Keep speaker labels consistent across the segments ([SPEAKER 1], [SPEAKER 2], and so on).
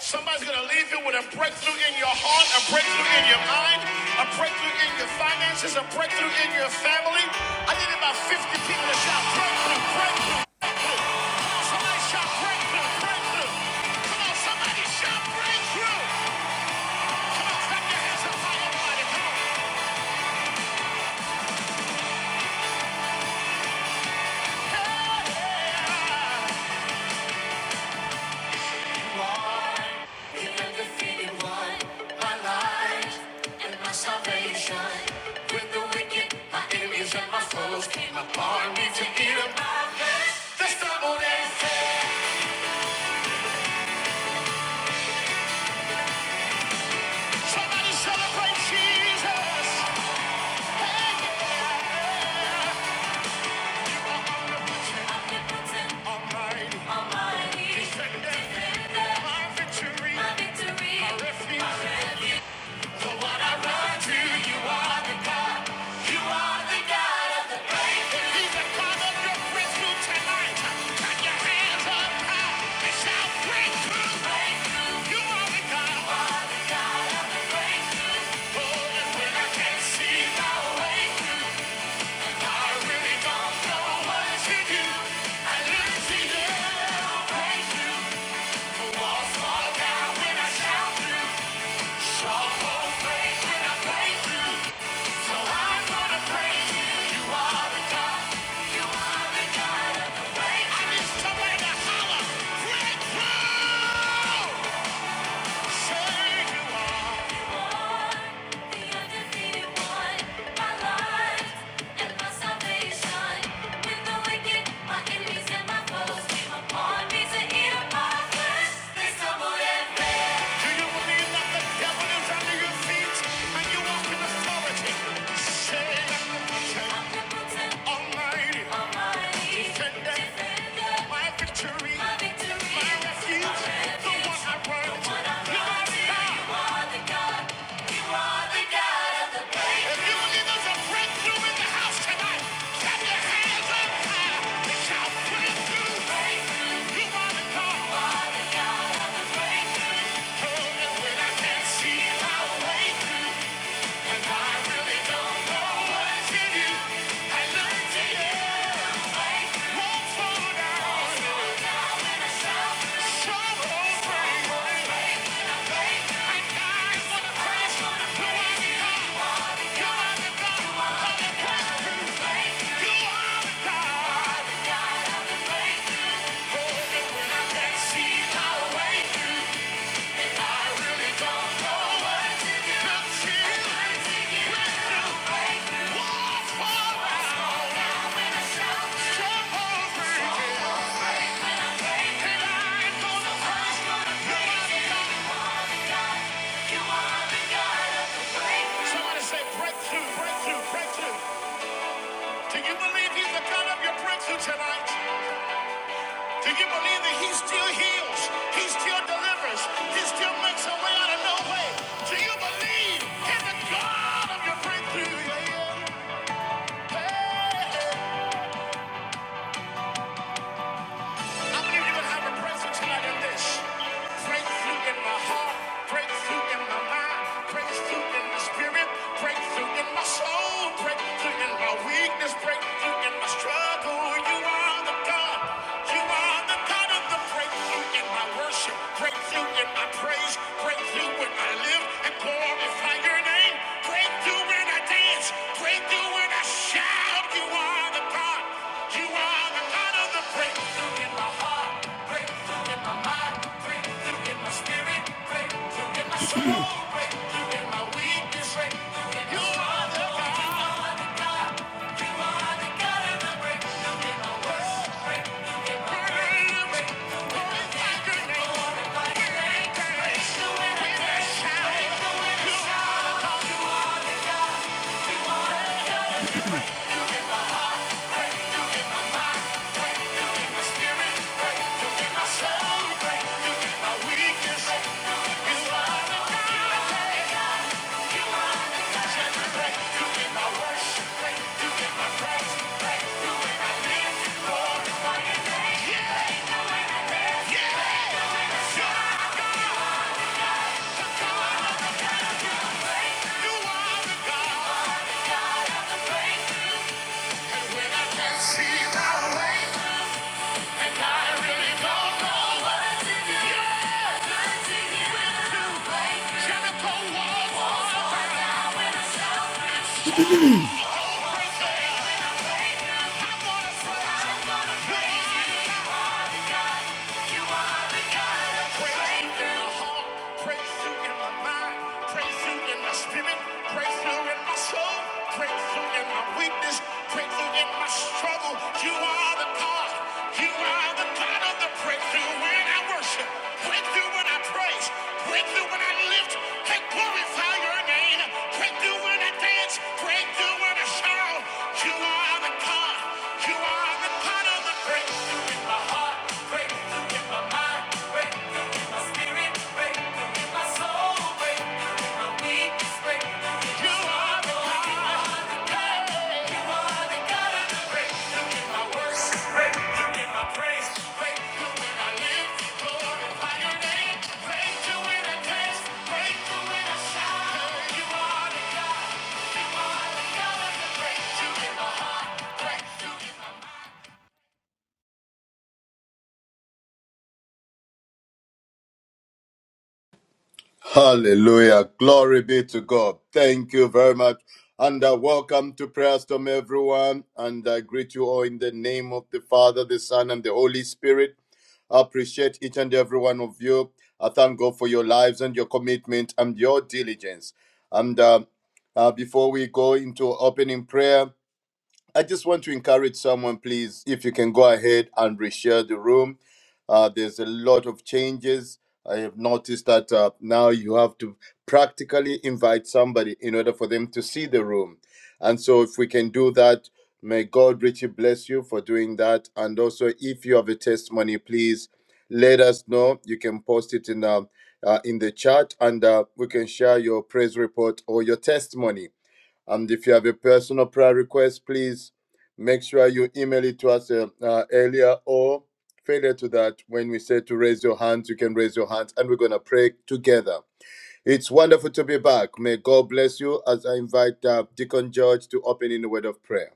[SPEAKER 1] Somebody's going to leave you with a breakthrough in your heart, a breakthrough in your mind, a breakthrough in your finances, a breakthrough in your family. I need about 50 people to shout breakthrough, breakthrough. Somebody shout breakthrough, breakthrough. Come on, somebody shout breakthrough. Come on, clap your hands up high and mighty. Come on. Hey, yeah. The one I run to, you are the God, you are the God. He's the cause of your breakthrough tonight. Clap your hands up high and shout breakthrough. Breakthrough. You are the God. Holding when I can't see my way. I really don't know what to do. I look to you. Breakthrough. I need somebody to holler. Breakthrough. Almighty, Almighty, defender, defender, my victory, my victory, my refuge, my refuge, the one I run, the one I run to. If you believe there's a breakthrough in the house tonight, clap your hands up high. Reach out, put it through. You want to go home, and when I can't see my way through, and I really don't know what's in you, I look to you. Won't fall down, sorrow brings faith, and God is gonna you. are the God, you are the breakthrough. You are the God, I can my way. Somebody say breakthrough, breakthrough, breakthrough. Do you believe he's the God of your breakthrough tonight? Do you believe that he still heals? He still delivers? He still makes a way out of no way? Do you believe in the God of your breakthrough? Yeah, yeah. Hey, hey. I believe you would have a presence tonight in this. Breakthrough in my heart, breakthrough in my mind, breakthrough in the spirit, breakthrough in my soul, breakthrough in my weakness, breakthrough in my struggle. You are the God. You are the God of the breakthrough in my worship, breakthrough in my praise, breakthrough when I live and glorify your name, breakthrough when I dance, breakthrough when I shout. You are the God. You are the God of the breakthrough. See my way. Praise You in my heart, praise you in my mind, praise you in my spirit, praise you in my soul, praise you in my weakness, praise you in my struggle. You are the God, you are the God of the praise. breakthrough when I worship, praise You when I praise, praise You when I lift and glorify your name, Praise You when I dance, praise You when I shout. You are the God, you are the God of the breakthrough. Believe
[SPEAKER 2] Hallelujah. Glory be to God. Thank you very much. And uh, welcome to Prayer Storm, everyone. And I greet you all in the name of the Father, the Son, and the Holy Spirit. I appreciate each and every one of you. I thank God for your lives and your commitment and your diligence. And uh, uh, before we go into opening prayer, I just want to encourage someone, please, if you can go ahead and reshare the room. Uh, there's a lot of changes. I have noticed that uh, now you have to practically invite somebody in order for them to see the room. And so, if we can do that, may God richly bless you for doing that. And also, if you have a testimony, please let us know. You can post it in uh, uh, in the chat, and uh, we can share your praise report or your testimony and if you have a personal prayer request, please make sure you email it to us uh, uh, earlier or failure to that. When we say to raise your hands, you can raise your hands and we're going to pray together. It's wonderful to be back. May God bless you as I invite uh, Deacon George to open in the word of prayer.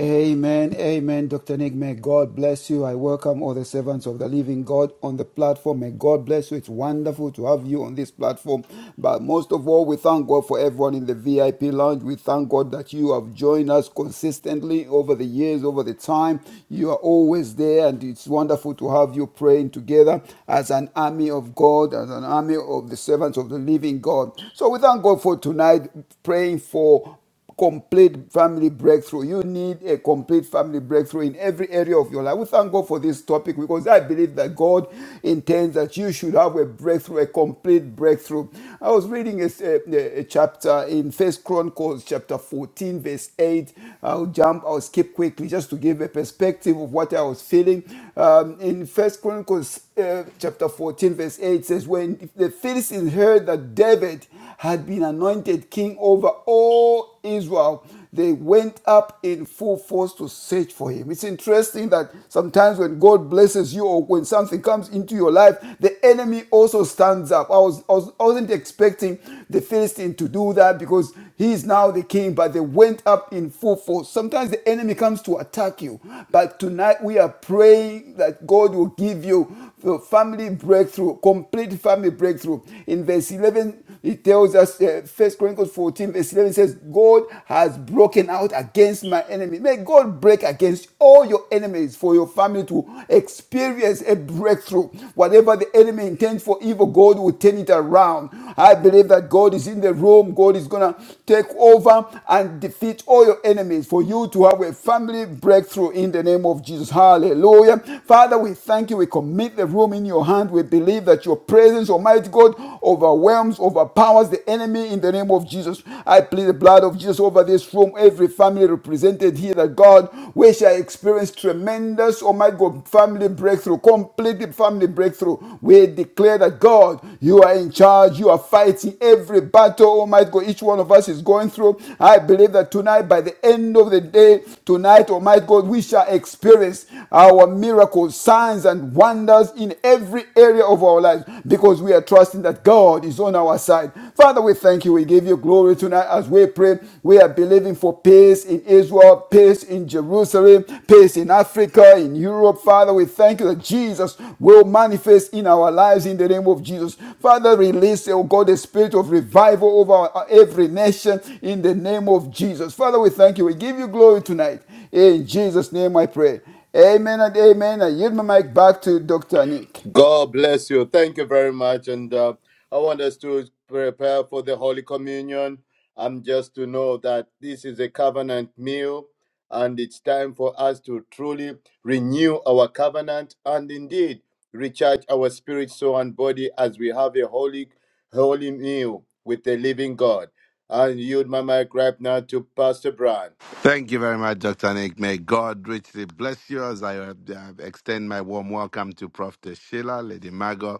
[SPEAKER 3] Amen, amen, Dr. Nick. May God bless you. I welcome all the servants of the living God on the platform. May God bless you. It's wonderful to have you on this platform. But most of all, we thank God for everyone in the VIP lounge. We thank God that you have joined us consistently over the years, over the time. You are always there, and it's wonderful to have you praying together as an army of God, as an army of the servants of the living God. So we thank God for tonight praying for complete family breakthrough. You need a complete family breakthrough in every area of your life. We thank God for this topic because I believe that God intends that you should have a breakthrough, a complete breakthrough. I was reading a, a- a chapter in First Chronicles chapter 14, verse 8. I'll jump, I'll skip quickly just to give a perspective of what I was feeling. Um, in First Chronicles uh, chapter 14, verse 8 says, When the Philistines heard that David had been anointed king, king over all Israel, they went up in full force to search for him. It's interesting that sometimes when God blesses you or when something comes into your life, the enemy also stands up. I, was, I was, wasn't expecting the Philistine to do that because he is now the king, but they went up in full force. Sometimes the enemy comes to attack you, but tonight we are praying that God will give you the family breakthrough, complete family breakthrough. In verse 11, he tells us, uh, First Chronicles 14, verse 11 says, God has broken out against my enemy. May God break against all your enemies for your family to experience a breakthrough. Whatever the enemy intends for evil, God will turn it around. I believe that God is in the room. God is going to take over and defeat all your enemies for you to have a family breakthrough in the name of Jesus. Hallelujah. Father, we thank you. We commit the room in your hand. We believe that your presence, Almighty God, God overwhelms, overpowers the enemy in the name of Jesus. I plead the blood of Jesus over this room, every family represented here, that God, we shall experience tremendous, oh my God, family breakthrough, complete family breakthrough. We declare that God, you are in charge, you are fighting every battle, oh my God, each one of us is going through. I believe that tonight, by the end of the day, tonight, oh my God, we shall experience our miracles, signs, and wonders in every area of our lives lives because we are trusting that God is on our side. Father, we thank you. We give you glory tonight as we pray. We are believing for peace in Israel, peace in Jerusalem, peace in Africa, in Europe. Father, we thank you that Jesus will manifest in our lives in the name of Jesus. Father, release, oh God, the spirit of revival over our- every nation in the name of Jesus. Father, we thank you. We give you glory tonight. In Jesus' name I pray. Amen and amen. I yield my mic back to Dr. Nick.
[SPEAKER 2] God bless you. Thank you very much. And uh, I want us to prepare for the Holy Communion. And just to know that this is a covenant meal, and it's time for us to truly renew our covenant and indeed recharge our spirit, soul, and body as we have a holy, holy meal with the living God. I yield my mic right now to Pastor Brian.
[SPEAKER 4] Thank you very much, Dr. Nick. May God richly bless you as I uh, extend my warm welcome to Prof. Sheila, Lady Margot,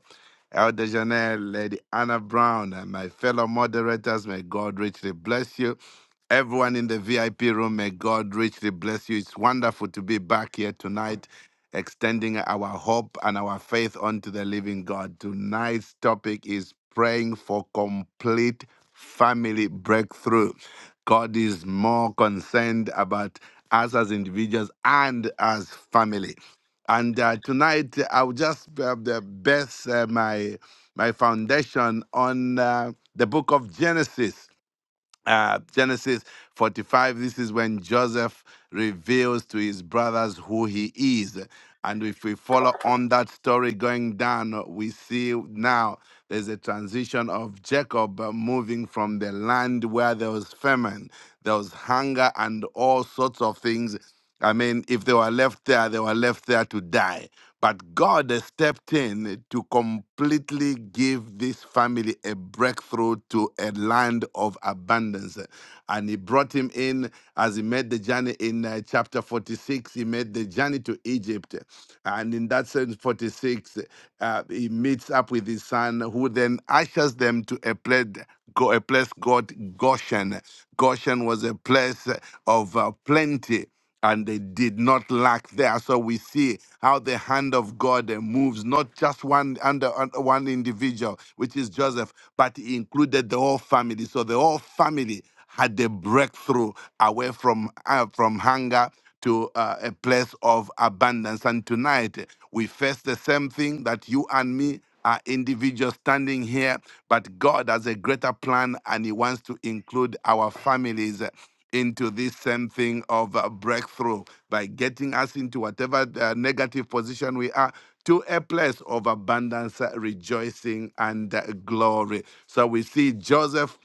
[SPEAKER 4] Elder Janelle, Lady Anna Brown, and my fellow moderators, may God richly bless you. Everyone in the VIP room, may God richly bless you. It's wonderful to be back here tonight, extending our hope and our faith onto the living God. Tonight's topic is praying for complete family breakthrough. God is more concerned about us as individuals and as family. And uh, tonight I will just uh, the best uh, my my foundation on uh, the book of Genesis. Uh, Genesis 45. This is when Joseph reveals to his brothers who he is. And if we follow on that story going down, we see now there's a transition of Jacob uh, moving from the land where there was famine, there was hunger, and all sorts of things I mean, if they were left there, they were left there to die. But God has stepped in to completely give this family a breakthrough to a land of abundance. And He brought him in as he made the journey in uh, chapter 46. He made the journey to Egypt. And in that sense, 46, uh, he meets up with his son, who then ushers them to a place, go, a place called Goshen. Goshen was a place of uh, plenty and they did not lack there. So we see how the hand of God uh, moves, not just one under un- one individual, which is Joseph, but he included the whole family. So the whole family had a breakthrough away from uh, from hunger to uh, a place of abundance. And tonight uh, we face the same thing that you and me are individuals standing here, but God has a greater plan and He wants to include our families into this same thing of uh, breakthrough by getting us into whatever uh, negative position we are to a place of abundance, uh, rejoicing, and uh, glory. So we see Joseph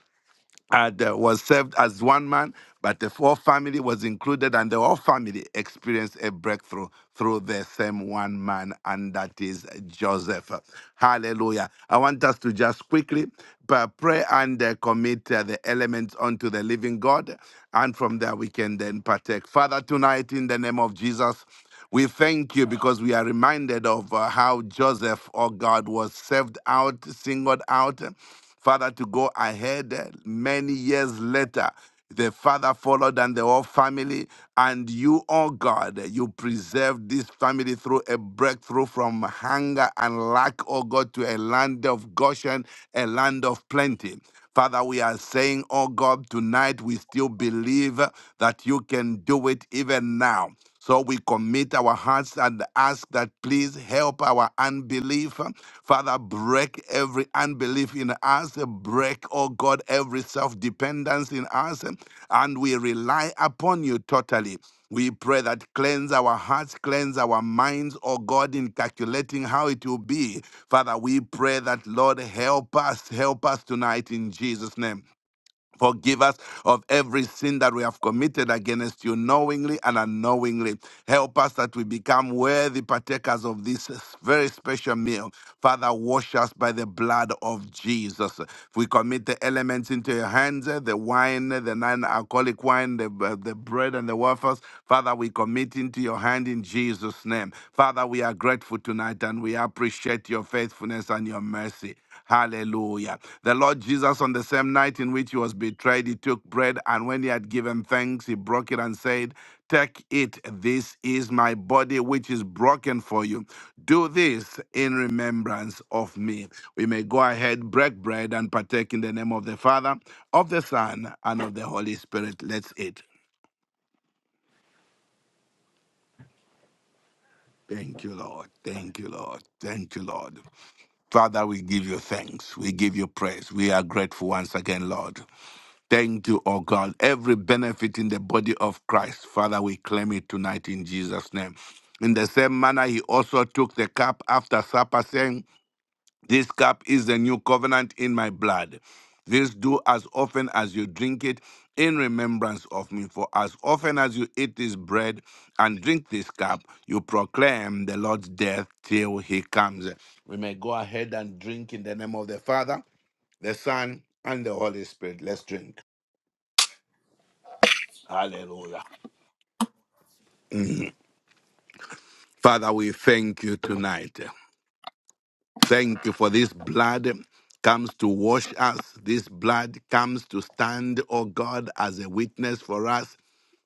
[SPEAKER 4] had uh, was served as one man, but the whole family was included, and the whole family experienced a breakthrough through the same one man, and that is Joseph. Hallelujah! I want us to just quickly uh, pray and uh, commit uh, the elements unto the living God, and from there we can then partake. Father, tonight in the name of Jesus. We thank you because we are reminded of uh, how Joseph, oh God, was served out, singled out, Father, to go ahead uh, many years later. The father followed and the whole family, and you, oh God, you preserved this family through a breakthrough from hunger and lack, oh God, to a land of Goshen, a land of plenty. Father, we are saying, oh God, tonight we still believe that you can do it even now. So we commit our hearts and ask that please help our unbelief. Father, break every unbelief in us, break, oh God, every self dependence in us, and we rely upon you totally. We pray that cleanse our hearts, cleanse our minds, oh God, in calculating how it will be. Father, we pray that, Lord, help us, help us tonight in Jesus' name. Forgive us of every sin that we have committed against you knowingly and unknowingly. Help us that we become worthy partakers of this very special meal. Father, wash us by the blood of Jesus. We commit the elements into your hands, eh, the wine, eh, the non-alcoholic wine, the, uh, the bread and the wafers. Father, we commit into your hand in Jesus' name. Father, we are grateful tonight and we appreciate your faithfulness and your mercy. Hallelujah. The Lord Jesus, on the same night in which he was betrayed, he took bread, and when he had given thanks, he broke it and said, Take it, this is my body which is broken for you. Do this in remembrance of me. We may go ahead, break bread, and partake in the name of the Father, of the Son, and of the Holy Spirit. Let's eat. Thank you, Lord. Thank you, Lord. Thank you, Lord. Father, we give you thanks. We give you praise. We are grateful once again, Lord. Thank you, oh God. Every benefit in the body of Christ, Father, we claim it tonight in Jesus' name. In the same manner, he also took the cup after supper, saying, This cup is the new covenant in my blood. This do as often as you drink it in remembrance of me. For as often as you eat this bread and drink this cup, you proclaim the Lord's death till he comes. We may go ahead and drink in the name of the Father, the Son, and the Holy Spirit. Let's drink. Hallelujah. Mhm. Father, we thank you tonight. Thank you for this blood comes to wash us. This blood comes to stand, oh God, as a witness for us.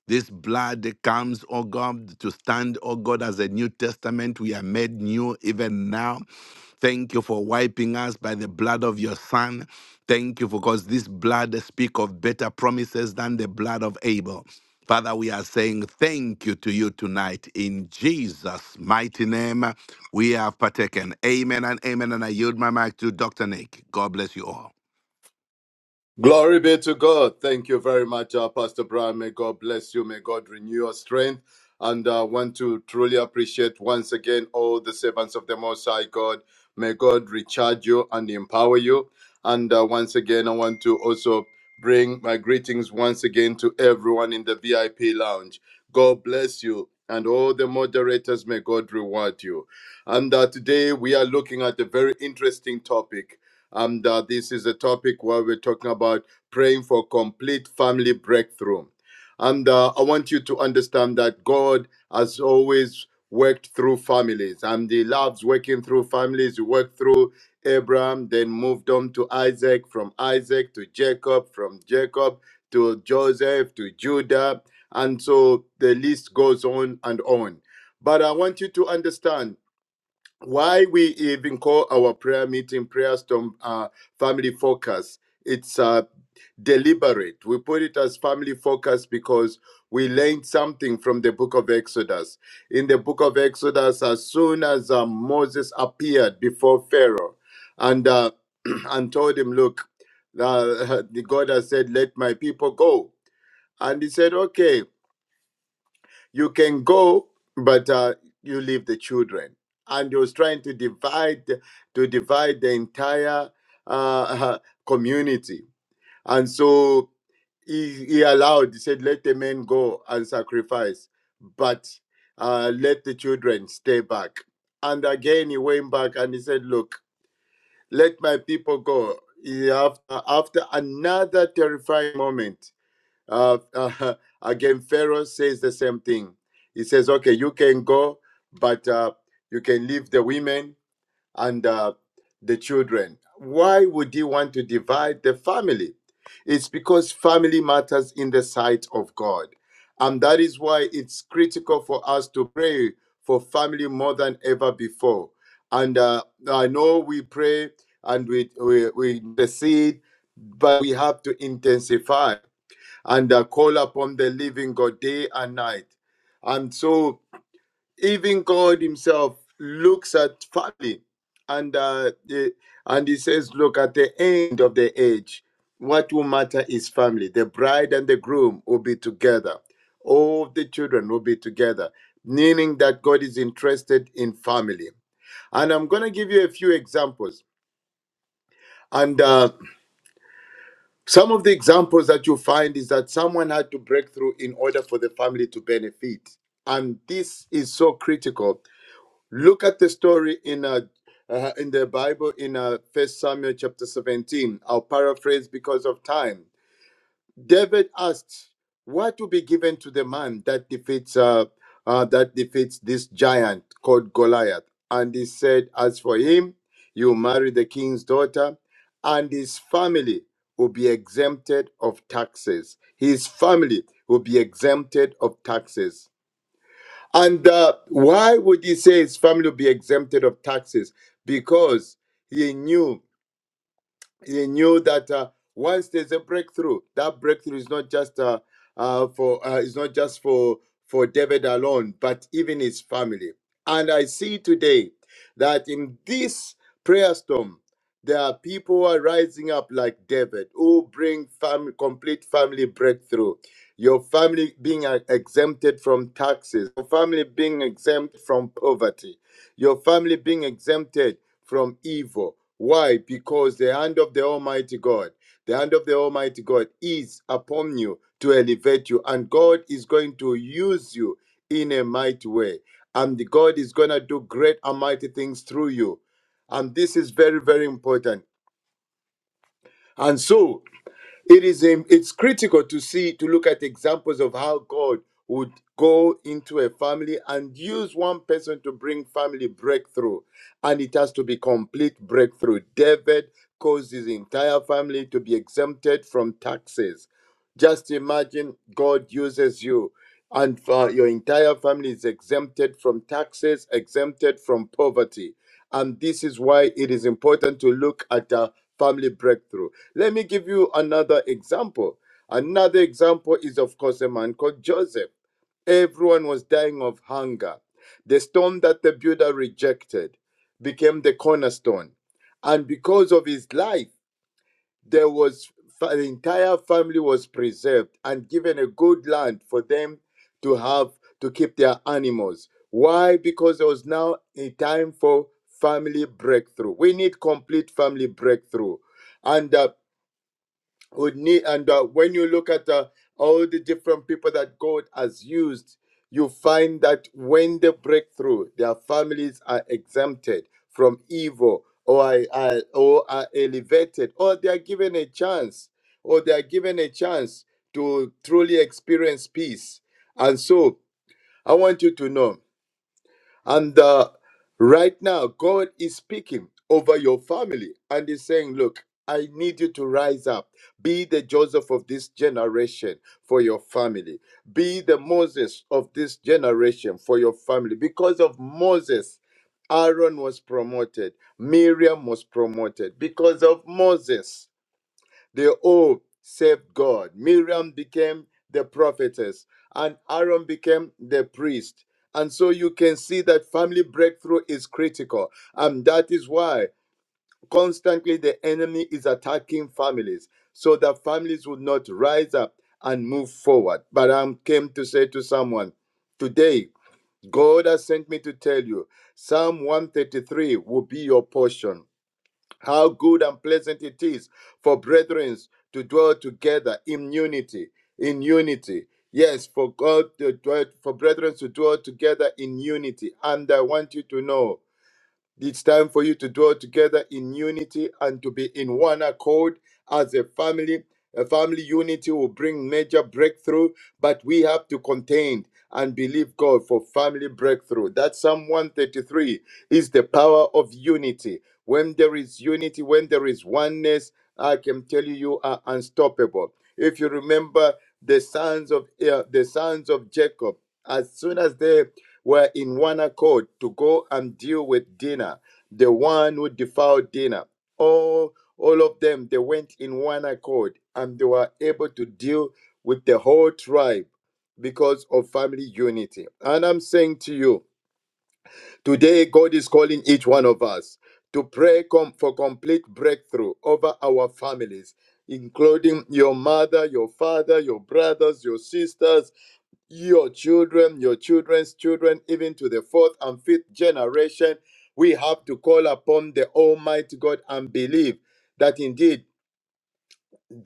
[SPEAKER 4] This blood that comes, oh God, to stand, oh God, as a New Testament. We are made new even now. Thank you for wiping us by the blood of your Son. Thank you for because this blood speak of better promises than the blood of Abel. Father, we are saying thank you to you tonight. In Jesus' mighty name, we have partaken. Amen and amen. And I yield my mic to Dr. Nick. God bless you all.
[SPEAKER 2] Glory be to God. Thank you very much, uh, Pastor Brian. May God bless you. May God renew your strength. And I uh, want to truly appreciate once again all the servants of the Most High God. May God recharge you and empower you. And uh, once again, I want to also bring my greetings once again to everyone in the VIP lounge. God bless you. And all the moderators, may God reward you. And uh, today we are looking at a very interesting topic. And uh, this is a topic where we're talking about praying for complete family breakthrough. And uh, I want you to understand that God has always worked through families, and He loves working through families. He worked through Abraham, then moved on to Isaac, from Isaac to Jacob, from Jacob to Joseph to Judah. And so the list goes on and on. But I want you to understand why we even call our prayer meeting prayer storm uh, family focus it's uh, deliberate we put it as family focus because we learned something from the book of exodus in the book of exodus as soon as uh, moses appeared before pharaoh and uh, and told him look uh, god has said let my people go and he said okay you can go, but uh, you leave the children. And he was trying to divide to divide the entire uh, community. And so he, he allowed, he said, let the men go and sacrifice, but uh, let the children stay back. And again, he went back and he said, look, let my people go. He- After, after another terrifying moment, uh, uh, again, Pharaoh says the same thing. He says, "Okay, you can go, but uh, you can leave the women and uh, the children." Why would he want to divide the family? It's because family matters in the sight of God, and that is why it's critical for us to pray for family more than ever before. And uh, I know we pray and we we, we intercede, but we have to intensify and uh, call upon the living God day and night. And so, even God Himself looks at family, and uh, the- and He says, "Look at the end of the age, what will matter is family. The bride and the groom will be together. All the children will be together." Meaning that God is interested in family. And I'm going to give you a few examples. And uh, Some of the examples that you find is that someone had to break through in order for the family to benefit. And this is so critical. Look at the story in uh, uh, in the Bible in uh, First Samuel chapter 17. I'll paraphrase because of time. David asked, "What will be given to the man that defeats uh, uh, that defeats this giant called Goliath?" And he said, "As for him, you marry the king's daughter, and his family will be exempted of taxes. His family will be exempted of taxes." And uh, why would he say his family will be exempted of taxes? Because he knew they knew that uh, once there's a breakthrough, that breakthrough is not just uh, uh, for uh, is not just for for David alone, but even his family. And I see today that in this prayer storm, there are people who are rising up like David, who bring family, complete family breakthrough. Your family being uh, exempted from taxes, your family being exempt from poverty, your family being exempted from evil. Why? Because the hand of the Almighty God, the hand of the Almighty God is upon you to elevate you, and God is going to use you in a mighty way. And God is going to do great and mighty things through you. And this is very, very important. And so, it is um, it's critical to see to look at examples of how god would go into a family and use one person to bring family breakthrough and it has to be complete breakthrough david caused his entire family to be exempted from taxes just imagine god uses you and uh, your entire family is exempted from taxes exempted from poverty and this is why it is important to look at a family breakthrough let me give you another example. Another example is, of course, a man called Joseph. Everyone was dying of hunger. The stone that the builder rejected became the cornerstone. And because of his life, there was the entire family was preserved and given a good land for them to have to keep their animals. Why? Because there was now a time for family breakthrough. We need complete family breakthrough. And uh, would need and uh, when you look at uh, all the different people that god has used you find that when they break through their families are exempted from evil or are, are- or are elevated or they are given a chance or they are given a chance to truly experience peace and so i want you to know and uh, right now, God is speaking over your family and He's saying, Look, I need you to rise up. Be the Joseph of this generation for your family. Be the Moses of this generation for your family. Because of Moses, Aaron was promoted, Miriam was promoted. Because of Moses, they all served God. Miriam became the prophetess, and Aaron became the priest. And so you can see that family breakthrough is critical. And that is why constantly the enemy is attacking families so that families would not rise up and move forward. But I came to say to someone today, God has sent me to tell you Psalm 133 will be your portion. How good and pleasant it is for brethren to dwell together in unity, in unity. Yes, for God to dwell, for brethren to dwell together in unity. And I want you to know it's time for you to dwell together in unity and to be in one accord as a family. A family unity will bring major breakthrough, but we have to contend and believe God for family breakthrough. That Psalm 133 is the power of unity. When there is unity, when there is oneness, I can tell you you are unstoppable. If you remember the sons of uh, the sons of Jacob, as soon as they were in one accord to go and deal with Dinah, the one who defiled Dinah. All, all of them, they went in one accord and they were able to deal with the whole tribe because of family unity. And I'm saying to you, today God is calling each one of us to pray com- for complete breakthrough over our families, including your mother, your father, your brothers, your sisters, your children, your children's children, even to the fourth and fifth generation. We have to call upon the Almighty God and believe that indeed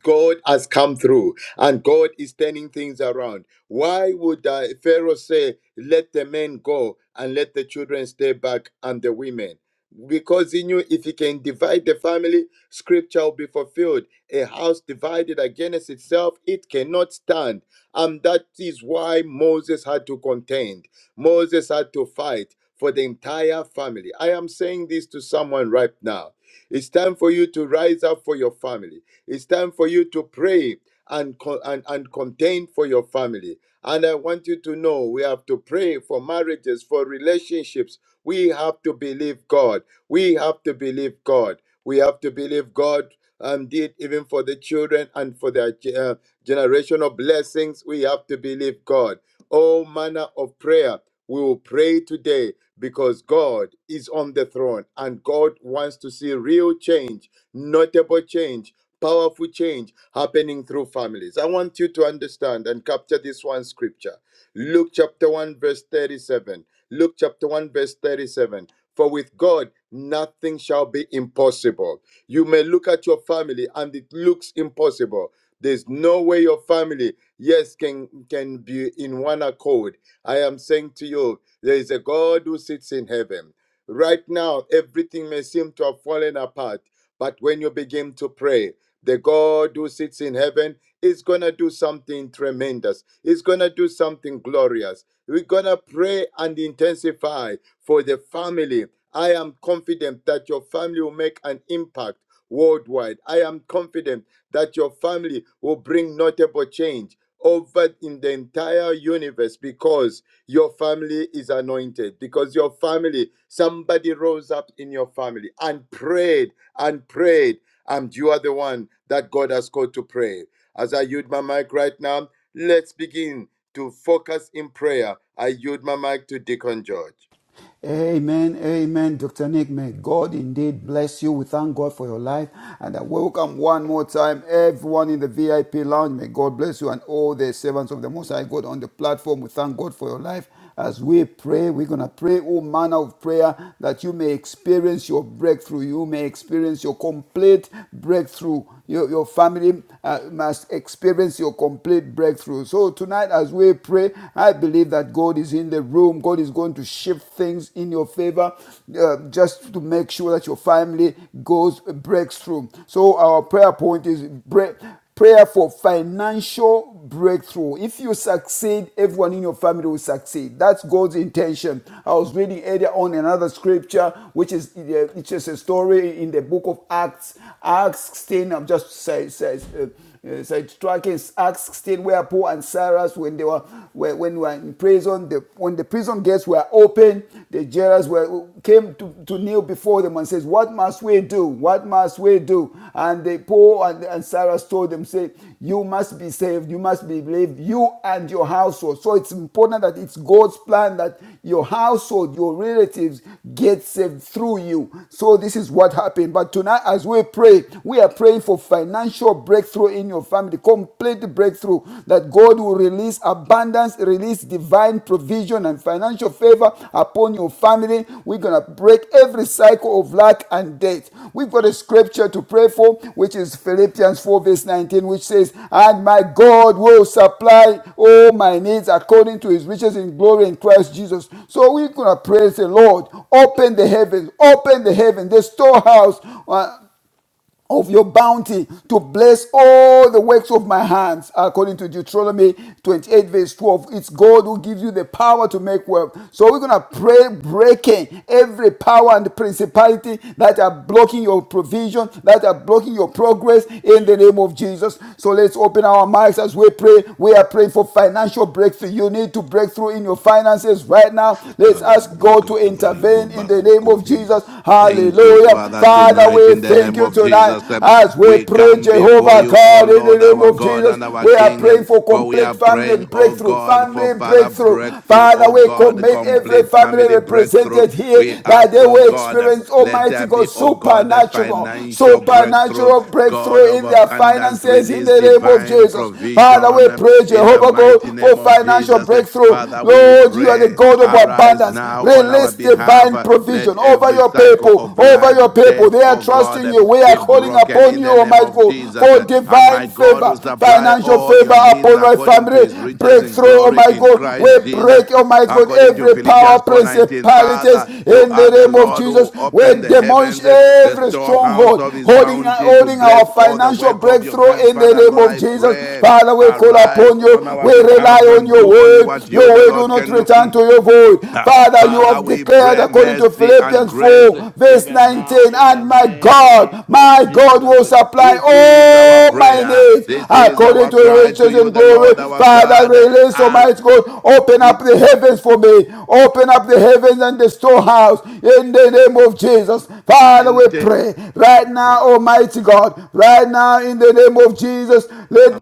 [SPEAKER 2] God has come through and God is turning things around. Why would uh, Pharaoh say, let the men go and let the children stay back and the women? Because he knew if he can divide the family, scripture will be fulfilled. A house divided against itself, it cannot stand. And that is why Moses had to contend. Moses had to fight for the entire family. I am saying this to someone right now. It's time for you to rise up for your family. It's time for you to pray and, co- and, and contend for your family. And I want you to know we have to pray for marriages, for relationships. We have to believe God. We have to believe God. We have to believe God indeed even for the children and for their ge- uh, generational blessings we have to believe god all manner of prayer. We will pray today because God is on the throne and God wants to see real change, notable change, powerful change happening through families. I want you to understand and capture this one scripture Luke chapter 1, verse 37. Luke chapter 1, verse 37. For with God, nothing shall be impossible. You may look at your family and it looks impossible. There's no way your family yes, can can be in one accord. I am saying to you, there is a God who sits in heaven. Right now, everything may seem to have fallen apart, but when you begin to pray, the God who sits in heaven is gonna do something tremendous. He's gonna do something glorious. We're gonna pray and intensify for the family. I am confident that your family will make an impact worldwide. I am confident that your family will bring notable change over in the entire universe because your family is anointed, because your family, somebody rose up in your family and prayed and prayed, and you are the one that God has called to pray. As I yield my mic right now, let's begin to focus in prayer. I yield my mic to Deacon George.
[SPEAKER 3] Amen, amen, Dr. Nick. May God indeed bless you. We thank God for your life. And I welcome one more time everyone in the VIP lounge. May God bless you and all the servants of the Most High God on the platform. We thank God for your life. As we pray, we're going to pray all manner of prayer that you may experience your breakthrough. You may experience your complete breakthrough. Your, your family uh, must experience your complete breakthrough. So tonight, as we pray, I believe that that God is in the room. God is going to shift things in your favor uh, just to make sure that your family goes uh, breaks through. So our prayer point is break prayer for financial breakthrough. If you succeed, everyone in your family will succeed. That's God's intention. I was reading earlier on another scripture, which is uh, it's just a story in the book of Acts, Acts 10. I'm just say, says. uh, Yes, it tracking is Acts 16, where Paul and Cyrus, when they were were- when they were in prison, the, when the prison gates were open, the jailers were came to, to kneel before them and says, "What must we do? What must we do?" And they Paul and, and Cyrus told them, "Say you must be saved. You must be believed. You and your household. So it's important that it's God's plan that your household, your relatives get saved through you. So this is what happened. But tonight, as we pray, we are praying for financial breakthrough in your family, complete breakthrough that God will release abundance, release divine provision and financial financial favor upon your family. We're going to break every cycle of lack and debt. We've got a scripture to pray for, which is Philippians 4, verse 19, which says, And my God will supply all my needs according to his riches in glory in Christ Jesus. So we're going to praise the Lord. Open the heavens, open the heaven, the storehouse. uh, of your bounty to bless all the works of my hands, according to Deuteronomy 28, verse 12. It's God who gives you the power to make wealth. So we're going to pray, breaking every power and principality that are blocking your provision, that are blocking your progress in the name of Jesus. So let's open our mics as we pray. We are praying for financial breakthrough. You need to break through in your finances right now. Let's ask God to intervene in the name of Jesus.
[SPEAKER 4] Thank you,
[SPEAKER 3] Hallelujah.
[SPEAKER 4] Father,
[SPEAKER 3] Father,
[SPEAKER 4] tonight
[SPEAKER 3] we
[SPEAKER 4] in the
[SPEAKER 3] thank
[SPEAKER 4] name
[SPEAKER 3] you
[SPEAKER 4] of
[SPEAKER 3] tonight
[SPEAKER 4] Jesus. eh,
[SPEAKER 3] as we
[SPEAKER 4] We
[SPEAKER 3] pray,
[SPEAKER 4] come before
[SPEAKER 3] Jehovah
[SPEAKER 4] you, O
[SPEAKER 3] God, in the
[SPEAKER 4] Lord,
[SPEAKER 3] name
[SPEAKER 4] our
[SPEAKER 3] of
[SPEAKER 4] God
[SPEAKER 3] Jesus.
[SPEAKER 4] and our
[SPEAKER 3] We are
[SPEAKER 4] King, eh,
[SPEAKER 3] praying for
[SPEAKER 4] for we are
[SPEAKER 3] complete family
[SPEAKER 4] praying, O
[SPEAKER 3] breakthrough,
[SPEAKER 4] God, for
[SPEAKER 3] family
[SPEAKER 4] Father
[SPEAKER 3] breakthrough.
[SPEAKER 4] breakthrough,
[SPEAKER 3] Father,
[SPEAKER 4] O
[SPEAKER 3] we
[SPEAKER 4] God,
[SPEAKER 3] commit every
[SPEAKER 4] complete
[SPEAKER 3] family
[SPEAKER 4] family breakthrough.
[SPEAKER 3] represented here
[SPEAKER 4] We
[SPEAKER 3] that
[SPEAKER 4] ask,
[SPEAKER 3] they
[SPEAKER 4] O
[SPEAKER 3] will
[SPEAKER 4] God, eh,
[SPEAKER 3] experience
[SPEAKER 4] let
[SPEAKER 3] Almighty
[SPEAKER 4] there be,
[SPEAKER 3] God
[SPEAKER 4] O God, a
[SPEAKER 3] supernatural,
[SPEAKER 4] financial breakthrough,
[SPEAKER 3] supernatural
[SPEAKER 4] God
[SPEAKER 3] breakthrough
[SPEAKER 4] of
[SPEAKER 3] in their
[SPEAKER 4] abundance,
[SPEAKER 3] finances in
[SPEAKER 4] release
[SPEAKER 3] the name of
[SPEAKER 4] divine
[SPEAKER 3] Jesus. Father,
[SPEAKER 4] provision
[SPEAKER 3] we
[SPEAKER 4] eh,
[SPEAKER 3] pray,
[SPEAKER 4] in the
[SPEAKER 3] Jehovah
[SPEAKER 4] mighty
[SPEAKER 3] God, for
[SPEAKER 4] name of
[SPEAKER 3] financial
[SPEAKER 4] Jesus. eh.
[SPEAKER 3] breakthrough.
[SPEAKER 4] Father, we
[SPEAKER 3] Lord, you are the
[SPEAKER 4] pray,
[SPEAKER 3] God of abundance
[SPEAKER 4] arise
[SPEAKER 3] abundance.
[SPEAKER 4] now on our
[SPEAKER 3] Release
[SPEAKER 4] behalf behalf.
[SPEAKER 3] divine
[SPEAKER 4] Uh, Let
[SPEAKER 3] provision over
[SPEAKER 4] every
[SPEAKER 3] your
[SPEAKER 4] cycle
[SPEAKER 3] people,
[SPEAKER 4] of
[SPEAKER 3] over
[SPEAKER 4] lack,
[SPEAKER 3] your people.
[SPEAKER 4] debt,
[SPEAKER 3] They are
[SPEAKER 4] oh God,
[SPEAKER 3] trusting
[SPEAKER 4] uh,
[SPEAKER 3] you. We are
[SPEAKER 4] be
[SPEAKER 3] calling
[SPEAKER 4] broken
[SPEAKER 3] upon
[SPEAKER 4] in
[SPEAKER 3] you,
[SPEAKER 4] the name
[SPEAKER 3] Almighty
[SPEAKER 4] of
[SPEAKER 3] God,
[SPEAKER 4] Jesus.
[SPEAKER 3] for
[SPEAKER 4] Uh, And my
[SPEAKER 3] divine
[SPEAKER 4] God
[SPEAKER 3] favor,
[SPEAKER 4] will supply
[SPEAKER 3] financial
[SPEAKER 4] all
[SPEAKER 3] favor
[SPEAKER 4] your needs
[SPEAKER 3] upon my
[SPEAKER 4] according to
[SPEAKER 3] family.
[SPEAKER 4] his riches in
[SPEAKER 3] Breakthrough,
[SPEAKER 4] glory
[SPEAKER 3] Almighty
[SPEAKER 4] in
[SPEAKER 3] God.
[SPEAKER 4] Christ
[SPEAKER 3] We
[SPEAKER 4] Jesus
[SPEAKER 3] break, Almighty God,
[SPEAKER 4] according to
[SPEAKER 3] every power,
[SPEAKER 4] Philippians 4:19. Father,
[SPEAKER 3] principalities
[SPEAKER 4] you
[SPEAKER 3] in the
[SPEAKER 4] are the
[SPEAKER 3] name of
[SPEAKER 4] Lord who
[SPEAKER 3] Jesus. We
[SPEAKER 4] opened the
[SPEAKER 3] demolish
[SPEAKER 4] heavens, eh, the
[SPEAKER 3] every
[SPEAKER 4] storehouse
[SPEAKER 3] stronghold
[SPEAKER 4] of his
[SPEAKER 3] holding,
[SPEAKER 4] bounty to
[SPEAKER 3] holding
[SPEAKER 4] bless
[SPEAKER 3] our
[SPEAKER 4] all the
[SPEAKER 3] financial
[SPEAKER 4] work of your hands.
[SPEAKER 3] breakthrough in the
[SPEAKER 4] Father,
[SPEAKER 3] name
[SPEAKER 4] Lord,
[SPEAKER 3] of
[SPEAKER 4] I
[SPEAKER 3] Jesus.
[SPEAKER 4] pray,
[SPEAKER 3] Father, we call
[SPEAKER 4] arise
[SPEAKER 3] upon
[SPEAKER 4] on
[SPEAKER 3] you.
[SPEAKER 4] our
[SPEAKER 3] We rely
[SPEAKER 4] behalf
[SPEAKER 3] on you
[SPEAKER 4] and do
[SPEAKER 3] your
[SPEAKER 4] only
[SPEAKER 3] word.
[SPEAKER 4] what you,
[SPEAKER 3] Your
[SPEAKER 4] the
[SPEAKER 3] word will
[SPEAKER 4] Lord,
[SPEAKER 3] not
[SPEAKER 4] can do.
[SPEAKER 3] return
[SPEAKER 4] Mm.
[SPEAKER 3] to your void.
[SPEAKER 4] Uh,
[SPEAKER 3] Father, you
[SPEAKER 4] Father,
[SPEAKER 3] have
[SPEAKER 4] we
[SPEAKER 3] declared
[SPEAKER 4] pray
[SPEAKER 3] according to
[SPEAKER 4] mercy and
[SPEAKER 3] Philippians
[SPEAKER 4] grace uh,
[SPEAKER 3] 4, verse
[SPEAKER 4] even
[SPEAKER 3] 19,
[SPEAKER 4] now in the
[SPEAKER 3] and my
[SPEAKER 4] name
[SPEAKER 3] God,
[SPEAKER 4] of
[SPEAKER 3] my God
[SPEAKER 4] Jesus.
[SPEAKER 3] will supply
[SPEAKER 4] This is our
[SPEAKER 3] all my
[SPEAKER 4] prayer.
[SPEAKER 3] needs
[SPEAKER 4] This is
[SPEAKER 3] according
[SPEAKER 4] our
[SPEAKER 3] to
[SPEAKER 4] cry
[SPEAKER 3] his
[SPEAKER 4] to
[SPEAKER 3] riches
[SPEAKER 4] you,
[SPEAKER 3] in
[SPEAKER 4] the
[SPEAKER 3] glory.
[SPEAKER 4] Lord our
[SPEAKER 3] Father,
[SPEAKER 4] God.
[SPEAKER 3] release,
[SPEAKER 4] Our
[SPEAKER 3] Almighty God, open up the heavens for me. Open up the heavens and the storehouse in the name of Jesus. Father, we
[SPEAKER 4] redeemed
[SPEAKER 3] pray right now, Almighty God, right now in the name of Jesus, let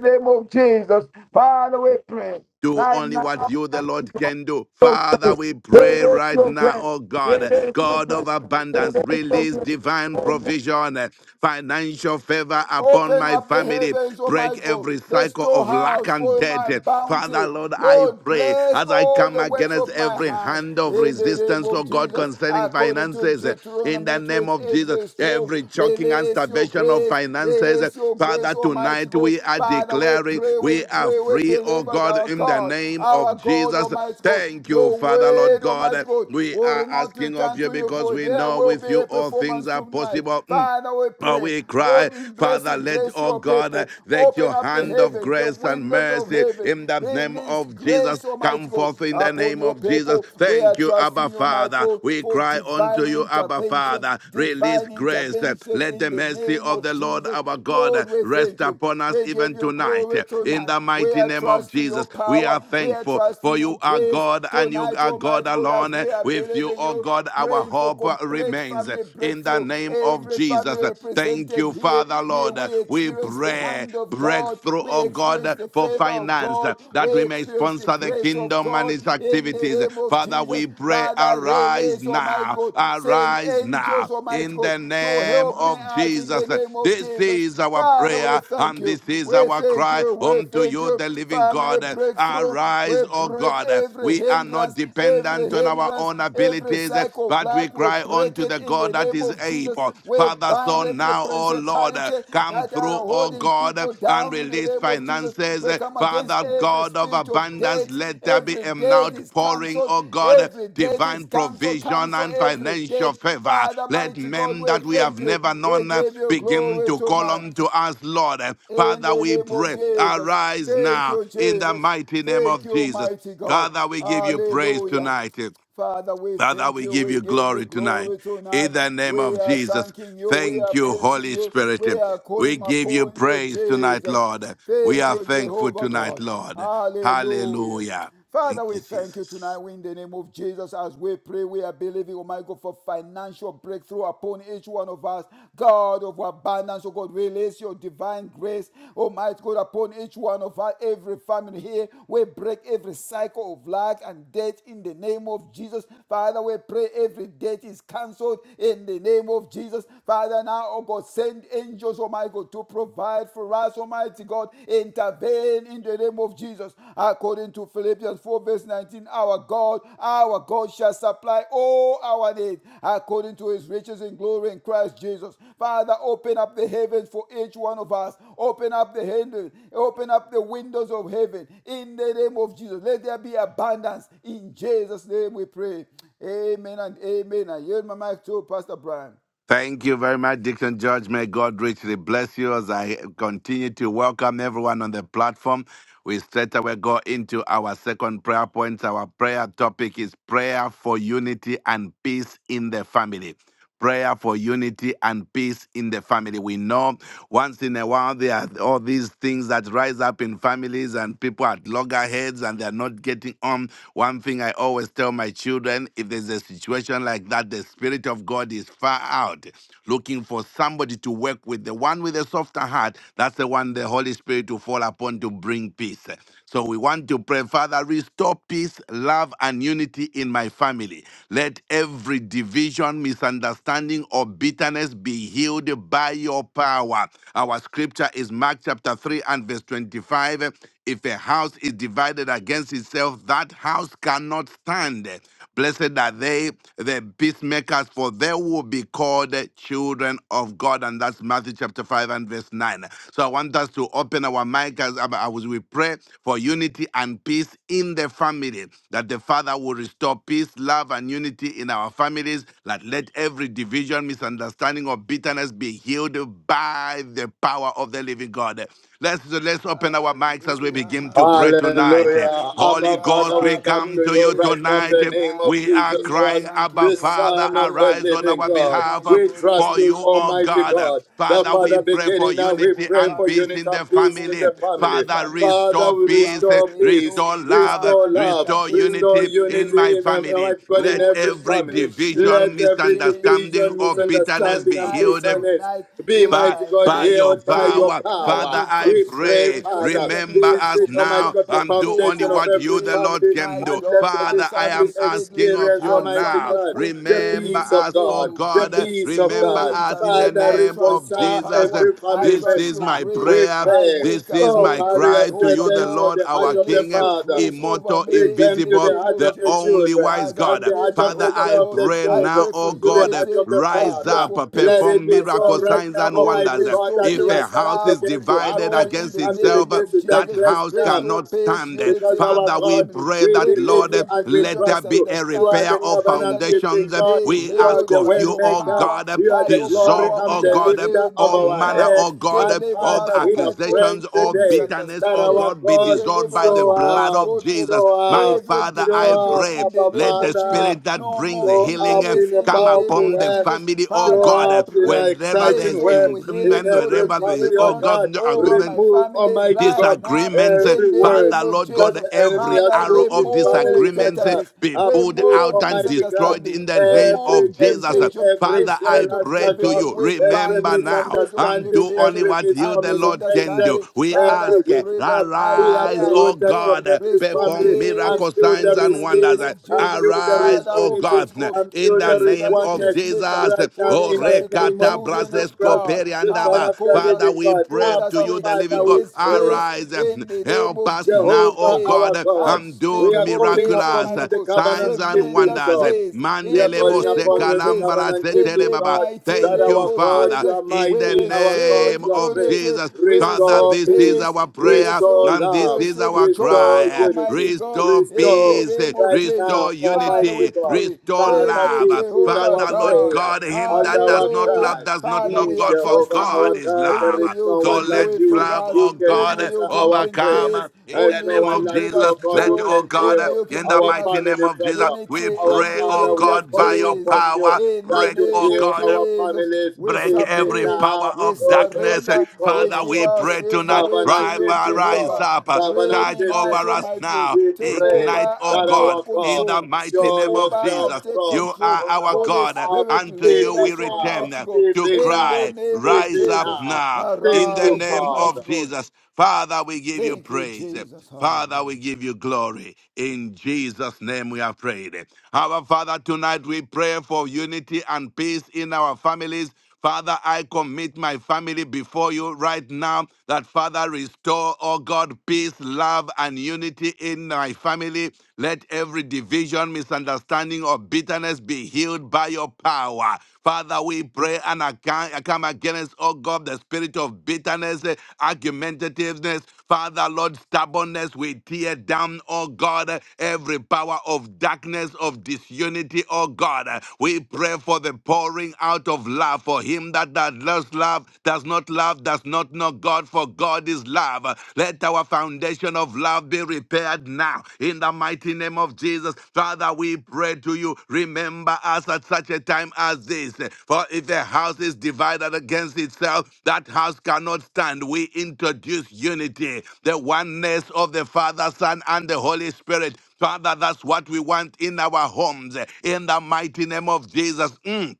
[SPEAKER 3] name of Jesus. Father, we pray.
[SPEAKER 4] do
[SPEAKER 3] Right
[SPEAKER 4] only
[SPEAKER 3] now,
[SPEAKER 4] what you, the Lord, can do. Father, we pray
[SPEAKER 3] release
[SPEAKER 4] right
[SPEAKER 3] your
[SPEAKER 4] now,
[SPEAKER 3] grace.
[SPEAKER 4] oh God,
[SPEAKER 3] Release your
[SPEAKER 4] God
[SPEAKER 3] grace.
[SPEAKER 4] of abundance, release divine provision, financial favor upon
[SPEAKER 3] Open
[SPEAKER 4] my
[SPEAKER 3] up the
[SPEAKER 4] family.
[SPEAKER 3] heavens, oh my
[SPEAKER 4] Break
[SPEAKER 3] God,
[SPEAKER 4] every
[SPEAKER 3] the
[SPEAKER 4] cycle of lack
[SPEAKER 3] storehouse
[SPEAKER 4] and
[SPEAKER 3] for
[SPEAKER 4] debt.
[SPEAKER 3] my
[SPEAKER 4] Father,
[SPEAKER 3] bounty.
[SPEAKER 4] Lord, I
[SPEAKER 3] Lord,
[SPEAKER 4] pray
[SPEAKER 3] bless
[SPEAKER 4] as I
[SPEAKER 3] all
[SPEAKER 4] come
[SPEAKER 3] the works
[SPEAKER 4] against
[SPEAKER 3] of my
[SPEAKER 4] every
[SPEAKER 3] hands
[SPEAKER 4] hand of
[SPEAKER 3] in the name
[SPEAKER 4] resistance, oh
[SPEAKER 3] of
[SPEAKER 4] God,
[SPEAKER 3] Jesus.
[SPEAKER 4] concerning
[SPEAKER 3] According to
[SPEAKER 4] finances. eh, In the
[SPEAKER 3] Deuteronomy
[SPEAKER 4] name of
[SPEAKER 3] 28,
[SPEAKER 4] Jesus,
[SPEAKER 3] verse 12,
[SPEAKER 4] every choking and
[SPEAKER 3] release your
[SPEAKER 4] starvation of
[SPEAKER 3] grace,
[SPEAKER 4] finances. eh,
[SPEAKER 3] release your
[SPEAKER 4] Father,
[SPEAKER 3] grace, Almighty
[SPEAKER 4] tonight
[SPEAKER 3] God.
[SPEAKER 4] we are
[SPEAKER 3] Father, we
[SPEAKER 4] declaring
[SPEAKER 3] pray, we
[SPEAKER 4] we are
[SPEAKER 3] pray, we
[SPEAKER 4] free, oh
[SPEAKER 3] believe that
[SPEAKER 4] God,
[SPEAKER 3] our
[SPEAKER 4] in the
[SPEAKER 3] God,
[SPEAKER 4] name of
[SPEAKER 3] our God,
[SPEAKER 4] Jesus.
[SPEAKER 3] Almighty God,
[SPEAKER 4] Thank you,
[SPEAKER 3] your
[SPEAKER 4] Father, Lord
[SPEAKER 3] word,
[SPEAKER 4] God. eh,
[SPEAKER 3] Almighty God,
[SPEAKER 4] We are
[SPEAKER 3] will not
[SPEAKER 4] asking of
[SPEAKER 3] return
[SPEAKER 4] you
[SPEAKER 3] to you,
[SPEAKER 4] because
[SPEAKER 3] for
[SPEAKER 4] we
[SPEAKER 3] there
[SPEAKER 4] know
[SPEAKER 3] will
[SPEAKER 4] with
[SPEAKER 3] be
[SPEAKER 4] you
[SPEAKER 3] a
[SPEAKER 4] all things
[SPEAKER 3] performance
[SPEAKER 4] are
[SPEAKER 3] tonight.
[SPEAKER 4] possible. Mm.
[SPEAKER 3] Father, we
[SPEAKER 4] Oh,
[SPEAKER 3] pray.
[SPEAKER 4] we cry,
[SPEAKER 3] Lord, in
[SPEAKER 4] Father,
[SPEAKER 3] blessing,
[SPEAKER 4] let,
[SPEAKER 3] bless
[SPEAKER 4] oh
[SPEAKER 3] your
[SPEAKER 4] God, uh,
[SPEAKER 3] people.
[SPEAKER 4] let your
[SPEAKER 3] Open up the
[SPEAKER 4] hand of
[SPEAKER 3] heavens, the
[SPEAKER 4] grace and
[SPEAKER 3] windows of
[SPEAKER 4] mercy
[SPEAKER 3] heaven.
[SPEAKER 4] in the name
[SPEAKER 3] Release
[SPEAKER 4] of Jesus
[SPEAKER 3] grace,
[SPEAKER 4] come
[SPEAKER 3] Almighty God,
[SPEAKER 4] forth in the
[SPEAKER 3] upon
[SPEAKER 4] name
[SPEAKER 3] your
[SPEAKER 4] of Jesus.
[SPEAKER 3] people. We
[SPEAKER 4] Thank
[SPEAKER 3] are
[SPEAKER 4] you,
[SPEAKER 3] trusting
[SPEAKER 4] Abba
[SPEAKER 3] you, Almighty
[SPEAKER 4] Father.
[SPEAKER 3] God,
[SPEAKER 4] We
[SPEAKER 3] for
[SPEAKER 4] cry unto
[SPEAKER 3] divine
[SPEAKER 4] you, Abba
[SPEAKER 3] intervention,
[SPEAKER 4] Father. Release
[SPEAKER 3] divine
[SPEAKER 4] grace. Uh,
[SPEAKER 3] intervention
[SPEAKER 4] Let
[SPEAKER 3] in
[SPEAKER 4] the
[SPEAKER 3] the
[SPEAKER 4] mercy
[SPEAKER 3] name
[SPEAKER 4] of the
[SPEAKER 3] of
[SPEAKER 4] Lord
[SPEAKER 3] Jesus.
[SPEAKER 4] our God uh,
[SPEAKER 3] Lord, we
[SPEAKER 4] rest
[SPEAKER 3] thank you.
[SPEAKER 4] upon us
[SPEAKER 3] We give
[SPEAKER 4] even
[SPEAKER 3] you
[SPEAKER 4] tonight.
[SPEAKER 3] glory
[SPEAKER 4] Uh, In
[SPEAKER 3] tonight.
[SPEAKER 4] the
[SPEAKER 3] We
[SPEAKER 4] mighty
[SPEAKER 3] are
[SPEAKER 4] name of
[SPEAKER 3] trusting your
[SPEAKER 4] Jesus, we
[SPEAKER 3] power.
[SPEAKER 4] are
[SPEAKER 3] We are
[SPEAKER 4] thankful
[SPEAKER 3] trusting
[SPEAKER 4] for
[SPEAKER 3] your
[SPEAKER 4] you are
[SPEAKER 3] grace
[SPEAKER 4] God and you
[SPEAKER 3] tonight,
[SPEAKER 4] are God
[SPEAKER 3] Almighty God, as
[SPEAKER 4] alone. Uh,
[SPEAKER 3] we are
[SPEAKER 4] With you,
[SPEAKER 3] believing
[SPEAKER 4] oh
[SPEAKER 3] you.
[SPEAKER 4] God, our
[SPEAKER 3] Praying for
[SPEAKER 4] hope uh,
[SPEAKER 3] complete
[SPEAKER 4] remains
[SPEAKER 3] family
[SPEAKER 4] in the
[SPEAKER 3] breakthrough.
[SPEAKER 4] name of
[SPEAKER 3] Every
[SPEAKER 4] Jesus.
[SPEAKER 3] family
[SPEAKER 4] Thank
[SPEAKER 3] represented
[SPEAKER 4] you,
[SPEAKER 3] here,
[SPEAKER 4] Father,
[SPEAKER 3] may
[SPEAKER 4] Lord.
[SPEAKER 3] we
[SPEAKER 4] We
[SPEAKER 3] experience the
[SPEAKER 4] pray
[SPEAKER 3] hand of God.
[SPEAKER 4] breakthrough,
[SPEAKER 3] We
[SPEAKER 4] oh
[SPEAKER 3] experience
[SPEAKER 4] God,
[SPEAKER 3] the
[SPEAKER 4] for
[SPEAKER 3] favor of
[SPEAKER 4] finance
[SPEAKER 3] God.
[SPEAKER 4] that
[SPEAKER 3] We
[SPEAKER 4] we may
[SPEAKER 3] experience the
[SPEAKER 4] sponsor the
[SPEAKER 3] grace of
[SPEAKER 4] kingdom and
[SPEAKER 3] God
[SPEAKER 4] its
[SPEAKER 3] in the
[SPEAKER 4] activities.
[SPEAKER 3] name of
[SPEAKER 4] Father,
[SPEAKER 3] Jesus.
[SPEAKER 4] we pray,
[SPEAKER 3] Father,
[SPEAKER 4] arise
[SPEAKER 3] release, Almighty
[SPEAKER 4] now,
[SPEAKER 3] God. Send
[SPEAKER 4] arise
[SPEAKER 3] angels,
[SPEAKER 4] now.
[SPEAKER 3] Almighty
[SPEAKER 4] In
[SPEAKER 3] God,
[SPEAKER 4] the
[SPEAKER 3] to
[SPEAKER 4] name
[SPEAKER 3] help me
[SPEAKER 4] of
[SPEAKER 3] out in
[SPEAKER 4] Jesus,
[SPEAKER 3] the name of
[SPEAKER 4] this
[SPEAKER 3] Jesus.
[SPEAKER 4] is our
[SPEAKER 3] Father, we
[SPEAKER 4] prayer
[SPEAKER 3] thank
[SPEAKER 4] and
[SPEAKER 3] you.
[SPEAKER 4] this is
[SPEAKER 3] We
[SPEAKER 4] our
[SPEAKER 3] thank
[SPEAKER 4] cry
[SPEAKER 3] you. We
[SPEAKER 4] unto
[SPEAKER 3] thank
[SPEAKER 4] you,
[SPEAKER 3] you.
[SPEAKER 4] the living
[SPEAKER 3] Family
[SPEAKER 4] God.
[SPEAKER 3] breakthrough.
[SPEAKER 4] Arise,
[SPEAKER 3] We
[SPEAKER 4] O
[SPEAKER 3] break
[SPEAKER 4] God.
[SPEAKER 3] every
[SPEAKER 4] We are not
[SPEAKER 3] hindrance, every
[SPEAKER 4] dependent on our
[SPEAKER 3] hindrance,
[SPEAKER 4] own
[SPEAKER 3] every
[SPEAKER 4] abilities,
[SPEAKER 3] cycle
[SPEAKER 4] but
[SPEAKER 3] of
[SPEAKER 4] but we
[SPEAKER 3] lack. We
[SPEAKER 4] cry
[SPEAKER 3] break
[SPEAKER 4] unto
[SPEAKER 3] it
[SPEAKER 4] the
[SPEAKER 3] in the
[SPEAKER 4] God that
[SPEAKER 3] name
[SPEAKER 4] is
[SPEAKER 3] of Jesus.
[SPEAKER 4] able.
[SPEAKER 3] We
[SPEAKER 4] Father,
[SPEAKER 3] bind
[SPEAKER 4] so
[SPEAKER 3] every
[SPEAKER 4] now, oh Lord, uh,
[SPEAKER 3] principality
[SPEAKER 4] come
[SPEAKER 3] that are
[SPEAKER 4] through, oh
[SPEAKER 3] holding
[SPEAKER 4] God, uh,
[SPEAKER 3] people
[SPEAKER 4] and
[SPEAKER 3] down in the
[SPEAKER 4] release
[SPEAKER 3] name of Jesus.
[SPEAKER 4] finances.
[SPEAKER 3] We
[SPEAKER 4] Uh,
[SPEAKER 3] come against
[SPEAKER 4] Father,
[SPEAKER 3] every
[SPEAKER 4] God of
[SPEAKER 3] spirit of
[SPEAKER 4] abundance,
[SPEAKER 3] death.
[SPEAKER 4] let there be
[SPEAKER 3] Every
[SPEAKER 4] an
[SPEAKER 3] death is
[SPEAKER 4] outpouring,
[SPEAKER 3] cancelled.
[SPEAKER 4] oh God, uh,
[SPEAKER 3] Every death is
[SPEAKER 4] divine
[SPEAKER 3] cancelled.
[SPEAKER 4] provision
[SPEAKER 3] Cancel
[SPEAKER 4] and
[SPEAKER 3] every
[SPEAKER 4] financial
[SPEAKER 3] death.
[SPEAKER 4] favor.
[SPEAKER 3] Father,
[SPEAKER 4] Let
[SPEAKER 3] mighty God,
[SPEAKER 4] men
[SPEAKER 3] we
[SPEAKER 4] that we have
[SPEAKER 3] thank you.
[SPEAKER 4] never
[SPEAKER 3] We
[SPEAKER 4] known uh,
[SPEAKER 3] give you
[SPEAKER 4] begin
[SPEAKER 3] glory
[SPEAKER 4] to call
[SPEAKER 3] tonight.
[SPEAKER 4] unto us, Lord. Uh,
[SPEAKER 3] In
[SPEAKER 4] Father,
[SPEAKER 3] the
[SPEAKER 4] we
[SPEAKER 3] name of
[SPEAKER 4] pray,
[SPEAKER 3] Jesus.
[SPEAKER 4] arise
[SPEAKER 3] Thank
[SPEAKER 4] now
[SPEAKER 3] you,
[SPEAKER 4] in the
[SPEAKER 3] Jesus.
[SPEAKER 4] mighty name
[SPEAKER 3] Thank
[SPEAKER 4] of
[SPEAKER 3] you,
[SPEAKER 4] Jesus.
[SPEAKER 3] mighty God.
[SPEAKER 4] Father, we give you praise
[SPEAKER 3] Hallelujah.
[SPEAKER 4] tonight.
[SPEAKER 3] Father, we
[SPEAKER 4] Father,
[SPEAKER 3] thank
[SPEAKER 4] we
[SPEAKER 3] you.
[SPEAKER 4] give
[SPEAKER 3] We
[SPEAKER 4] you
[SPEAKER 3] give you
[SPEAKER 4] glory tonight.
[SPEAKER 3] glory tonight.
[SPEAKER 4] In the name
[SPEAKER 3] We
[SPEAKER 4] of
[SPEAKER 3] are
[SPEAKER 4] Jesus,
[SPEAKER 3] thanking you. We
[SPEAKER 4] thank
[SPEAKER 3] are
[SPEAKER 4] you,
[SPEAKER 3] blessing
[SPEAKER 4] Holy
[SPEAKER 3] you.
[SPEAKER 4] Spirit.
[SPEAKER 3] We are
[SPEAKER 4] We
[SPEAKER 3] calling
[SPEAKER 4] give you
[SPEAKER 3] upon you,
[SPEAKER 4] praise tonight,
[SPEAKER 3] Jesus.
[SPEAKER 4] Lord. We
[SPEAKER 3] Thank
[SPEAKER 4] are
[SPEAKER 3] you,
[SPEAKER 4] thankful
[SPEAKER 3] Jehovah
[SPEAKER 4] tonight,
[SPEAKER 3] God.
[SPEAKER 4] Lord.
[SPEAKER 3] Hallelujah.
[SPEAKER 4] Hallelujah. Thank
[SPEAKER 3] Father, we
[SPEAKER 4] you,
[SPEAKER 3] thank you
[SPEAKER 4] Jesus.
[SPEAKER 3] tonight in the name of Jesus. As we pray, we are believing, oh my God, for financial breakthrough upon each one of us. God of abundance, hands, oh God. Release your divine grace, Almighty God, upon each one of our every family here. We break every cycle of lack and debt in the name of Jesus. Father, we pray every debt is cancelled in the name of Jesus. Father, now, oh God, send angels, Almighty God, to provide for us, Almighty God. Intervene in the name of Jesus. According to Philippians. Philippians 4, verse 19, our God, our God shall supply all our needs according to his riches in glory in Christ Jesus. Father, open up the heavens for each one of us. Open up the heavens, open up the windows of heaven in the name of Jesus. Let there be abundance. In Jesus' name we pray. Amen and amen. I yield my mic to Pastor Brian.
[SPEAKER 4] Thank you very much, Deacon George. May God richly bless you as I continue to welcome everyone on the platform. We straight away go into our second prayer point. Our prayer topic is prayer for unity and peace in the family. Prayer for unity and peace in the family. We know once in a while there are all these things that rise up in families and people at loggerheads and they're not getting on. One thing I always tell my children if there's a situation like that, the Spirit of God is far out looking for somebody to work with. The one with a softer heart, that's the one the Holy Spirit will fall upon to bring peace. So we want to pray, Father, restore peace, love, and unity in my family. Let every division, misunderstanding, or bitterness be healed by your power. Our scripture is Mark chapter 3 and verse 25. If a house is divided against against itself, that house cannot stand. Blessed are they, the peacemakers, for they will be called children of God. And that's Matthew chapter 5 and verse 9. So I want us to open our mic as, um, as we pray for unity and peace in the family, that the Father will restore peace, love, and unity in our families, that let every division, misunderstanding, or bitterness be healed by the power of the living God. Let's let's open our mics as we
[SPEAKER 3] Hallelujah,
[SPEAKER 4] begin to pray
[SPEAKER 3] hallelujah,
[SPEAKER 4] tonight.
[SPEAKER 2] Hallelujah.
[SPEAKER 4] Holy
[SPEAKER 2] Abba,
[SPEAKER 3] hallelujah.
[SPEAKER 2] Father,
[SPEAKER 4] Ghost, we
[SPEAKER 2] we
[SPEAKER 3] Father,
[SPEAKER 2] come to
[SPEAKER 4] come
[SPEAKER 3] we
[SPEAKER 4] to
[SPEAKER 2] you
[SPEAKER 4] you
[SPEAKER 2] right
[SPEAKER 3] thank
[SPEAKER 2] now
[SPEAKER 3] you
[SPEAKER 2] in
[SPEAKER 4] tonight.
[SPEAKER 2] the name
[SPEAKER 3] tonight.
[SPEAKER 2] of
[SPEAKER 4] We are
[SPEAKER 2] Jesus
[SPEAKER 3] We are
[SPEAKER 2] Christ,
[SPEAKER 4] crying,
[SPEAKER 3] thanking
[SPEAKER 4] Abba
[SPEAKER 2] the
[SPEAKER 3] you, my
[SPEAKER 4] Father,
[SPEAKER 3] God.
[SPEAKER 2] Son of
[SPEAKER 3] We are
[SPEAKER 2] the
[SPEAKER 4] arise on
[SPEAKER 2] living
[SPEAKER 4] our
[SPEAKER 3] believing you,
[SPEAKER 2] God.
[SPEAKER 4] behalf
[SPEAKER 3] mighty
[SPEAKER 2] We
[SPEAKER 3] God, in
[SPEAKER 2] trust
[SPEAKER 4] for
[SPEAKER 3] the
[SPEAKER 2] you,
[SPEAKER 4] you,
[SPEAKER 3] name
[SPEAKER 4] oh
[SPEAKER 3] of
[SPEAKER 2] Almighty
[SPEAKER 4] God.
[SPEAKER 2] God.
[SPEAKER 3] Jesus.
[SPEAKER 2] The
[SPEAKER 4] Father, we
[SPEAKER 2] Father,
[SPEAKER 3] Release
[SPEAKER 4] pray
[SPEAKER 3] your
[SPEAKER 4] for
[SPEAKER 2] beginning now,
[SPEAKER 3] grace, oh
[SPEAKER 2] we
[SPEAKER 4] unity
[SPEAKER 3] God,
[SPEAKER 2] pray
[SPEAKER 4] and
[SPEAKER 2] for
[SPEAKER 4] peace
[SPEAKER 3] family,
[SPEAKER 2] unity
[SPEAKER 4] in the
[SPEAKER 2] and
[SPEAKER 3] oh,
[SPEAKER 2] peace
[SPEAKER 3] for
[SPEAKER 2] in
[SPEAKER 4] family.
[SPEAKER 2] the family.
[SPEAKER 3] complete
[SPEAKER 4] Father,
[SPEAKER 3] family
[SPEAKER 2] Father,
[SPEAKER 4] restore
[SPEAKER 2] we
[SPEAKER 3] breakthrough.
[SPEAKER 4] peace,
[SPEAKER 3] I'm
[SPEAKER 2] restore
[SPEAKER 3] praying,
[SPEAKER 2] peace,
[SPEAKER 3] Lord,
[SPEAKER 4] restore love,
[SPEAKER 3] come
[SPEAKER 2] restore
[SPEAKER 3] and
[SPEAKER 2] love,
[SPEAKER 4] restore
[SPEAKER 3] intervene
[SPEAKER 2] restore
[SPEAKER 4] unity
[SPEAKER 3] in the
[SPEAKER 4] in
[SPEAKER 3] name
[SPEAKER 4] my
[SPEAKER 2] unity
[SPEAKER 3] of
[SPEAKER 2] in um,
[SPEAKER 3] Jesus.
[SPEAKER 4] family.
[SPEAKER 2] Almighty God in
[SPEAKER 4] Let
[SPEAKER 3] Lord,
[SPEAKER 2] every
[SPEAKER 3] let there
[SPEAKER 4] every
[SPEAKER 3] be
[SPEAKER 2] family.
[SPEAKER 3] a shift
[SPEAKER 2] Let
[SPEAKER 4] division,
[SPEAKER 3] and a
[SPEAKER 2] every
[SPEAKER 3] change in
[SPEAKER 4] misunderstanding,
[SPEAKER 2] division,
[SPEAKER 3] the
[SPEAKER 4] or
[SPEAKER 3] name.
[SPEAKER 4] bitterness
[SPEAKER 2] misunderstanding,
[SPEAKER 4] be
[SPEAKER 2] and
[SPEAKER 3] Tonight,
[SPEAKER 4] healed
[SPEAKER 2] bitterness
[SPEAKER 3] tonight
[SPEAKER 2] be,
[SPEAKER 3] is
[SPEAKER 4] by
[SPEAKER 2] mighty
[SPEAKER 3] my
[SPEAKER 2] God,
[SPEAKER 4] by
[SPEAKER 3] night
[SPEAKER 4] your
[SPEAKER 2] healed
[SPEAKER 3] of
[SPEAKER 2] by your
[SPEAKER 3] change,
[SPEAKER 4] power.
[SPEAKER 3] night
[SPEAKER 2] power.
[SPEAKER 4] Father,
[SPEAKER 3] of
[SPEAKER 4] I
[SPEAKER 2] We pray,
[SPEAKER 4] pray,
[SPEAKER 3] transformation. Let
[SPEAKER 2] Father,
[SPEAKER 3] there be
[SPEAKER 4] remember us
[SPEAKER 2] visit, Almighty
[SPEAKER 4] now
[SPEAKER 3] transformation
[SPEAKER 2] God, the
[SPEAKER 3] by
[SPEAKER 4] and do
[SPEAKER 3] faith.
[SPEAKER 4] only
[SPEAKER 2] foundation
[SPEAKER 3] I
[SPEAKER 2] of
[SPEAKER 4] what you,
[SPEAKER 2] every
[SPEAKER 4] the
[SPEAKER 3] believe,
[SPEAKER 4] Lord,
[SPEAKER 2] family
[SPEAKER 4] can
[SPEAKER 3] my
[SPEAKER 4] do.
[SPEAKER 2] and let
[SPEAKER 3] God,
[SPEAKER 2] every
[SPEAKER 4] Father,
[SPEAKER 3] answer
[SPEAKER 4] I
[SPEAKER 3] me
[SPEAKER 2] family
[SPEAKER 4] am
[SPEAKER 3] speedily,
[SPEAKER 4] asking of
[SPEAKER 2] experience,
[SPEAKER 4] you
[SPEAKER 3] answer
[SPEAKER 2] Almighty
[SPEAKER 4] now,
[SPEAKER 3] me
[SPEAKER 2] God, the
[SPEAKER 3] quickly
[SPEAKER 4] remember
[SPEAKER 3] in
[SPEAKER 2] peace of
[SPEAKER 3] the
[SPEAKER 4] us,
[SPEAKER 3] name
[SPEAKER 4] oh
[SPEAKER 2] God,
[SPEAKER 3] of
[SPEAKER 2] the
[SPEAKER 4] God,
[SPEAKER 3] Jesus.
[SPEAKER 2] peace of
[SPEAKER 3] Lord,
[SPEAKER 4] remember
[SPEAKER 2] God.
[SPEAKER 4] us in the
[SPEAKER 3] intervene.
[SPEAKER 2] Father,
[SPEAKER 3] I
[SPEAKER 4] name
[SPEAKER 3] trust
[SPEAKER 4] of
[SPEAKER 3] your
[SPEAKER 2] reconcile
[SPEAKER 4] Jesus.
[SPEAKER 3] power,
[SPEAKER 2] every
[SPEAKER 3] I
[SPEAKER 2] family
[SPEAKER 4] This
[SPEAKER 3] trust
[SPEAKER 4] is
[SPEAKER 3] your
[SPEAKER 2] member.
[SPEAKER 4] my
[SPEAKER 3] grace.
[SPEAKER 2] We
[SPEAKER 4] prayer.
[SPEAKER 3] I
[SPEAKER 2] pray.
[SPEAKER 3] wait
[SPEAKER 4] This is
[SPEAKER 2] Oh,
[SPEAKER 4] my
[SPEAKER 3] upon you,
[SPEAKER 2] Father, you have
[SPEAKER 4] cry to
[SPEAKER 2] said,
[SPEAKER 3] Jehovah
[SPEAKER 4] you, the
[SPEAKER 2] then
[SPEAKER 3] God.
[SPEAKER 2] shall
[SPEAKER 4] Lord,
[SPEAKER 2] the heart
[SPEAKER 4] our
[SPEAKER 2] of the
[SPEAKER 3] Release
[SPEAKER 4] King
[SPEAKER 3] your
[SPEAKER 2] Father
[SPEAKER 3] grace over
[SPEAKER 4] immortal,
[SPEAKER 3] me in
[SPEAKER 2] Return to
[SPEAKER 3] the
[SPEAKER 2] the
[SPEAKER 4] invisible,
[SPEAKER 3] name
[SPEAKER 2] heart
[SPEAKER 3] of
[SPEAKER 4] the
[SPEAKER 2] of the
[SPEAKER 3] Jesus.
[SPEAKER 4] only
[SPEAKER 2] children
[SPEAKER 4] wise
[SPEAKER 3] As I
[SPEAKER 4] God.
[SPEAKER 2] and the
[SPEAKER 3] pray,
[SPEAKER 2] heart of
[SPEAKER 4] Father,
[SPEAKER 2] the,
[SPEAKER 3] Jehovah
[SPEAKER 4] I
[SPEAKER 2] of
[SPEAKER 3] God,
[SPEAKER 2] the
[SPEAKER 4] pray
[SPEAKER 3] I
[SPEAKER 4] now,
[SPEAKER 2] children
[SPEAKER 3] pray for
[SPEAKER 4] oh
[SPEAKER 2] to the
[SPEAKER 4] God,
[SPEAKER 2] heart
[SPEAKER 3] unity.
[SPEAKER 2] of the
[SPEAKER 3] I
[SPEAKER 4] rise
[SPEAKER 3] pray
[SPEAKER 2] Father.
[SPEAKER 4] up,
[SPEAKER 3] for
[SPEAKER 2] Let
[SPEAKER 3] peace
[SPEAKER 2] it
[SPEAKER 3] in
[SPEAKER 4] perform
[SPEAKER 2] be
[SPEAKER 3] my
[SPEAKER 2] so
[SPEAKER 4] miracle
[SPEAKER 2] right
[SPEAKER 3] family.
[SPEAKER 4] signs
[SPEAKER 2] now,
[SPEAKER 4] and
[SPEAKER 3] Lord,
[SPEAKER 2] Almighty
[SPEAKER 4] wonders.
[SPEAKER 2] God,
[SPEAKER 3] restore
[SPEAKER 2] that
[SPEAKER 4] If
[SPEAKER 2] right
[SPEAKER 4] a
[SPEAKER 3] peace,
[SPEAKER 2] now it
[SPEAKER 4] house is
[SPEAKER 3] love,
[SPEAKER 2] begins to
[SPEAKER 4] divided
[SPEAKER 2] happen
[SPEAKER 3] joy in
[SPEAKER 4] against
[SPEAKER 3] the
[SPEAKER 2] and it
[SPEAKER 4] itself,
[SPEAKER 3] name
[SPEAKER 2] begins
[SPEAKER 3] of
[SPEAKER 2] to
[SPEAKER 4] that
[SPEAKER 2] take
[SPEAKER 3] Jesus.
[SPEAKER 2] place
[SPEAKER 4] house
[SPEAKER 2] now
[SPEAKER 3] Restore
[SPEAKER 4] cannot
[SPEAKER 3] peace,
[SPEAKER 4] stand.
[SPEAKER 3] unity
[SPEAKER 2] because
[SPEAKER 3] in
[SPEAKER 2] our
[SPEAKER 4] Father,
[SPEAKER 3] my
[SPEAKER 4] we
[SPEAKER 2] God,
[SPEAKER 3] family.
[SPEAKER 4] pray
[SPEAKER 2] we
[SPEAKER 4] that,
[SPEAKER 3] Let
[SPEAKER 2] believe
[SPEAKER 4] Lord,
[SPEAKER 2] you
[SPEAKER 3] every
[SPEAKER 2] and we
[SPEAKER 4] let
[SPEAKER 3] division,
[SPEAKER 4] there
[SPEAKER 2] trust
[SPEAKER 4] be
[SPEAKER 2] you.
[SPEAKER 4] a
[SPEAKER 2] You are
[SPEAKER 3] misunderstanding,
[SPEAKER 4] repair
[SPEAKER 2] the
[SPEAKER 3] or
[SPEAKER 4] of
[SPEAKER 2] covenant
[SPEAKER 3] bitterness
[SPEAKER 2] keeping
[SPEAKER 4] foundations.
[SPEAKER 2] God.
[SPEAKER 3] be
[SPEAKER 4] We
[SPEAKER 2] You are
[SPEAKER 4] ask,
[SPEAKER 3] healed
[SPEAKER 2] the
[SPEAKER 4] of
[SPEAKER 3] by
[SPEAKER 2] way
[SPEAKER 4] you,
[SPEAKER 3] your
[SPEAKER 4] oh
[SPEAKER 2] maker.
[SPEAKER 3] power.
[SPEAKER 4] God. um,
[SPEAKER 2] You are
[SPEAKER 3] By
[SPEAKER 2] the
[SPEAKER 3] your
[SPEAKER 2] glory
[SPEAKER 4] Dissolve,
[SPEAKER 3] power,
[SPEAKER 2] and
[SPEAKER 4] oh
[SPEAKER 3] we
[SPEAKER 2] the
[SPEAKER 3] are
[SPEAKER 4] God, um,
[SPEAKER 2] lifter
[SPEAKER 3] healed
[SPEAKER 2] of
[SPEAKER 3] by
[SPEAKER 4] all
[SPEAKER 3] your
[SPEAKER 2] our
[SPEAKER 4] manner,
[SPEAKER 3] power.
[SPEAKER 2] head.
[SPEAKER 4] oh God,
[SPEAKER 2] And
[SPEAKER 4] um,
[SPEAKER 3] Deliver
[SPEAKER 4] of
[SPEAKER 2] Father,
[SPEAKER 3] us,
[SPEAKER 2] we are
[SPEAKER 3] Almighty God,
[SPEAKER 2] praying
[SPEAKER 4] accusations or
[SPEAKER 3] from
[SPEAKER 2] today
[SPEAKER 4] bitterness,
[SPEAKER 2] that
[SPEAKER 4] oh
[SPEAKER 3] misunderstanding.
[SPEAKER 2] our
[SPEAKER 4] God, be
[SPEAKER 3] For
[SPEAKER 2] God
[SPEAKER 4] dissolved
[SPEAKER 3] deliver
[SPEAKER 4] by
[SPEAKER 3] us,
[SPEAKER 4] the
[SPEAKER 2] show
[SPEAKER 4] blood
[SPEAKER 3] Almighty
[SPEAKER 2] up,
[SPEAKER 4] of
[SPEAKER 3] God, from
[SPEAKER 4] Jesus.
[SPEAKER 2] show
[SPEAKER 4] My
[SPEAKER 2] up,
[SPEAKER 3] every
[SPEAKER 4] Father, I
[SPEAKER 2] show
[SPEAKER 3] division
[SPEAKER 2] up,
[SPEAKER 4] pray,
[SPEAKER 3] in the
[SPEAKER 2] Abba
[SPEAKER 4] let
[SPEAKER 3] name
[SPEAKER 4] the
[SPEAKER 3] of Jesus,
[SPEAKER 2] Father.
[SPEAKER 4] spirit that
[SPEAKER 3] no
[SPEAKER 4] brings the
[SPEAKER 3] more
[SPEAKER 2] Show
[SPEAKER 4] healing
[SPEAKER 2] up
[SPEAKER 4] um,
[SPEAKER 3] bitterness
[SPEAKER 2] in a
[SPEAKER 3] in
[SPEAKER 4] come
[SPEAKER 3] the name
[SPEAKER 2] powerful
[SPEAKER 4] upon
[SPEAKER 3] of
[SPEAKER 4] the
[SPEAKER 2] way.
[SPEAKER 3] Jesus.
[SPEAKER 4] family, oh
[SPEAKER 3] Father,
[SPEAKER 2] Show
[SPEAKER 3] I
[SPEAKER 4] God, um,
[SPEAKER 2] up in
[SPEAKER 3] pray,
[SPEAKER 2] an
[SPEAKER 4] wherever
[SPEAKER 3] bring
[SPEAKER 2] exciting
[SPEAKER 4] there's,
[SPEAKER 2] way
[SPEAKER 3] total
[SPEAKER 4] in-
[SPEAKER 2] in
[SPEAKER 3] healing,
[SPEAKER 2] every
[SPEAKER 3] total
[SPEAKER 4] wherever
[SPEAKER 2] family,
[SPEAKER 4] there's,
[SPEAKER 2] oh
[SPEAKER 4] oh
[SPEAKER 3] deliverance
[SPEAKER 4] God,
[SPEAKER 2] God.
[SPEAKER 4] no
[SPEAKER 3] over my
[SPEAKER 4] agreement
[SPEAKER 2] Remove,
[SPEAKER 3] family
[SPEAKER 2] Almighty
[SPEAKER 3] right
[SPEAKER 2] God,
[SPEAKER 3] now
[SPEAKER 4] disagreements. eh,
[SPEAKER 3] in
[SPEAKER 2] every
[SPEAKER 3] the
[SPEAKER 2] word
[SPEAKER 3] name
[SPEAKER 4] Father,
[SPEAKER 3] of
[SPEAKER 4] Lord
[SPEAKER 2] that
[SPEAKER 4] God,
[SPEAKER 2] the
[SPEAKER 3] Jesus.
[SPEAKER 2] enemy
[SPEAKER 4] every
[SPEAKER 2] has
[SPEAKER 3] Father,
[SPEAKER 4] arrow
[SPEAKER 2] put
[SPEAKER 4] of
[SPEAKER 2] in
[SPEAKER 3] remove
[SPEAKER 2] families, oh
[SPEAKER 4] disagreements eh,
[SPEAKER 2] God.
[SPEAKER 3] bitterness.
[SPEAKER 4] be pulled
[SPEAKER 2] Uproot,
[SPEAKER 4] out
[SPEAKER 3] Remove
[SPEAKER 4] and
[SPEAKER 2] Almighty God,
[SPEAKER 4] destroyed
[SPEAKER 3] misunderstanding.
[SPEAKER 4] in the name
[SPEAKER 2] every
[SPEAKER 4] of
[SPEAKER 3] Remove
[SPEAKER 4] Jesus. Eh,
[SPEAKER 2] envy,
[SPEAKER 3] division. The
[SPEAKER 2] every
[SPEAKER 4] Father, I
[SPEAKER 3] spirit
[SPEAKER 2] jealous,
[SPEAKER 3] of
[SPEAKER 4] pray
[SPEAKER 2] oh
[SPEAKER 4] to
[SPEAKER 2] God
[SPEAKER 3] division.
[SPEAKER 4] you,
[SPEAKER 3] We
[SPEAKER 2] every
[SPEAKER 3] bind
[SPEAKER 4] remember
[SPEAKER 3] every
[SPEAKER 4] now,
[SPEAKER 3] spirit of
[SPEAKER 4] and
[SPEAKER 2] misunderstanding,
[SPEAKER 4] do only
[SPEAKER 3] division
[SPEAKER 2] every
[SPEAKER 4] what you,
[SPEAKER 3] and
[SPEAKER 4] the Lord, can
[SPEAKER 2] miscommunication,
[SPEAKER 4] do.
[SPEAKER 3] misunderstanding.
[SPEAKER 4] We
[SPEAKER 3] Father,
[SPEAKER 2] every
[SPEAKER 3] I
[SPEAKER 4] ask, eh,
[SPEAKER 3] pray,
[SPEAKER 2] witchcraft
[SPEAKER 3] I
[SPEAKER 2] be
[SPEAKER 3] pray,
[SPEAKER 4] arise,
[SPEAKER 3] I
[SPEAKER 4] O
[SPEAKER 2] uprooted
[SPEAKER 3] declare,
[SPEAKER 2] from
[SPEAKER 4] God, eh,
[SPEAKER 2] every
[SPEAKER 3] restore
[SPEAKER 2] family
[SPEAKER 4] perform
[SPEAKER 3] peace
[SPEAKER 4] miracle
[SPEAKER 2] until
[SPEAKER 4] signs
[SPEAKER 2] there
[SPEAKER 3] in
[SPEAKER 4] and
[SPEAKER 2] is
[SPEAKER 3] the name
[SPEAKER 4] wonders.
[SPEAKER 2] peace,
[SPEAKER 4] eh.
[SPEAKER 3] of Jesus.
[SPEAKER 2] until there is
[SPEAKER 4] Arise,
[SPEAKER 3] Father,
[SPEAKER 4] O
[SPEAKER 2] unity,
[SPEAKER 4] God,
[SPEAKER 3] Almighty
[SPEAKER 4] eh,
[SPEAKER 3] God,
[SPEAKER 4] in
[SPEAKER 2] until
[SPEAKER 4] the
[SPEAKER 2] there is
[SPEAKER 3] blessed are
[SPEAKER 4] name
[SPEAKER 3] the
[SPEAKER 4] of of
[SPEAKER 2] oneness.
[SPEAKER 3] peacemakers,
[SPEAKER 4] Jesus.
[SPEAKER 2] Right
[SPEAKER 3] for
[SPEAKER 2] now,
[SPEAKER 3] they
[SPEAKER 4] Oh,
[SPEAKER 2] in
[SPEAKER 3] shall
[SPEAKER 2] the
[SPEAKER 3] be called
[SPEAKER 2] name of
[SPEAKER 4] rekata
[SPEAKER 3] children
[SPEAKER 2] Jesus
[SPEAKER 3] of
[SPEAKER 4] brasesko
[SPEAKER 2] Christ,
[SPEAKER 3] God.
[SPEAKER 2] the Son
[SPEAKER 3] Father,
[SPEAKER 4] periandaba.
[SPEAKER 2] of the
[SPEAKER 3] cause
[SPEAKER 4] Father,
[SPEAKER 2] Living
[SPEAKER 3] us
[SPEAKER 4] we
[SPEAKER 2] God,
[SPEAKER 4] pray
[SPEAKER 3] Cause us
[SPEAKER 4] to
[SPEAKER 2] Abba
[SPEAKER 3] to
[SPEAKER 4] you, the living
[SPEAKER 2] Father,
[SPEAKER 4] God.
[SPEAKER 2] we
[SPEAKER 3] experience
[SPEAKER 2] pray.
[SPEAKER 3] peace
[SPEAKER 4] Arise,
[SPEAKER 3] in the name
[SPEAKER 4] help
[SPEAKER 3] of
[SPEAKER 4] us
[SPEAKER 3] Jesus.
[SPEAKER 4] now, oh
[SPEAKER 2] Jehovah
[SPEAKER 3] Peace,
[SPEAKER 2] our
[SPEAKER 4] God,
[SPEAKER 2] God,
[SPEAKER 4] and do
[SPEAKER 2] we are
[SPEAKER 3] unspeakable
[SPEAKER 2] calling
[SPEAKER 3] peace,
[SPEAKER 4] miraculous
[SPEAKER 2] upon
[SPEAKER 3] Almighty
[SPEAKER 2] you, the
[SPEAKER 3] God.
[SPEAKER 2] covenant
[SPEAKER 4] signs and
[SPEAKER 2] keeping
[SPEAKER 3] Tremendous
[SPEAKER 4] wonders.
[SPEAKER 2] God.
[SPEAKER 3] peace
[SPEAKER 2] We are
[SPEAKER 3] in the
[SPEAKER 4] Mandelebo
[SPEAKER 2] calling
[SPEAKER 3] name
[SPEAKER 2] upon
[SPEAKER 3] of
[SPEAKER 2] you, the
[SPEAKER 3] Jesus.
[SPEAKER 4] sekalambara
[SPEAKER 2] covenant
[SPEAKER 3] In
[SPEAKER 4] setere
[SPEAKER 2] keeping
[SPEAKER 3] the
[SPEAKER 4] baba.
[SPEAKER 2] God,
[SPEAKER 3] mighty
[SPEAKER 2] that
[SPEAKER 4] Thank you,
[SPEAKER 3] name
[SPEAKER 2] our
[SPEAKER 3] of
[SPEAKER 2] God,
[SPEAKER 4] Father,
[SPEAKER 2] you
[SPEAKER 3] Jesus,
[SPEAKER 2] are
[SPEAKER 4] in
[SPEAKER 3] we
[SPEAKER 4] the
[SPEAKER 2] mighty, our God,
[SPEAKER 3] receive
[SPEAKER 4] name
[SPEAKER 2] you are
[SPEAKER 4] of
[SPEAKER 2] great.
[SPEAKER 3] unity,
[SPEAKER 4] Jesus.
[SPEAKER 3] we
[SPEAKER 4] Father,
[SPEAKER 3] receive
[SPEAKER 2] Restore
[SPEAKER 4] this is
[SPEAKER 2] peace,
[SPEAKER 3] peace,
[SPEAKER 4] our
[SPEAKER 3] we
[SPEAKER 4] prayer
[SPEAKER 3] receive,
[SPEAKER 2] restore
[SPEAKER 4] and
[SPEAKER 3] we
[SPEAKER 4] this
[SPEAKER 2] love,
[SPEAKER 4] is
[SPEAKER 3] receive
[SPEAKER 4] our
[SPEAKER 3] joy,
[SPEAKER 2] restore
[SPEAKER 4] cry.
[SPEAKER 3] Almighty
[SPEAKER 2] unity,
[SPEAKER 3] God,
[SPEAKER 4] Restore
[SPEAKER 3] in the
[SPEAKER 2] restore
[SPEAKER 4] peace,
[SPEAKER 3] name of
[SPEAKER 2] right
[SPEAKER 3] Jesus.
[SPEAKER 2] now,
[SPEAKER 4] restore
[SPEAKER 3] Father,
[SPEAKER 2] Almighty
[SPEAKER 3] we
[SPEAKER 4] unity,
[SPEAKER 2] God.
[SPEAKER 3] pray.
[SPEAKER 4] restore
[SPEAKER 3] Thank
[SPEAKER 2] Father,
[SPEAKER 3] you,
[SPEAKER 4] love.
[SPEAKER 2] this is
[SPEAKER 3] Jehovah
[SPEAKER 2] our
[SPEAKER 4] Father, Lord
[SPEAKER 3] God.
[SPEAKER 2] prayer
[SPEAKER 4] God, him
[SPEAKER 2] and
[SPEAKER 4] that does
[SPEAKER 2] our
[SPEAKER 4] not
[SPEAKER 3] Hallelujah.
[SPEAKER 4] love
[SPEAKER 2] cry.
[SPEAKER 4] does not
[SPEAKER 3] Father,
[SPEAKER 4] know
[SPEAKER 2] Mm,
[SPEAKER 3] we are
[SPEAKER 4] God, for
[SPEAKER 2] Jehovah,
[SPEAKER 3] trusting
[SPEAKER 2] our
[SPEAKER 4] God
[SPEAKER 3] you.
[SPEAKER 4] is
[SPEAKER 2] God, there
[SPEAKER 4] love.
[SPEAKER 3] Only
[SPEAKER 2] is
[SPEAKER 3] you
[SPEAKER 2] no
[SPEAKER 4] So
[SPEAKER 2] one
[SPEAKER 3] can do
[SPEAKER 2] like
[SPEAKER 4] let
[SPEAKER 3] it
[SPEAKER 2] you
[SPEAKER 3] for
[SPEAKER 4] love,
[SPEAKER 3] us.
[SPEAKER 4] oh
[SPEAKER 2] who can
[SPEAKER 3] Only
[SPEAKER 4] God,
[SPEAKER 3] you
[SPEAKER 2] answer
[SPEAKER 3] can
[SPEAKER 2] our
[SPEAKER 3] bring
[SPEAKER 2] prayer.
[SPEAKER 4] overcome
[SPEAKER 3] peace.
[SPEAKER 4] in
[SPEAKER 2] There is
[SPEAKER 4] the
[SPEAKER 3] Only
[SPEAKER 2] no
[SPEAKER 3] you
[SPEAKER 4] name
[SPEAKER 2] one
[SPEAKER 3] can
[SPEAKER 4] of
[SPEAKER 2] like
[SPEAKER 3] give
[SPEAKER 2] you,
[SPEAKER 3] us
[SPEAKER 2] O
[SPEAKER 4] Jesus.
[SPEAKER 2] God,
[SPEAKER 4] Let,
[SPEAKER 2] who
[SPEAKER 3] joy.
[SPEAKER 4] oh
[SPEAKER 2] can
[SPEAKER 4] God,
[SPEAKER 3] Only
[SPEAKER 2] heal
[SPEAKER 3] you
[SPEAKER 4] in
[SPEAKER 3] can
[SPEAKER 4] the
[SPEAKER 2] our
[SPEAKER 3] bring us
[SPEAKER 4] mighty name
[SPEAKER 2] families,
[SPEAKER 4] of
[SPEAKER 2] O
[SPEAKER 4] Jesus,
[SPEAKER 2] God.
[SPEAKER 4] we
[SPEAKER 3] unity
[SPEAKER 2] Our
[SPEAKER 3] in
[SPEAKER 4] pray,
[SPEAKER 3] the
[SPEAKER 4] oh
[SPEAKER 2] Father,
[SPEAKER 3] name
[SPEAKER 2] we are
[SPEAKER 3] of
[SPEAKER 4] God, by
[SPEAKER 2] calling
[SPEAKER 4] your
[SPEAKER 2] upon
[SPEAKER 3] Jesus.
[SPEAKER 2] you
[SPEAKER 4] power,
[SPEAKER 3] In the
[SPEAKER 2] that
[SPEAKER 4] break,
[SPEAKER 2] you
[SPEAKER 4] oh
[SPEAKER 3] name of
[SPEAKER 2] heal
[SPEAKER 4] God.
[SPEAKER 2] our
[SPEAKER 3] Jesus,
[SPEAKER 2] families
[SPEAKER 3] we
[SPEAKER 4] Break
[SPEAKER 2] even
[SPEAKER 4] every
[SPEAKER 3] submit,
[SPEAKER 4] power
[SPEAKER 2] now.
[SPEAKER 3] we
[SPEAKER 4] of
[SPEAKER 2] Oh Lord,
[SPEAKER 4] darkness.
[SPEAKER 2] we
[SPEAKER 3] surrender,
[SPEAKER 2] call
[SPEAKER 3] we
[SPEAKER 4] Father,
[SPEAKER 3] give
[SPEAKER 2] upon
[SPEAKER 4] we
[SPEAKER 2] you.
[SPEAKER 4] pray
[SPEAKER 3] ourselves
[SPEAKER 4] tonight.
[SPEAKER 3] away to
[SPEAKER 2] Covenant
[SPEAKER 4] Rise,
[SPEAKER 3] you,
[SPEAKER 2] keeping
[SPEAKER 4] rise
[SPEAKER 2] God,
[SPEAKER 3] Jehovah.
[SPEAKER 4] up.
[SPEAKER 2] covenant
[SPEAKER 3] Reign
[SPEAKER 4] Charge
[SPEAKER 3] in
[SPEAKER 4] over
[SPEAKER 2] keeping
[SPEAKER 3] us,
[SPEAKER 2] God.
[SPEAKER 4] us
[SPEAKER 3] Almighty God.
[SPEAKER 4] now.
[SPEAKER 2] We
[SPEAKER 3] Take
[SPEAKER 2] pray
[SPEAKER 4] Ignite,
[SPEAKER 3] over
[SPEAKER 4] oh
[SPEAKER 2] that
[SPEAKER 3] and
[SPEAKER 4] God,
[SPEAKER 3] take
[SPEAKER 2] our
[SPEAKER 4] in
[SPEAKER 2] God
[SPEAKER 4] the
[SPEAKER 3] control.
[SPEAKER 4] mighty
[SPEAKER 2] show
[SPEAKER 3] Take
[SPEAKER 4] name of
[SPEAKER 3] over
[SPEAKER 2] yourself
[SPEAKER 3] and
[SPEAKER 4] Jesus.
[SPEAKER 3] take
[SPEAKER 2] strong
[SPEAKER 4] You are
[SPEAKER 3] control.
[SPEAKER 2] on
[SPEAKER 4] our
[SPEAKER 2] our
[SPEAKER 3] Holy
[SPEAKER 4] God.
[SPEAKER 2] behalf
[SPEAKER 3] Spirit,
[SPEAKER 4] Unto
[SPEAKER 3] lead
[SPEAKER 4] you we
[SPEAKER 2] even
[SPEAKER 3] us,
[SPEAKER 2] now,
[SPEAKER 4] return
[SPEAKER 3] Almighty God,
[SPEAKER 4] to
[SPEAKER 2] even
[SPEAKER 3] in
[SPEAKER 2] now,
[SPEAKER 3] the
[SPEAKER 4] cry.
[SPEAKER 3] name of
[SPEAKER 4] Rise
[SPEAKER 2] even
[SPEAKER 4] up
[SPEAKER 3] Jesus.
[SPEAKER 2] now.
[SPEAKER 4] now in
[SPEAKER 2] Thank
[SPEAKER 4] the
[SPEAKER 2] you,
[SPEAKER 3] Arise,
[SPEAKER 4] name
[SPEAKER 3] Almighty
[SPEAKER 4] of
[SPEAKER 2] Father.
[SPEAKER 3] God.
[SPEAKER 4] Jesus. Father, we give you
[SPEAKER 3] Thank you,
[SPEAKER 4] praise.
[SPEAKER 3] Jesus.
[SPEAKER 4] Father,
[SPEAKER 3] Hallelujah.
[SPEAKER 4] we give you glory. In Jesus' name we have prayed. Our Father, tonight we pray for unity and peace in our families. Father, I commit my family before you right now that Father, restore, oh God, peace, love, and unity in my family. Let every division, misunderstanding, or bitterness be healed by your power. Father, we pray and I can- I come against, oh God, the spirit of bitterness, eh, argumentativeness. Father, Lord, stubbornness, we tear down, oh God, eh, every power of darkness, of disunity, oh God. Eh, We pray for the pouring out of love for him that does not love, does not love, does not know God, for God is love. Eh, Let our foundation foundation of love be repaired now. In the mighty name of Jesus, Father, we pray to you. Remember us at such a time as this. For if a house is divided against itself, that house cannot stand. We introduce unity, the oneness of the Father, Son, and the Holy Spirit. Father, that's what we want in our homes. In the mighty name of Jesus. Mm.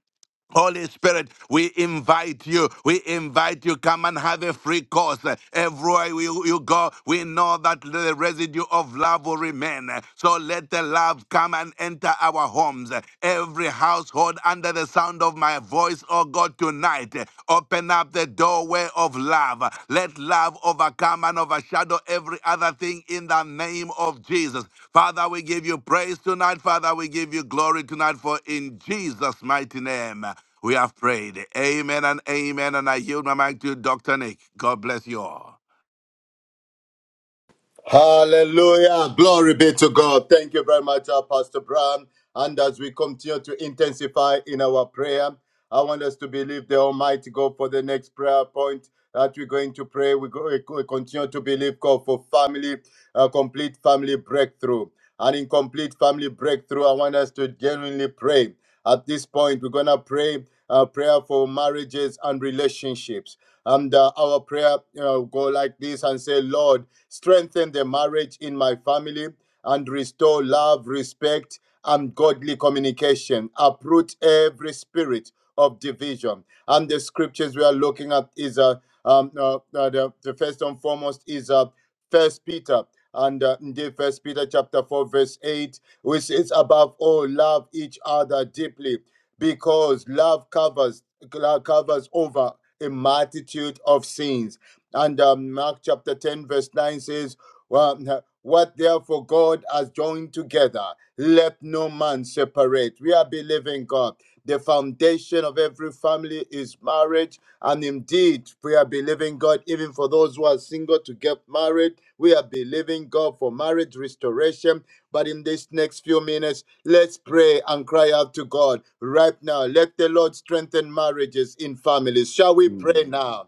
[SPEAKER 4] Holy Spirit, we invite you. We invite you. Come and have a free course. Everywhere you, you go, we know that the residue of love will remain. So let the love come and enter our homes. Every household under the sound of my voice, oh God, tonight, open up the doorway of love. Let love overcome and overshadow every other thing in the name of Jesus. Father, we give you praise tonight. Father, we give you glory tonight for in Jesus' mighty name. We have prayed. Amen and amen. And I yield my mic to Dr. Nick. God bless you all.
[SPEAKER 2] Hallelujah. Glory be to God. Thank you very much, uh, Pastor Brown. And as we continue to intensify in our prayer, I want us to believe the Almighty God for the next prayer point that we're going to pray. We, go, we we continue to believe God for family, uh, complete family breakthrough. And in complete family breakthrough, I want us to genuinely pray. At this point, we're going to pray a prayer for marriages and relationships. And uh, our prayer you know, go like this and say, Lord, strengthen the marriage in my family, and restore love, respect, and godly communication. Uproot every spirit of division. And the scriptures we are looking at is uh, um, uh, uh, the, the first and foremost is uh, First Peter. And uh, indeed, First Peter chapter four, verse eight, which is above all, love each other deeply, because love covers love covers over a multitude of sins. And um, Mark chapter 10, verse 9 says, well, What therefore God has joined together, let no man separate. We are believing God. The foundation of every family is marriage. And indeed, we are believing God, even for those who are single to get married. We are believing God for marriage restoration. But in these next few minutes, let's pray and cry out to God right now. Let the Lord strengthen marriages in families. Shall we pray now?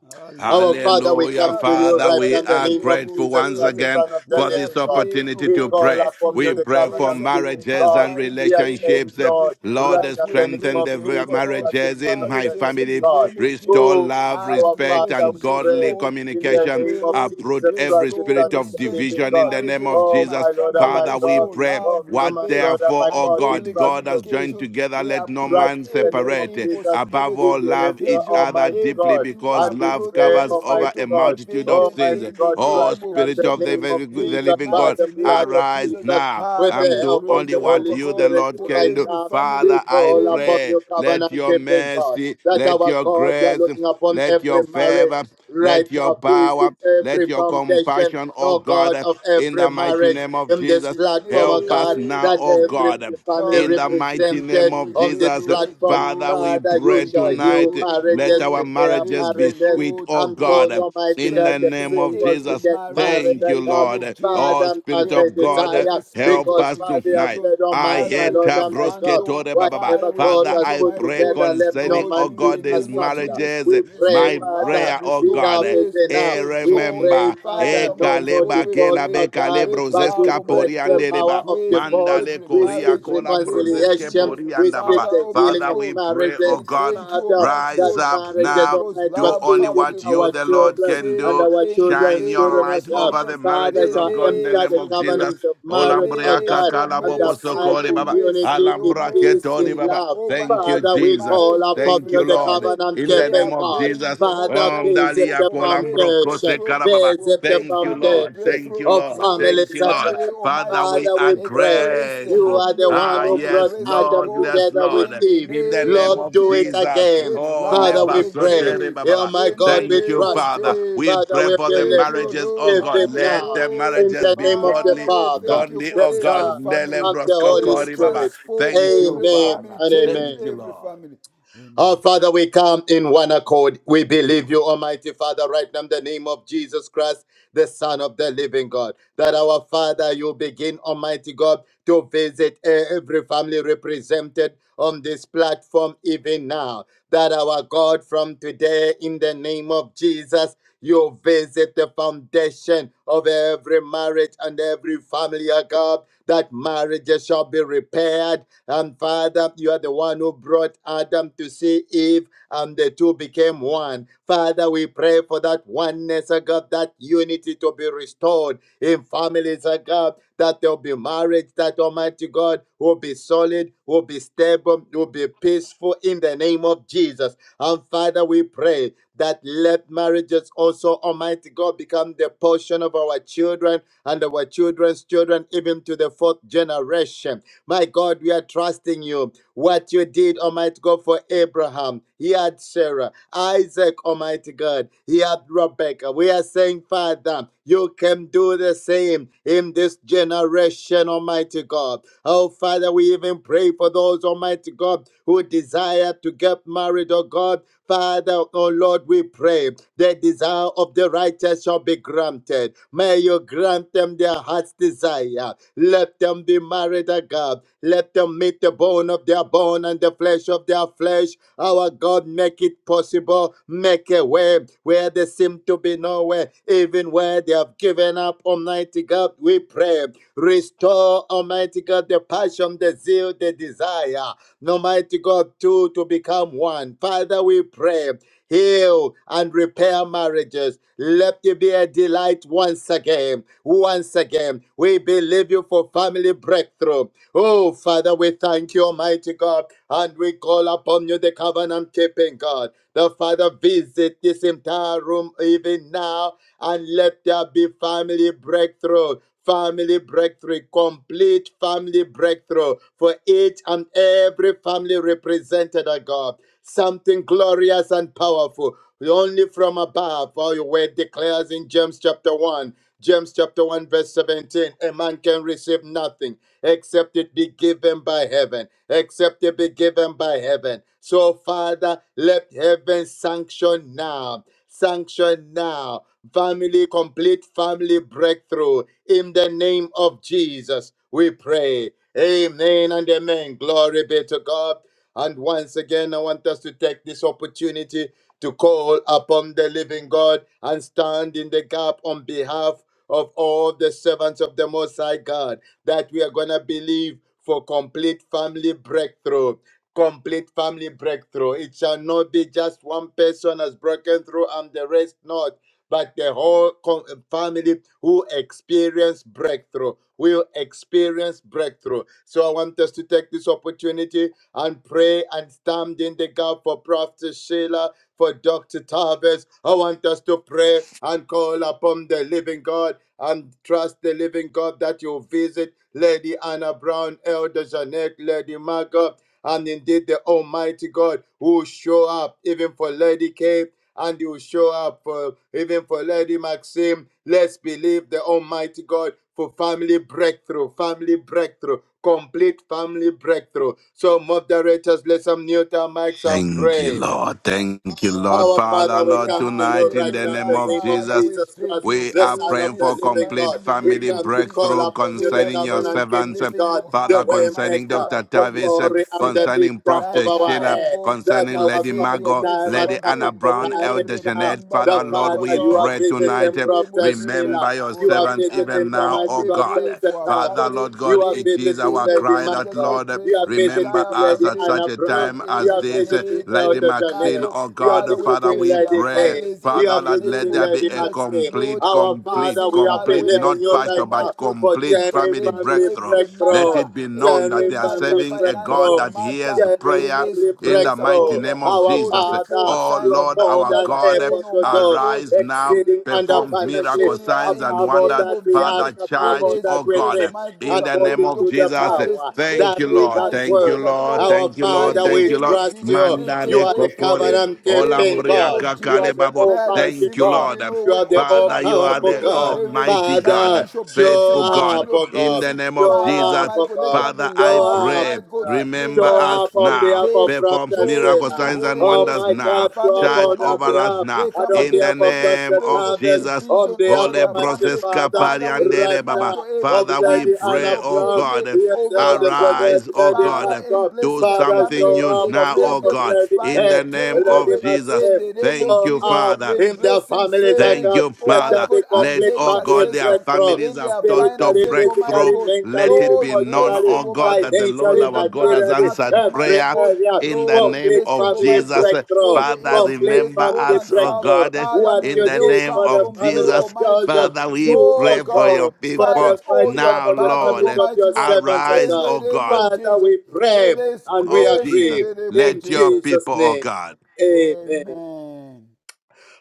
[SPEAKER 2] Our Father, we
[SPEAKER 4] Hallelujah,
[SPEAKER 2] come
[SPEAKER 3] Hallelujah,
[SPEAKER 2] to you
[SPEAKER 4] Father.
[SPEAKER 2] right
[SPEAKER 3] Father,
[SPEAKER 2] now
[SPEAKER 4] We
[SPEAKER 2] in
[SPEAKER 3] in
[SPEAKER 2] the
[SPEAKER 4] are
[SPEAKER 3] the
[SPEAKER 2] name
[SPEAKER 3] name
[SPEAKER 2] of
[SPEAKER 4] grateful
[SPEAKER 3] of
[SPEAKER 2] Jesus
[SPEAKER 4] once
[SPEAKER 2] Christ, the
[SPEAKER 3] Jesus,
[SPEAKER 4] again
[SPEAKER 2] Son of the
[SPEAKER 4] for
[SPEAKER 3] we are
[SPEAKER 4] this
[SPEAKER 2] living God.
[SPEAKER 3] praying, oh
[SPEAKER 4] opportunity
[SPEAKER 2] We
[SPEAKER 4] to
[SPEAKER 3] God,
[SPEAKER 2] call
[SPEAKER 4] pray.
[SPEAKER 3] trusting
[SPEAKER 2] upon you,
[SPEAKER 4] We
[SPEAKER 2] the
[SPEAKER 3] your
[SPEAKER 4] pray for
[SPEAKER 3] grace
[SPEAKER 2] covenant
[SPEAKER 3] and your
[SPEAKER 2] keeping
[SPEAKER 4] marriages
[SPEAKER 2] God.
[SPEAKER 4] and
[SPEAKER 3] power in
[SPEAKER 2] We
[SPEAKER 3] the
[SPEAKER 2] are
[SPEAKER 3] name of
[SPEAKER 2] saying,
[SPEAKER 4] relationships.
[SPEAKER 2] Lord,
[SPEAKER 3] Jesus,
[SPEAKER 2] right
[SPEAKER 4] Lord,
[SPEAKER 3] as
[SPEAKER 2] now in
[SPEAKER 3] we
[SPEAKER 2] the name
[SPEAKER 4] strengthen
[SPEAKER 3] pray,
[SPEAKER 2] of
[SPEAKER 4] the
[SPEAKER 3] Jehovah
[SPEAKER 2] Jesus
[SPEAKER 3] God,
[SPEAKER 2] Christ, the
[SPEAKER 3] for
[SPEAKER 4] marriages
[SPEAKER 2] Son
[SPEAKER 4] in
[SPEAKER 2] of
[SPEAKER 4] my
[SPEAKER 2] the
[SPEAKER 3] marriages in
[SPEAKER 2] living
[SPEAKER 4] family.
[SPEAKER 3] the
[SPEAKER 2] God.
[SPEAKER 3] name of
[SPEAKER 4] Restore
[SPEAKER 3] Jesus
[SPEAKER 2] Oh,
[SPEAKER 4] love,
[SPEAKER 3] and
[SPEAKER 2] our
[SPEAKER 4] respect,
[SPEAKER 2] Father, we
[SPEAKER 4] and
[SPEAKER 3] relationships,
[SPEAKER 2] pray
[SPEAKER 4] godly
[SPEAKER 3] Lord.
[SPEAKER 2] in
[SPEAKER 3] We
[SPEAKER 2] the
[SPEAKER 4] communication.
[SPEAKER 2] name
[SPEAKER 3] pray,
[SPEAKER 2] of
[SPEAKER 3] Lord,
[SPEAKER 4] Uproot
[SPEAKER 2] Jesus Christ,
[SPEAKER 4] every
[SPEAKER 2] the Son
[SPEAKER 4] spirit
[SPEAKER 3] restore,
[SPEAKER 2] of
[SPEAKER 4] of
[SPEAKER 2] the living
[SPEAKER 4] division
[SPEAKER 3] strengthen
[SPEAKER 4] in
[SPEAKER 2] God.
[SPEAKER 4] the name of
[SPEAKER 3] marriages in
[SPEAKER 2] Oh,
[SPEAKER 3] my
[SPEAKER 2] my
[SPEAKER 4] Jesus.
[SPEAKER 2] Lord and
[SPEAKER 3] family,
[SPEAKER 2] my
[SPEAKER 4] Father, we
[SPEAKER 2] God.
[SPEAKER 3] restore
[SPEAKER 4] pray.
[SPEAKER 2] Oh,
[SPEAKER 3] love,
[SPEAKER 4] What
[SPEAKER 2] my
[SPEAKER 3] respect,
[SPEAKER 2] Lord and
[SPEAKER 4] therefore,
[SPEAKER 2] my
[SPEAKER 4] O
[SPEAKER 3] and
[SPEAKER 2] God, we
[SPEAKER 3] godly
[SPEAKER 4] God,
[SPEAKER 2] trust
[SPEAKER 4] God has
[SPEAKER 2] you. Mm.
[SPEAKER 4] joined
[SPEAKER 3] communication.
[SPEAKER 4] together together,
[SPEAKER 3] We
[SPEAKER 4] let no
[SPEAKER 2] Right
[SPEAKER 3] uproot
[SPEAKER 4] man
[SPEAKER 2] now, in the name
[SPEAKER 3] every
[SPEAKER 2] of
[SPEAKER 4] separate.
[SPEAKER 3] evil
[SPEAKER 2] Jesus,
[SPEAKER 4] Above
[SPEAKER 3] spirit
[SPEAKER 2] we
[SPEAKER 4] all,
[SPEAKER 3] of
[SPEAKER 2] believe
[SPEAKER 4] love
[SPEAKER 2] you,
[SPEAKER 4] each
[SPEAKER 3] division,
[SPEAKER 4] other
[SPEAKER 2] Almighty
[SPEAKER 4] deeply
[SPEAKER 2] God,
[SPEAKER 3] every we
[SPEAKER 4] because
[SPEAKER 2] and we
[SPEAKER 4] love
[SPEAKER 3] uproot
[SPEAKER 2] pray,
[SPEAKER 3] every
[SPEAKER 4] covers over
[SPEAKER 3] spirit
[SPEAKER 2] Almighty
[SPEAKER 4] a
[SPEAKER 3] of
[SPEAKER 2] God.
[SPEAKER 4] multitude of
[SPEAKER 3] division
[SPEAKER 4] sins.
[SPEAKER 2] Almighty
[SPEAKER 3] in the
[SPEAKER 2] God,
[SPEAKER 4] Oh,
[SPEAKER 2] right
[SPEAKER 3] name
[SPEAKER 2] now
[SPEAKER 3] of
[SPEAKER 2] in
[SPEAKER 4] Spirit
[SPEAKER 2] the
[SPEAKER 4] of the,
[SPEAKER 3] Jesus,
[SPEAKER 2] name of
[SPEAKER 3] in
[SPEAKER 4] the
[SPEAKER 3] the
[SPEAKER 2] Jesus,
[SPEAKER 4] living
[SPEAKER 2] by
[SPEAKER 4] God,
[SPEAKER 2] the
[SPEAKER 3] mighty name
[SPEAKER 2] blood of
[SPEAKER 3] of
[SPEAKER 4] arise
[SPEAKER 3] Jesus.
[SPEAKER 2] Jesus,
[SPEAKER 4] now
[SPEAKER 2] with
[SPEAKER 3] Father,
[SPEAKER 2] the
[SPEAKER 4] and
[SPEAKER 3] we
[SPEAKER 4] do
[SPEAKER 2] help of
[SPEAKER 3] pray,
[SPEAKER 4] only
[SPEAKER 2] the
[SPEAKER 4] what
[SPEAKER 2] Holy
[SPEAKER 3] Jehovah
[SPEAKER 4] you, the
[SPEAKER 3] God,
[SPEAKER 2] Spirit,
[SPEAKER 4] Lord,
[SPEAKER 3] for
[SPEAKER 2] right
[SPEAKER 4] can do.
[SPEAKER 3] every
[SPEAKER 2] now, we
[SPEAKER 3] family
[SPEAKER 4] Father, I
[SPEAKER 2] call
[SPEAKER 3] in the
[SPEAKER 2] upon
[SPEAKER 4] pray,
[SPEAKER 2] you,
[SPEAKER 4] let
[SPEAKER 2] covenant
[SPEAKER 4] your
[SPEAKER 2] keeping God,
[SPEAKER 4] mercy,
[SPEAKER 2] that
[SPEAKER 4] let
[SPEAKER 2] our
[SPEAKER 4] your
[SPEAKER 2] God, you are
[SPEAKER 4] grace,
[SPEAKER 2] looking upon
[SPEAKER 4] let
[SPEAKER 2] every
[SPEAKER 4] your
[SPEAKER 2] marriage
[SPEAKER 4] favor,
[SPEAKER 2] right
[SPEAKER 4] let your
[SPEAKER 2] now.
[SPEAKER 4] power,
[SPEAKER 2] Visit
[SPEAKER 4] let
[SPEAKER 2] every
[SPEAKER 4] your
[SPEAKER 2] foundation,
[SPEAKER 4] compassion, oh
[SPEAKER 2] oh God,
[SPEAKER 4] God,
[SPEAKER 2] of
[SPEAKER 4] in
[SPEAKER 2] every
[SPEAKER 4] the mighty
[SPEAKER 2] marriage
[SPEAKER 4] name of
[SPEAKER 2] in this
[SPEAKER 4] Jesus.
[SPEAKER 3] In
[SPEAKER 2] platform, oh
[SPEAKER 4] Help us
[SPEAKER 2] God,
[SPEAKER 3] the
[SPEAKER 4] now,
[SPEAKER 3] name
[SPEAKER 2] that
[SPEAKER 3] of
[SPEAKER 4] oh
[SPEAKER 2] every
[SPEAKER 4] God,
[SPEAKER 3] Jesus.
[SPEAKER 2] family
[SPEAKER 4] in
[SPEAKER 3] Father,
[SPEAKER 4] the
[SPEAKER 3] we thank
[SPEAKER 4] mighty
[SPEAKER 3] you.
[SPEAKER 4] name
[SPEAKER 2] represented
[SPEAKER 3] We
[SPEAKER 4] of
[SPEAKER 2] on this
[SPEAKER 3] give
[SPEAKER 4] Jesus.
[SPEAKER 3] you the
[SPEAKER 2] platform.
[SPEAKER 4] Father,
[SPEAKER 3] glory.
[SPEAKER 4] we
[SPEAKER 2] Father, you
[SPEAKER 4] pray
[SPEAKER 3] We
[SPEAKER 2] shall
[SPEAKER 3] give you
[SPEAKER 2] heal
[SPEAKER 3] all
[SPEAKER 4] tonight.
[SPEAKER 3] the
[SPEAKER 2] marriages,
[SPEAKER 4] Let our
[SPEAKER 3] glory.
[SPEAKER 2] repair
[SPEAKER 4] marriages
[SPEAKER 3] Thank
[SPEAKER 4] be
[SPEAKER 3] you,
[SPEAKER 2] marriages,
[SPEAKER 4] sweet,
[SPEAKER 3] Lord.
[SPEAKER 4] oh
[SPEAKER 2] and
[SPEAKER 4] God,
[SPEAKER 2] cause
[SPEAKER 3] Indeed,
[SPEAKER 2] Almighty
[SPEAKER 4] in
[SPEAKER 2] God
[SPEAKER 4] the
[SPEAKER 2] the
[SPEAKER 3] strengthen
[SPEAKER 4] name of
[SPEAKER 2] singles
[SPEAKER 3] every
[SPEAKER 2] to
[SPEAKER 4] Jesus.
[SPEAKER 2] get
[SPEAKER 3] marriage
[SPEAKER 2] married,
[SPEAKER 4] Thank
[SPEAKER 3] in
[SPEAKER 2] oh
[SPEAKER 4] you,
[SPEAKER 3] the
[SPEAKER 2] God.
[SPEAKER 3] name of
[SPEAKER 4] Lord.
[SPEAKER 3] Jesus.
[SPEAKER 4] Oh,
[SPEAKER 2] Father,
[SPEAKER 4] Spirit
[SPEAKER 3] We
[SPEAKER 2] as they
[SPEAKER 4] of
[SPEAKER 3] uproot
[SPEAKER 4] God,
[SPEAKER 3] every
[SPEAKER 2] desire,
[SPEAKER 3] spirit
[SPEAKER 4] help
[SPEAKER 3] of
[SPEAKER 2] because
[SPEAKER 4] us
[SPEAKER 2] Father, you have
[SPEAKER 4] tonight.
[SPEAKER 3] division.
[SPEAKER 2] said, Oh
[SPEAKER 4] I
[SPEAKER 2] my,
[SPEAKER 3] Father,
[SPEAKER 2] my
[SPEAKER 3] we
[SPEAKER 4] hate
[SPEAKER 2] Lord and my God,
[SPEAKER 3] dismantle.
[SPEAKER 4] brosketore bababa.
[SPEAKER 3] Father,
[SPEAKER 2] whatever
[SPEAKER 3] we
[SPEAKER 2] God
[SPEAKER 4] Father,
[SPEAKER 2] has
[SPEAKER 3] thank you,
[SPEAKER 4] I
[SPEAKER 2] put
[SPEAKER 3] mighty
[SPEAKER 4] pray
[SPEAKER 3] God.
[SPEAKER 2] together, let no
[SPEAKER 4] concerning,
[SPEAKER 3] Lord,
[SPEAKER 2] man
[SPEAKER 4] oh
[SPEAKER 3] in
[SPEAKER 2] put
[SPEAKER 3] the
[SPEAKER 4] God, these
[SPEAKER 3] name of
[SPEAKER 2] asunder.
[SPEAKER 3] Jesus,
[SPEAKER 4] marriages.
[SPEAKER 2] We pray,
[SPEAKER 4] My
[SPEAKER 3] restore
[SPEAKER 2] Father,
[SPEAKER 4] prayer,
[SPEAKER 3] love,
[SPEAKER 4] oh
[SPEAKER 3] restore
[SPEAKER 2] Enough
[SPEAKER 4] God,
[SPEAKER 2] is
[SPEAKER 3] peace,
[SPEAKER 4] eh,
[SPEAKER 2] enough.
[SPEAKER 3] restore
[SPEAKER 2] We
[SPEAKER 3] joy.
[SPEAKER 4] remember.
[SPEAKER 2] pray,
[SPEAKER 4] E
[SPEAKER 3] Father,
[SPEAKER 2] Father, no
[SPEAKER 3] Almighty
[SPEAKER 2] more
[SPEAKER 3] God,
[SPEAKER 4] kaleba
[SPEAKER 3] we
[SPEAKER 2] divorce,
[SPEAKER 4] kela
[SPEAKER 2] oh
[SPEAKER 4] be
[SPEAKER 3] pray.
[SPEAKER 4] kale
[SPEAKER 2] God,
[SPEAKER 3] Let
[SPEAKER 2] but we
[SPEAKER 3] love,
[SPEAKER 4] brozeska
[SPEAKER 2] break
[SPEAKER 4] pori
[SPEAKER 3] Almighty
[SPEAKER 2] the
[SPEAKER 3] God,
[SPEAKER 2] power
[SPEAKER 4] andeleba.
[SPEAKER 2] of
[SPEAKER 3] increase in
[SPEAKER 2] divorce.
[SPEAKER 4] Mandale
[SPEAKER 3] every
[SPEAKER 2] We
[SPEAKER 4] koria
[SPEAKER 2] speak
[SPEAKER 3] marriage in the
[SPEAKER 4] kolam
[SPEAKER 3] name of
[SPEAKER 4] brozeske
[SPEAKER 2] reconciliation.
[SPEAKER 3] Jesus.
[SPEAKER 4] pori
[SPEAKER 2] We speak
[SPEAKER 4] andababa.
[SPEAKER 3] Father,
[SPEAKER 2] the healing
[SPEAKER 3] Almighty
[SPEAKER 4] Father,
[SPEAKER 2] of
[SPEAKER 4] we
[SPEAKER 3] God,
[SPEAKER 4] pray,
[SPEAKER 2] marriages.
[SPEAKER 4] oh
[SPEAKER 3] we
[SPEAKER 4] God,
[SPEAKER 3] thank you,
[SPEAKER 2] Father,
[SPEAKER 3] Almighty
[SPEAKER 2] that
[SPEAKER 4] rise
[SPEAKER 3] God.
[SPEAKER 4] up
[SPEAKER 3] For
[SPEAKER 2] marriages,
[SPEAKER 4] now.
[SPEAKER 3] because
[SPEAKER 2] Almighty God,
[SPEAKER 4] Do
[SPEAKER 3] love
[SPEAKER 4] only
[SPEAKER 3] covers
[SPEAKER 2] even
[SPEAKER 4] what
[SPEAKER 3] a
[SPEAKER 4] you,
[SPEAKER 2] our
[SPEAKER 4] the
[SPEAKER 3] multitude of
[SPEAKER 4] Lord,
[SPEAKER 2] children
[SPEAKER 4] can
[SPEAKER 3] sin,
[SPEAKER 2] and
[SPEAKER 4] do.
[SPEAKER 2] our
[SPEAKER 3] in the
[SPEAKER 4] Shine
[SPEAKER 2] children's
[SPEAKER 3] name
[SPEAKER 4] your
[SPEAKER 2] children,
[SPEAKER 3] of
[SPEAKER 2] oh
[SPEAKER 4] light
[SPEAKER 2] God.
[SPEAKER 4] over the
[SPEAKER 3] Jesus,
[SPEAKER 2] Father,
[SPEAKER 4] marriages of
[SPEAKER 2] shall
[SPEAKER 4] God in the
[SPEAKER 2] enter
[SPEAKER 3] release
[SPEAKER 4] name
[SPEAKER 2] the
[SPEAKER 3] your
[SPEAKER 4] of Jesus.
[SPEAKER 2] covenant
[SPEAKER 3] grace,
[SPEAKER 2] of marriage, oh
[SPEAKER 4] Olambria
[SPEAKER 3] release
[SPEAKER 2] God,
[SPEAKER 3] your
[SPEAKER 4] kakala
[SPEAKER 2] and
[SPEAKER 4] bobo
[SPEAKER 3] mercy,
[SPEAKER 2] abide
[SPEAKER 4] sokori
[SPEAKER 3] your
[SPEAKER 2] in
[SPEAKER 4] baba.
[SPEAKER 3] mercy,
[SPEAKER 2] unity, in
[SPEAKER 3] your
[SPEAKER 4] Alambra
[SPEAKER 2] peace,
[SPEAKER 4] ketori
[SPEAKER 2] in
[SPEAKER 3] mercy
[SPEAKER 4] baba.
[SPEAKER 2] love.
[SPEAKER 3] over
[SPEAKER 4] Thank you,
[SPEAKER 2] Father,
[SPEAKER 3] every
[SPEAKER 2] we
[SPEAKER 4] Jesus.
[SPEAKER 2] call
[SPEAKER 3] marriage,
[SPEAKER 2] upon
[SPEAKER 4] Thank
[SPEAKER 3] every
[SPEAKER 4] you,
[SPEAKER 2] you, the
[SPEAKER 4] Lord.
[SPEAKER 3] family.
[SPEAKER 2] covenant
[SPEAKER 4] In the
[SPEAKER 3] We are
[SPEAKER 2] keeping
[SPEAKER 4] name of
[SPEAKER 2] God.
[SPEAKER 3] praying,
[SPEAKER 4] Jesus.
[SPEAKER 3] Jehovah
[SPEAKER 2] Father,
[SPEAKER 4] Om
[SPEAKER 3] God,
[SPEAKER 2] visit
[SPEAKER 3] for
[SPEAKER 4] dalia
[SPEAKER 2] the
[SPEAKER 4] kolambro
[SPEAKER 3] complete
[SPEAKER 2] foundation,
[SPEAKER 4] kose
[SPEAKER 3] breakthrough
[SPEAKER 4] karababa.
[SPEAKER 2] visit the
[SPEAKER 3] complete
[SPEAKER 4] Thank you,
[SPEAKER 3] family
[SPEAKER 4] Lord.
[SPEAKER 2] foundation
[SPEAKER 4] Thank
[SPEAKER 3] breakthrough.
[SPEAKER 4] you,
[SPEAKER 2] of
[SPEAKER 4] Lord.
[SPEAKER 3] May each
[SPEAKER 4] Thank
[SPEAKER 2] families,
[SPEAKER 4] you,
[SPEAKER 2] oh
[SPEAKER 4] Lord.
[SPEAKER 3] family,
[SPEAKER 2] God.
[SPEAKER 3] Almighty
[SPEAKER 4] Father, we
[SPEAKER 3] God,
[SPEAKER 2] Father,
[SPEAKER 4] are
[SPEAKER 2] we pray.
[SPEAKER 3] experience the
[SPEAKER 2] You
[SPEAKER 4] grateful.
[SPEAKER 2] are
[SPEAKER 3] hand
[SPEAKER 2] the
[SPEAKER 3] of
[SPEAKER 2] one
[SPEAKER 4] Ah,
[SPEAKER 2] who
[SPEAKER 3] God, the
[SPEAKER 4] yes,
[SPEAKER 2] brought
[SPEAKER 3] grace of
[SPEAKER 2] Adam
[SPEAKER 4] Lord.
[SPEAKER 3] God
[SPEAKER 4] Yes,
[SPEAKER 2] together with
[SPEAKER 4] Lord.
[SPEAKER 3] in the
[SPEAKER 2] Eve.
[SPEAKER 4] In the
[SPEAKER 3] name
[SPEAKER 4] name
[SPEAKER 2] Lord,
[SPEAKER 3] of
[SPEAKER 4] of
[SPEAKER 2] do it
[SPEAKER 3] Jesus.
[SPEAKER 4] Jesus.
[SPEAKER 2] again.
[SPEAKER 3] Let
[SPEAKER 4] Oh,
[SPEAKER 2] Father,
[SPEAKER 3] love
[SPEAKER 2] we pray.
[SPEAKER 4] lebasotere
[SPEAKER 3] increase
[SPEAKER 2] Oh
[SPEAKER 4] bababa.
[SPEAKER 2] my
[SPEAKER 3] in
[SPEAKER 2] God,
[SPEAKER 3] the
[SPEAKER 2] we
[SPEAKER 4] Thank you,
[SPEAKER 3] name
[SPEAKER 2] trust
[SPEAKER 3] of
[SPEAKER 2] you.
[SPEAKER 4] Father. We
[SPEAKER 3] Jesus.
[SPEAKER 2] Father,
[SPEAKER 4] pray
[SPEAKER 2] we
[SPEAKER 4] for the
[SPEAKER 2] believe
[SPEAKER 3] Thank you,
[SPEAKER 2] you.
[SPEAKER 4] marriages, oh
[SPEAKER 3] Lord.
[SPEAKER 4] God.
[SPEAKER 2] Even
[SPEAKER 4] Let
[SPEAKER 2] now,
[SPEAKER 4] the
[SPEAKER 3] Hallelujah.
[SPEAKER 2] in
[SPEAKER 4] marriages
[SPEAKER 2] the
[SPEAKER 4] be
[SPEAKER 2] name of the
[SPEAKER 3] Father,
[SPEAKER 4] godly,
[SPEAKER 3] we
[SPEAKER 2] Father,
[SPEAKER 3] thank you
[SPEAKER 4] godly,
[SPEAKER 3] for
[SPEAKER 2] the
[SPEAKER 4] oh God.
[SPEAKER 3] every
[SPEAKER 2] Son,
[SPEAKER 4] Nele
[SPEAKER 3] family.
[SPEAKER 2] and the
[SPEAKER 4] brosko
[SPEAKER 2] Holy
[SPEAKER 3] Lord,
[SPEAKER 4] kori baba.
[SPEAKER 2] Spirit.
[SPEAKER 3] transform
[SPEAKER 4] Thank you,
[SPEAKER 3] every
[SPEAKER 2] Amen
[SPEAKER 4] Father.
[SPEAKER 3] family,
[SPEAKER 2] and
[SPEAKER 3] change
[SPEAKER 4] Thank
[SPEAKER 2] amen.
[SPEAKER 4] you,
[SPEAKER 3] every
[SPEAKER 4] Lord.
[SPEAKER 3] family. Amen.
[SPEAKER 2] Our Father, we come in one accord. We believe you, Almighty Father, right now in the name of Jesus Christ, the Son of the living God. That our Father, you begin, Almighty God, to visit every family represented on this platform even now. That our God, from today, in the name of Jesus, you visit the foundation of every marriage and every family, O God, that marriages shall be repaired and Father, you are the one who brought Adam to see Eve, and the two became one. Father, we pray for that oneness, oh God, that unity to be restored in families, oh God, that there'll be marriage, that Almighty God will be solid, will be stable, will be peaceful in the name of Jesus. And Father, we pray that let marriages also, Almighty God, become the portion of our children and our children's children, even to the fourth generation. My God, we are trusting you. What you did, Almighty God, for Abraham, he had Sarah, Isaac, Almighty God, he had Rebecca. We are saying, Father, you can do the same in this generation, Almighty God. Oh, Father, we even pray for those, Almighty God, who desire to get married, oh God. Father, oh Lord, we pray the desire of the righteous shall be granted. May you grant them their heart's desire. Let them be married, O God. Let them meet the bone of their bone and the flesh of their flesh. Our God, make it possible. Make a way where there seem to be no way, even where they have given up. Almighty God, we pray. Restore, Almighty God, the passion, the zeal, fulfill the desire, no mighty God, two to become one. Father, we pray, heal and repair marriages. Let it be a delight once again. Once again, we believe you for family breakthrough. Oh, Father, we thank you, Almighty God, and we call upon you, the covenant keeping God. The Father, visit this entire room even now and let there be family breakthrough family breakthrough, complete family breakthrough for each and every family represented, oh God. Something glorious and powerful, only from above, for your word declares in James chapter 1. James chapter 1, verse 17 A man can receive nothing except it be given by heaven, except it be given by heaven. So, Father, let heaven sanction now, sanction now family, complete family breakthrough. In the name of Jesus, we pray. Amen and amen. Glory be to God. And once again, I want us to take this opportunity to call upon the living God and stand in the gap on behalf of all the servants of the Most High God that we are going to believe for complete family breakthrough. Complete family breakthrough. It shall not be just one person has broken through and the rest not but the whole co- uh, family who experience breakthrough will experience breakthrough. So I want us to take this opportunity and pray and stand in the gap for Prophet Sheila, for Dr. Tavis. I want us to pray and call upon the living God and trust the living God that you visit Lady Anna Brown, Elder Jeanette, Lady Margot, and indeed the Almighty God who show up even for Lady K and you show up for even for Lady Maxim. Let's believe the Almighty God for family breakthrough, family breakthrough, complete family breakthrough. So moderators, let's unmute our mics and
[SPEAKER 4] Thank you,
[SPEAKER 2] pray.
[SPEAKER 4] Lord. Thank you, Lord.
[SPEAKER 2] Our
[SPEAKER 4] Father,
[SPEAKER 2] Father, we
[SPEAKER 4] Lord,
[SPEAKER 3] Hallelujah,
[SPEAKER 2] come to you
[SPEAKER 4] tonight in
[SPEAKER 2] right
[SPEAKER 4] the
[SPEAKER 2] now in
[SPEAKER 4] name
[SPEAKER 3] hallelujah.
[SPEAKER 2] the
[SPEAKER 4] of
[SPEAKER 2] name of
[SPEAKER 3] Father,
[SPEAKER 4] Jesus.
[SPEAKER 3] we
[SPEAKER 2] Jesus Christ,
[SPEAKER 3] thank you
[SPEAKER 4] We
[SPEAKER 2] the
[SPEAKER 3] for
[SPEAKER 4] are
[SPEAKER 3] your
[SPEAKER 2] Son of
[SPEAKER 4] praying
[SPEAKER 2] the
[SPEAKER 3] maid
[SPEAKER 4] for
[SPEAKER 2] living
[SPEAKER 3] servants
[SPEAKER 4] complete
[SPEAKER 2] God.
[SPEAKER 3] in the
[SPEAKER 2] We
[SPEAKER 3] name
[SPEAKER 4] family
[SPEAKER 3] of
[SPEAKER 2] come to
[SPEAKER 3] Jesus.
[SPEAKER 2] call
[SPEAKER 4] breakthrough
[SPEAKER 2] upon you,
[SPEAKER 3] We
[SPEAKER 2] the
[SPEAKER 3] are
[SPEAKER 4] concerning your
[SPEAKER 3] praying,
[SPEAKER 2] covenant
[SPEAKER 4] servants,
[SPEAKER 2] keeping
[SPEAKER 4] eh,
[SPEAKER 3] believing
[SPEAKER 2] God,
[SPEAKER 3] your
[SPEAKER 2] the
[SPEAKER 4] Father,
[SPEAKER 3] hand,
[SPEAKER 2] way
[SPEAKER 3] Almighty
[SPEAKER 4] concerning
[SPEAKER 3] God,
[SPEAKER 2] maker,
[SPEAKER 4] Dr.
[SPEAKER 2] the
[SPEAKER 3] upon your
[SPEAKER 4] Tavis, eh,
[SPEAKER 3] maid
[SPEAKER 2] glory and the
[SPEAKER 3] servant
[SPEAKER 4] concerning
[SPEAKER 2] lifter of
[SPEAKER 3] right
[SPEAKER 4] Prophet
[SPEAKER 2] our
[SPEAKER 3] now,
[SPEAKER 4] Sheila,
[SPEAKER 3] oh
[SPEAKER 2] head.
[SPEAKER 3] God,
[SPEAKER 2] That
[SPEAKER 4] concerning
[SPEAKER 2] our
[SPEAKER 4] Lady
[SPEAKER 2] God,
[SPEAKER 3] concerning
[SPEAKER 2] the
[SPEAKER 3] your
[SPEAKER 4] Margot,
[SPEAKER 3] maid
[SPEAKER 2] time has
[SPEAKER 4] Lady
[SPEAKER 3] servant. We
[SPEAKER 2] come
[SPEAKER 4] Anna
[SPEAKER 2] and the
[SPEAKER 4] Brown,
[SPEAKER 3] pray,
[SPEAKER 2] time
[SPEAKER 3] we
[SPEAKER 2] is
[SPEAKER 4] Elder
[SPEAKER 2] now.
[SPEAKER 4] Jeanette.
[SPEAKER 3] remember
[SPEAKER 2] The
[SPEAKER 4] Father, Lord,
[SPEAKER 3] Jehovah
[SPEAKER 2] Father,
[SPEAKER 4] we
[SPEAKER 2] you
[SPEAKER 3] God
[SPEAKER 2] are
[SPEAKER 4] pray
[SPEAKER 3] in
[SPEAKER 2] visiting
[SPEAKER 4] tonight. eh,
[SPEAKER 3] the name of
[SPEAKER 2] Prophet
[SPEAKER 3] Jesus.
[SPEAKER 2] Sheila.
[SPEAKER 4] Remember your
[SPEAKER 3] For
[SPEAKER 2] You are
[SPEAKER 4] servants
[SPEAKER 3] Lady Anna
[SPEAKER 2] visiting
[SPEAKER 4] even
[SPEAKER 2] the
[SPEAKER 4] now,
[SPEAKER 3] Brown,
[SPEAKER 2] mighty
[SPEAKER 4] oh
[SPEAKER 3] we
[SPEAKER 2] God,
[SPEAKER 4] God.
[SPEAKER 3] pray
[SPEAKER 2] Dr.
[SPEAKER 3] for her
[SPEAKER 4] Father,
[SPEAKER 2] Tavis.
[SPEAKER 3] family.
[SPEAKER 4] Lord
[SPEAKER 2] You
[SPEAKER 4] God,
[SPEAKER 2] are
[SPEAKER 3] In
[SPEAKER 4] it
[SPEAKER 3] the
[SPEAKER 4] is
[SPEAKER 2] visiting
[SPEAKER 4] our
[SPEAKER 3] name of
[SPEAKER 2] Lady
[SPEAKER 4] cry that,
[SPEAKER 3] Jesus,
[SPEAKER 2] Marco.
[SPEAKER 3] we
[SPEAKER 4] Lord, eh,
[SPEAKER 3] pray
[SPEAKER 2] You are
[SPEAKER 3] for the
[SPEAKER 2] visiting
[SPEAKER 4] remember
[SPEAKER 3] entire
[SPEAKER 4] us
[SPEAKER 2] Lady
[SPEAKER 4] at
[SPEAKER 3] family.
[SPEAKER 4] such
[SPEAKER 2] Anna
[SPEAKER 4] a
[SPEAKER 2] Brown.
[SPEAKER 3] Lady
[SPEAKER 4] time
[SPEAKER 2] You
[SPEAKER 4] as
[SPEAKER 3] Elder
[SPEAKER 2] are
[SPEAKER 4] this. eh,
[SPEAKER 2] visiting
[SPEAKER 3] Janet,
[SPEAKER 4] Lady
[SPEAKER 2] Elder
[SPEAKER 3] Lady
[SPEAKER 2] Janet.
[SPEAKER 4] Maxine,
[SPEAKER 3] Margot.
[SPEAKER 4] oh
[SPEAKER 2] You are
[SPEAKER 4] God,
[SPEAKER 3] Father, we
[SPEAKER 4] Father,
[SPEAKER 3] pray
[SPEAKER 2] visiting
[SPEAKER 4] we
[SPEAKER 3] for their
[SPEAKER 2] Lady
[SPEAKER 4] pray,
[SPEAKER 2] Kay.
[SPEAKER 3] families
[SPEAKER 2] You
[SPEAKER 3] in
[SPEAKER 2] are
[SPEAKER 4] Father,
[SPEAKER 3] the
[SPEAKER 4] that let
[SPEAKER 3] name
[SPEAKER 2] visiting
[SPEAKER 4] there
[SPEAKER 3] of
[SPEAKER 4] be
[SPEAKER 2] Lady
[SPEAKER 4] a
[SPEAKER 3] Jesus.
[SPEAKER 4] complete
[SPEAKER 2] Maxine.
[SPEAKER 3] Lord,
[SPEAKER 4] complete,
[SPEAKER 3] in
[SPEAKER 2] Our
[SPEAKER 4] complete,
[SPEAKER 2] Father,
[SPEAKER 3] blessing,
[SPEAKER 2] we are
[SPEAKER 3] Father,
[SPEAKER 4] complete,
[SPEAKER 3] we are
[SPEAKER 2] believing
[SPEAKER 4] not
[SPEAKER 2] you
[SPEAKER 3] praying,
[SPEAKER 2] right
[SPEAKER 4] partial,
[SPEAKER 3] Almighty
[SPEAKER 2] now
[SPEAKER 4] but
[SPEAKER 3] God,
[SPEAKER 2] for
[SPEAKER 4] complete
[SPEAKER 2] genuine
[SPEAKER 4] family
[SPEAKER 3] intervene in
[SPEAKER 2] family
[SPEAKER 4] breakthrough.
[SPEAKER 3] every
[SPEAKER 4] Let
[SPEAKER 2] breakthrough.
[SPEAKER 3] matter,
[SPEAKER 4] it be known that
[SPEAKER 3] every
[SPEAKER 2] Genuine
[SPEAKER 4] they are
[SPEAKER 3] matter,
[SPEAKER 2] family
[SPEAKER 4] serving a God
[SPEAKER 3] financial
[SPEAKER 2] breakthrough
[SPEAKER 4] that
[SPEAKER 3] matter,
[SPEAKER 4] hears
[SPEAKER 2] genuine
[SPEAKER 4] prayer
[SPEAKER 3] release
[SPEAKER 2] family
[SPEAKER 4] in the
[SPEAKER 3] grace
[SPEAKER 4] mighty
[SPEAKER 2] breakthrough.
[SPEAKER 3] upon them.
[SPEAKER 4] name of
[SPEAKER 2] Our
[SPEAKER 3] Lord,
[SPEAKER 4] Jesus.
[SPEAKER 3] perform
[SPEAKER 2] Father,
[SPEAKER 4] Oh
[SPEAKER 2] you
[SPEAKER 3] signs
[SPEAKER 2] are
[SPEAKER 3] and
[SPEAKER 4] Lord,
[SPEAKER 2] more
[SPEAKER 4] our
[SPEAKER 3] wonders
[SPEAKER 2] than
[SPEAKER 4] God,
[SPEAKER 2] able
[SPEAKER 3] upon
[SPEAKER 2] to
[SPEAKER 3] Almighty
[SPEAKER 2] do
[SPEAKER 3] God
[SPEAKER 4] arise now,
[SPEAKER 2] exceeding and
[SPEAKER 4] perform
[SPEAKER 3] Prophet
[SPEAKER 2] abundantly
[SPEAKER 4] miracles,
[SPEAKER 3] Sheila,
[SPEAKER 4] signs
[SPEAKER 3] in
[SPEAKER 4] and
[SPEAKER 3] the
[SPEAKER 2] above all
[SPEAKER 4] wonders.
[SPEAKER 3] name
[SPEAKER 2] that
[SPEAKER 3] of
[SPEAKER 2] we ask,
[SPEAKER 4] Father,
[SPEAKER 3] Jesus,
[SPEAKER 2] above all
[SPEAKER 4] charge,
[SPEAKER 3] release
[SPEAKER 2] that
[SPEAKER 4] oh
[SPEAKER 2] we
[SPEAKER 3] grace,
[SPEAKER 4] God,
[SPEAKER 2] think,
[SPEAKER 3] Almighty God,
[SPEAKER 4] in the name
[SPEAKER 3] upon
[SPEAKER 2] according
[SPEAKER 4] of
[SPEAKER 2] to
[SPEAKER 3] Dr.
[SPEAKER 2] the
[SPEAKER 4] Jesus.
[SPEAKER 3] Tavis.
[SPEAKER 2] power
[SPEAKER 3] We
[SPEAKER 4] Thank
[SPEAKER 2] that
[SPEAKER 4] you,
[SPEAKER 3] pray,
[SPEAKER 2] is
[SPEAKER 4] Lord.
[SPEAKER 2] at
[SPEAKER 3] mighty
[SPEAKER 4] Thank you,
[SPEAKER 2] work.
[SPEAKER 3] God, that
[SPEAKER 4] Lord.
[SPEAKER 3] Lord,
[SPEAKER 2] Our
[SPEAKER 4] Thank you, Lord.
[SPEAKER 3] in
[SPEAKER 2] Father,
[SPEAKER 3] the
[SPEAKER 4] Thank
[SPEAKER 2] we
[SPEAKER 4] you,
[SPEAKER 3] name
[SPEAKER 4] Lord.
[SPEAKER 3] of
[SPEAKER 2] trust
[SPEAKER 3] Jesus,
[SPEAKER 2] you.
[SPEAKER 3] make a
[SPEAKER 2] You
[SPEAKER 4] Mandale
[SPEAKER 2] are
[SPEAKER 3] way
[SPEAKER 2] the
[SPEAKER 3] for
[SPEAKER 4] kokoli.
[SPEAKER 3] them.
[SPEAKER 2] covenant
[SPEAKER 3] In the
[SPEAKER 2] keeping
[SPEAKER 3] name
[SPEAKER 4] Olambria
[SPEAKER 2] God.
[SPEAKER 3] of
[SPEAKER 2] You are
[SPEAKER 4] kakale
[SPEAKER 3] Jesus,
[SPEAKER 2] the
[SPEAKER 4] babo.
[SPEAKER 3] where there
[SPEAKER 2] Almighty
[SPEAKER 4] Thank you,
[SPEAKER 3] seems to
[SPEAKER 2] God.
[SPEAKER 3] be
[SPEAKER 4] Lord.
[SPEAKER 3] no
[SPEAKER 2] You
[SPEAKER 3] way,
[SPEAKER 2] are the
[SPEAKER 3] open
[SPEAKER 2] all
[SPEAKER 4] Father,
[SPEAKER 3] up the
[SPEAKER 4] you are
[SPEAKER 2] powerful
[SPEAKER 3] windows
[SPEAKER 4] the
[SPEAKER 3] of
[SPEAKER 2] God.
[SPEAKER 3] heaven
[SPEAKER 4] Almighty
[SPEAKER 2] Father,
[SPEAKER 4] God,
[SPEAKER 3] financial
[SPEAKER 2] show
[SPEAKER 4] faithful
[SPEAKER 3] blessing,
[SPEAKER 2] up,
[SPEAKER 4] God.
[SPEAKER 3] material
[SPEAKER 2] oh
[SPEAKER 4] In
[SPEAKER 2] God.
[SPEAKER 4] the
[SPEAKER 3] blessing.
[SPEAKER 4] name of
[SPEAKER 3] Father, Oh
[SPEAKER 2] Show up,
[SPEAKER 4] Jesus,
[SPEAKER 3] my
[SPEAKER 2] oh
[SPEAKER 3] God, let
[SPEAKER 2] God.
[SPEAKER 3] there be
[SPEAKER 4] Father, I
[SPEAKER 3] love, Oh
[SPEAKER 2] Show
[SPEAKER 3] my
[SPEAKER 2] up,
[SPEAKER 4] pray.
[SPEAKER 3] God.
[SPEAKER 2] God.
[SPEAKER 3] May
[SPEAKER 4] Remember
[SPEAKER 3] there be
[SPEAKER 4] us
[SPEAKER 2] Show up on
[SPEAKER 3] full of
[SPEAKER 4] now.
[SPEAKER 2] behalf of
[SPEAKER 3] peace,
[SPEAKER 4] Perform
[SPEAKER 2] Prophet
[SPEAKER 3] joy
[SPEAKER 4] miracle
[SPEAKER 3] in the
[SPEAKER 2] Sarah.
[SPEAKER 4] signs
[SPEAKER 3] Holy
[SPEAKER 4] and
[SPEAKER 2] Oh
[SPEAKER 3] Ghost,
[SPEAKER 4] wonders
[SPEAKER 2] my
[SPEAKER 3] in our
[SPEAKER 4] now.
[SPEAKER 2] God, show up
[SPEAKER 3] families, Oh
[SPEAKER 4] Charge
[SPEAKER 2] on
[SPEAKER 3] my
[SPEAKER 2] our
[SPEAKER 4] over
[SPEAKER 3] God.
[SPEAKER 4] us
[SPEAKER 2] behalf
[SPEAKER 4] now.
[SPEAKER 3] We
[SPEAKER 2] and
[SPEAKER 3] come
[SPEAKER 2] on
[SPEAKER 4] In the
[SPEAKER 3] against
[SPEAKER 2] behalf of
[SPEAKER 3] every
[SPEAKER 4] name
[SPEAKER 2] Dr.
[SPEAKER 3] spirit
[SPEAKER 4] of
[SPEAKER 3] of
[SPEAKER 2] Tavis,
[SPEAKER 4] Jesus.
[SPEAKER 2] on
[SPEAKER 3] division
[SPEAKER 2] behalf
[SPEAKER 3] over
[SPEAKER 4] Holy
[SPEAKER 2] of
[SPEAKER 3] their
[SPEAKER 2] Mighty
[SPEAKER 3] family.
[SPEAKER 4] process
[SPEAKER 2] Father,
[SPEAKER 3] Father, we
[SPEAKER 2] right
[SPEAKER 4] kapariandere baba.
[SPEAKER 3] dismantle
[SPEAKER 2] now, of
[SPEAKER 3] every
[SPEAKER 4] Father, we
[SPEAKER 2] Lady
[SPEAKER 3] plan, scheme
[SPEAKER 2] Anna
[SPEAKER 4] pray,
[SPEAKER 3] of the
[SPEAKER 4] oh
[SPEAKER 2] Brown,
[SPEAKER 3] enemy
[SPEAKER 4] God,
[SPEAKER 2] yes,
[SPEAKER 3] over their
[SPEAKER 2] Elder
[SPEAKER 3] families.
[SPEAKER 2] Jeanette,
[SPEAKER 4] arise, oh
[SPEAKER 2] Lady
[SPEAKER 3] Father,
[SPEAKER 4] God,
[SPEAKER 3] in
[SPEAKER 2] Markov.
[SPEAKER 4] do
[SPEAKER 3] blessing their
[SPEAKER 2] Father,
[SPEAKER 4] something
[SPEAKER 3] family,
[SPEAKER 4] new
[SPEAKER 2] show up on
[SPEAKER 4] now,
[SPEAKER 2] behalf
[SPEAKER 3] increase
[SPEAKER 4] oh
[SPEAKER 2] of
[SPEAKER 3] them,
[SPEAKER 4] God,
[SPEAKER 2] Lady
[SPEAKER 3] expand
[SPEAKER 4] in
[SPEAKER 2] K,
[SPEAKER 4] the
[SPEAKER 3] their
[SPEAKER 4] name
[SPEAKER 2] Lady
[SPEAKER 4] of
[SPEAKER 3] territory
[SPEAKER 4] Jesus.
[SPEAKER 3] in
[SPEAKER 2] Maxim.
[SPEAKER 3] the name
[SPEAKER 4] Thank
[SPEAKER 3] of
[SPEAKER 2] Show
[SPEAKER 4] you,
[SPEAKER 3] Jesus.
[SPEAKER 2] up
[SPEAKER 4] Father.
[SPEAKER 3] In
[SPEAKER 2] in their
[SPEAKER 3] blessing,
[SPEAKER 2] families, oh
[SPEAKER 3] saying,
[SPEAKER 4] Thank
[SPEAKER 2] God.
[SPEAKER 4] you,
[SPEAKER 2] Let
[SPEAKER 3] Almighty
[SPEAKER 2] there
[SPEAKER 4] Father.
[SPEAKER 2] be
[SPEAKER 3] God,
[SPEAKER 4] Let,
[SPEAKER 2] complete
[SPEAKER 3] angelic
[SPEAKER 4] oh
[SPEAKER 2] family
[SPEAKER 4] God, their
[SPEAKER 3] assistance
[SPEAKER 2] breakthrough.
[SPEAKER 4] families
[SPEAKER 3] in
[SPEAKER 4] have
[SPEAKER 3] their
[SPEAKER 4] thought to
[SPEAKER 2] Spiritually,
[SPEAKER 3] finances, Almighty
[SPEAKER 4] breakthrough.
[SPEAKER 2] physically,
[SPEAKER 3] God.
[SPEAKER 4] Let
[SPEAKER 2] mentally,
[SPEAKER 4] it be
[SPEAKER 3] Lord,
[SPEAKER 4] known,
[SPEAKER 3] bless
[SPEAKER 2] emotionally,
[SPEAKER 4] oh
[SPEAKER 3] them, Almighty
[SPEAKER 4] God,
[SPEAKER 3] God.
[SPEAKER 4] that the Lord
[SPEAKER 2] financially,
[SPEAKER 3] Let
[SPEAKER 4] our
[SPEAKER 3] them
[SPEAKER 4] God
[SPEAKER 3] lack
[SPEAKER 4] has
[SPEAKER 2] materially,
[SPEAKER 3] nothing,
[SPEAKER 4] answered
[SPEAKER 2] every
[SPEAKER 3] Almighty
[SPEAKER 4] prayer
[SPEAKER 3] God.
[SPEAKER 2] area.
[SPEAKER 4] in the
[SPEAKER 3] Lord,
[SPEAKER 4] name
[SPEAKER 2] Complete
[SPEAKER 3] bless
[SPEAKER 4] of
[SPEAKER 3] them,
[SPEAKER 2] family
[SPEAKER 3] Almighty
[SPEAKER 4] Jesus.
[SPEAKER 3] God, from
[SPEAKER 2] breakthrough.
[SPEAKER 4] Father,
[SPEAKER 3] the east,
[SPEAKER 2] Complete
[SPEAKER 3] west,
[SPEAKER 4] remember
[SPEAKER 3] north,
[SPEAKER 2] family
[SPEAKER 4] us,
[SPEAKER 3] and
[SPEAKER 4] oh
[SPEAKER 3] south.
[SPEAKER 2] breakthrough.
[SPEAKER 4] God,
[SPEAKER 3] Father,
[SPEAKER 2] What
[SPEAKER 4] in
[SPEAKER 3] may
[SPEAKER 2] you
[SPEAKER 4] the
[SPEAKER 2] did
[SPEAKER 3] help
[SPEAKER 4] name
[SPEAKER 2] for
[SPEAKER 3] come
[SPEAKER 2] the
[SPEAKER 4] of
[SPEAKER 3] from
[SPEAKER 2] family
[SPEAKER 3] you,
[SPEAKER 2] of
[SPEAKER 4] Jesus.
[SPEAKER 3] Almighty
[SPEAKER 2] Joseph,
[SPEAKER 3] God.
[SPEAKER 4] Father, we
[SPEAKER 2] do
[SPEAKER 3] Oh
[SPEAKER 4] pray for
[SPEAKER 3] God,
[SPEAKER 4] your
[SPEAKER 2] also for
[SPEAKER 4] people
[SPEAKER 2] the
[SPEAKER 3] fight all
[SPEAKER 2] mighty God,
[SPEAKER 3] their
[SPEAKER 4] now,
[SPEAKER 2] for the
[SPEAKER 3] battles,
[SPEAKER 2] families
[SPEAKER 4] Lord.
[SPEAKER 2] of
[SPEAKER 3] Almighty
[SPEAKER 2] your
[SPEAKER 3] God,
[SPEAKER 2] servants, oh
[SPEAKER 4] Arise,
[SPEAKER 3] in
[SPEAKER 2] God.
[SPEAKER 3] the
[SPEAKER 4] oh
[SPEAKER 3] name
[SPEAKER 4] God,
[SPEAKER 3] of
[SPEAKER 2] Father,
[SPEAKER 3] Jesus.
[SPEAKER 2] we pray
[SPEAKER 3] Release
[SPEAKER 2] and we
[SPEAKER 4] of
[SPEAKER 3] grace in
[SPEAKER 4] Jesus.
[SPEAKER 2] agree
[SPEAKER 3] the name of
[SPEAKER 2] in
[SPEAKER 4] Let your
[SPEAKER 3] Jesus.
[SPEAKER 2] Jesus'
[SPEAKER 4] people, oh
[SPEAKER 2] name.
[SPEAKER 4] God.
[SPEAKER 2] Amen.
[SPEAKER 3] Amen.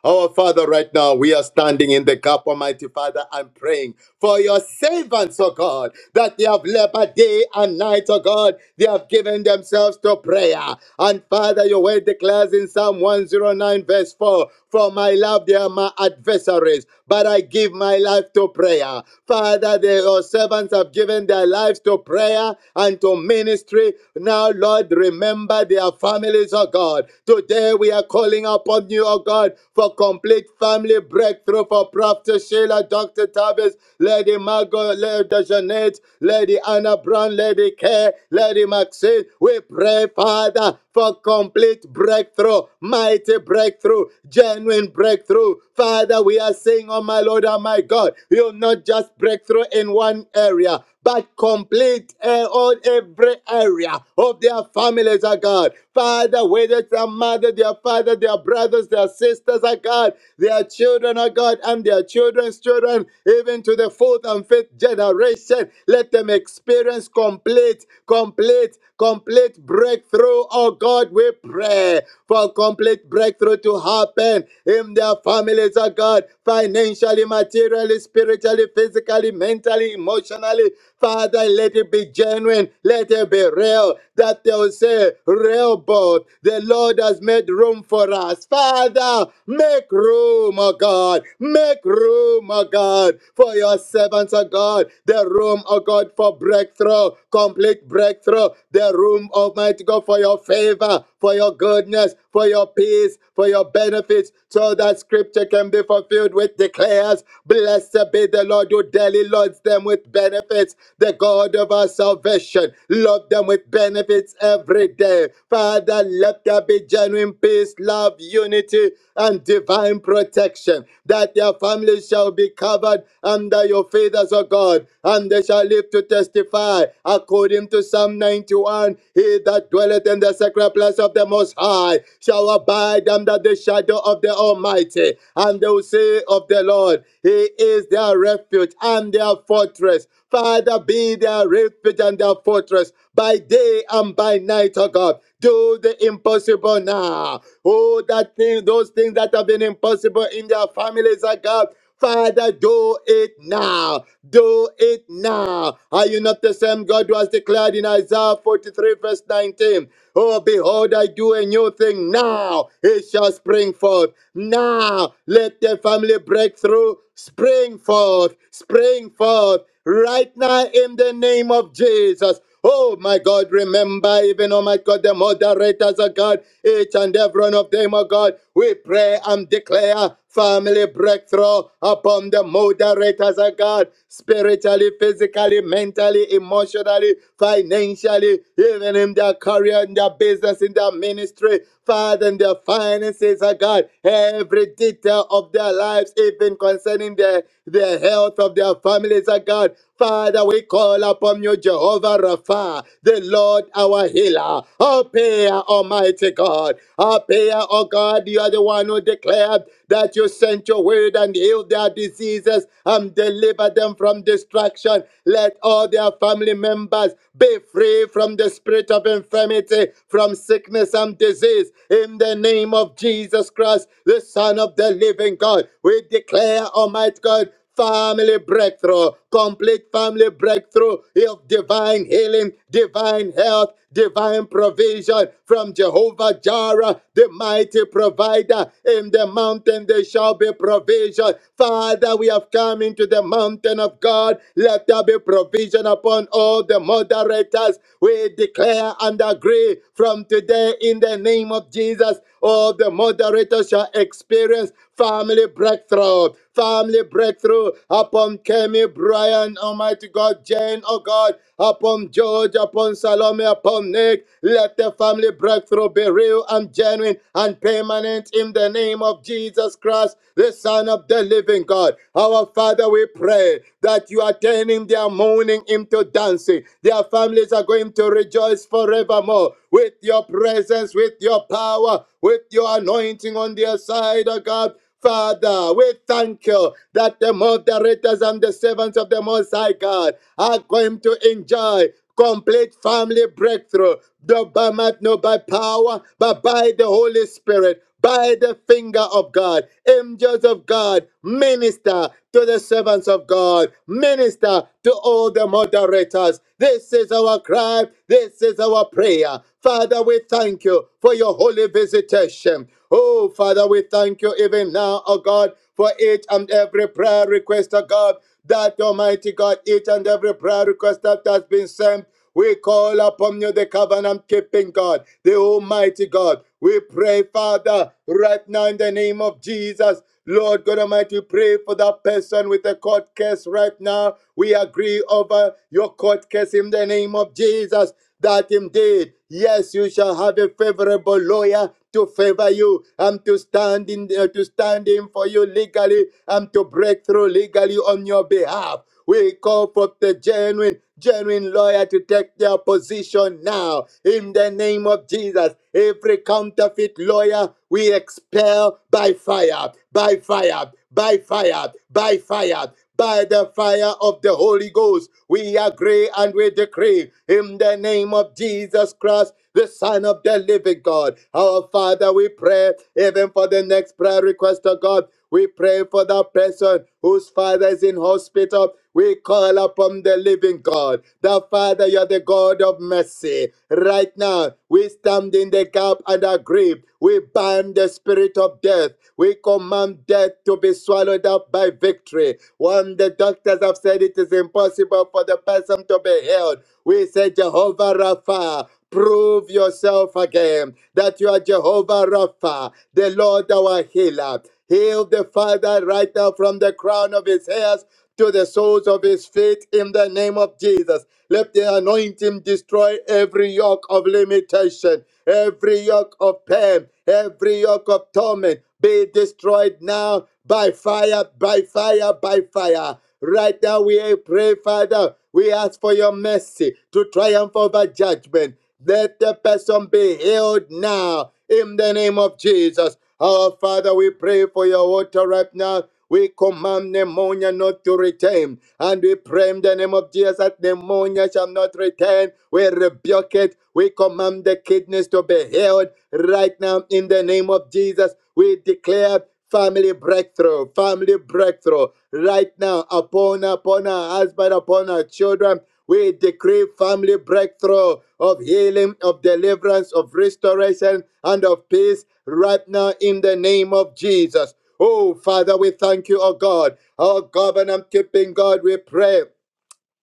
[SPEAKER 2] Our Father, right now, we are standing in the gap, Almighty Father, and praying for your servants, oh God, that they have labored day and night, oh God. They have given themselves to prayer. And Father, your word declares in Psalm 109, verse 4 For my love, they are my adversaries, but I give my life to prayer. Father, the, your servants have given their lives to prayer and to ministry. Now, Lord, remember their families, oh God. Today we are calling upon you, oh God. God, for complete family breakthrough for Prophet Sheila, Dr. Tavis, Lady Margot, Lady Jeanette, Lady Anna Brown, Lady Kay, Lady Maxine. We pray, Father, for complete breakthrough, mighty breakthrough, genuine breakthrough. Father, we are saying, Oh my Lord, oh my God, you'll not just breakthrough in one area, but complete uh, all every area of their families, oh God. Father, whether it's their mother, their father, their brother, others, their sisters, oh God, their children, oh God, and their children's children, even to the fourth and fifth generation. Let them experience complete, complete, complete breakthrough, oh God, we pray for complete breakthrough to happen in their families, oh God, financially, materially, spiritually, physically, mentally, emotionally, Father, let it be genuine, let it be real, that they'll say, real boat, the Lord has made room for us. Father, make room, oh God, make room, oh God, for your servants, oh God, the room, oh God, for breakthrough, complete breakthrough, the room, Almighty God, for your favor, for your goodness, for your peace, for your benefits, so that scripture can be fulfilled, which declares, Blessed be the Lord who daily loads them with benefits, the God of our salvation. Load them with benefits every day. Father, let there be genuine peace, love, unity and divine protection, that their families shall be covered under your feathers, O God, and they shall live to testify according to Psalm 91. He that dwelleth in the sacred place of the Most High shall abide under the shadow of the Almighty, and they will say of the Lord, He is their refuge and their fortress. Father, be their refuge and their fortress by day and by night, oh God. Do the impossible now. Oh, that thing, those things that have been impossible in their families, oh God. Father, do it now. Do it now. Are you not the same God who has declared in Isaiah 43, verse 19? Oh, behold, I do a new thing now. It shall spring forth. Now, let the family break through. Spring forth. Spring forth right now in the name of Jesus. Oh my God, remember even, oh my God, the moderators of God, each and every one of them, oh God, we pray and declare family breakthrough upon the moderators of God, spiritually, physically, mentally, emotionally, financially, even in their career, in their business, in their ministry, Father, in their finances, oh God, every detail of their lives, even concerning concerning the, the health of their families, oh God. Father, we call upon you, Jehovah Rapha, the Lord our healer. Appear, Almighty God. Appear, oh God, you are the one who declared that you sent your word and healed their diseases and delivered them from destruction. Let all their family members be free from the spirit of infirmity, from sickness and disease. In the name of Jesus Christ, the the Son of the living God. We declare, Almighty God, family breakthrough, complete family breakthrough of divine healing, divine health, divine provision from Jehovah Jireh, the mighty provider. In the mountain there shall be provision. Father, we have come into the mountain of God. Let there be provision upon all the moderators. We declare and agree from today in the name name of Jesus. All the moderators shall experience family breakthrough, family breakthrough upon Kemi, Brian, Almighty God, Jane, oh God, upon George, upon Salome, upon Nick. Let the family breakthrough be real and genuine and permanent in the name of Jesus Christ, the Son of the living God. Our Father, we pray that you are turning their mourning into dancing. Their families are going to rejoice presence forevermore, with your presence, with your power, with your anointing on their side, oh God. Father, we thank you that the moderators and the servants of the Most High God are going to enjoy complete family breakthrough, not by might, not by power, but by the Holy Spirit by the finger of God. Angels of God, minister to the servants of God, minister to all the moderators. This is our cry, this is our prayer. Father, we thank you for your holy visitation. Oh, Father, we thank you even now, oh God, for each and every prayer request, oh God, that Almighty God, each and every prayer request that has been sent. We call upon you, the covenant keeping God, the Almighty God. We pray, Father, right now in the name of Jesus. Lord God Almighty, we pray for that person with a court case right now. We agree over your court case in the name of Jesus that indeed Yes, you shall have a favorable lawyer to favor you. I'm to stand in uh, to stand in for you legally. I'm to break through legally on your behalf. We call for the genuine, genuine lawyer to take their position now. In the name of Jesus, every counterfeit lawyer we expel by fire, by fire, by fire, by fire, by the fire of the Holy Ghost. We agree and we decree in the name of Jesus Christ, the Son of the living God. Our Father, we pray even for the next prayer request of God. We pray for that person whose father is in hospital. We call upon the living God. The Father, you're the God of mercy. Right now, we stand in the gap and agree. We bind the spirit of death. We command death to be swallowed up by victory. When the doctors have said it is impossible for the person to be healed, we say, Jehovah Rapha, prove yourself again that you are Jehovah Rapha, the Lord our healer. Heal the Father right now from the crown of his hairs to the soles of his feet in the name of Jesus. Let the anointing destroy every yoke of limitation, every yoke of pain, every yoke of torment. Be destroyed now by fire, by fire, by fire. Right now, we pray, Father, we ask for your mercy to triumph over judgment. Let the person be healed now in the name of Jesus. Our Father, we pray for your water right now. We command pneumonia not to return. And we pray in the name of Jesus that pneumonia shall not return. We rebuke it. We command the kidneys to be healed right now in the name of Jesus. We declare family breakthrough, family breakthrough right now upon upon our husband, upon our children. We decree family breakthrough of healing, of deliverance, of restoration, and of peace right now in the name of Jesus. Oh, Father, we thank you, oh God. Our covenant keeping God, we pray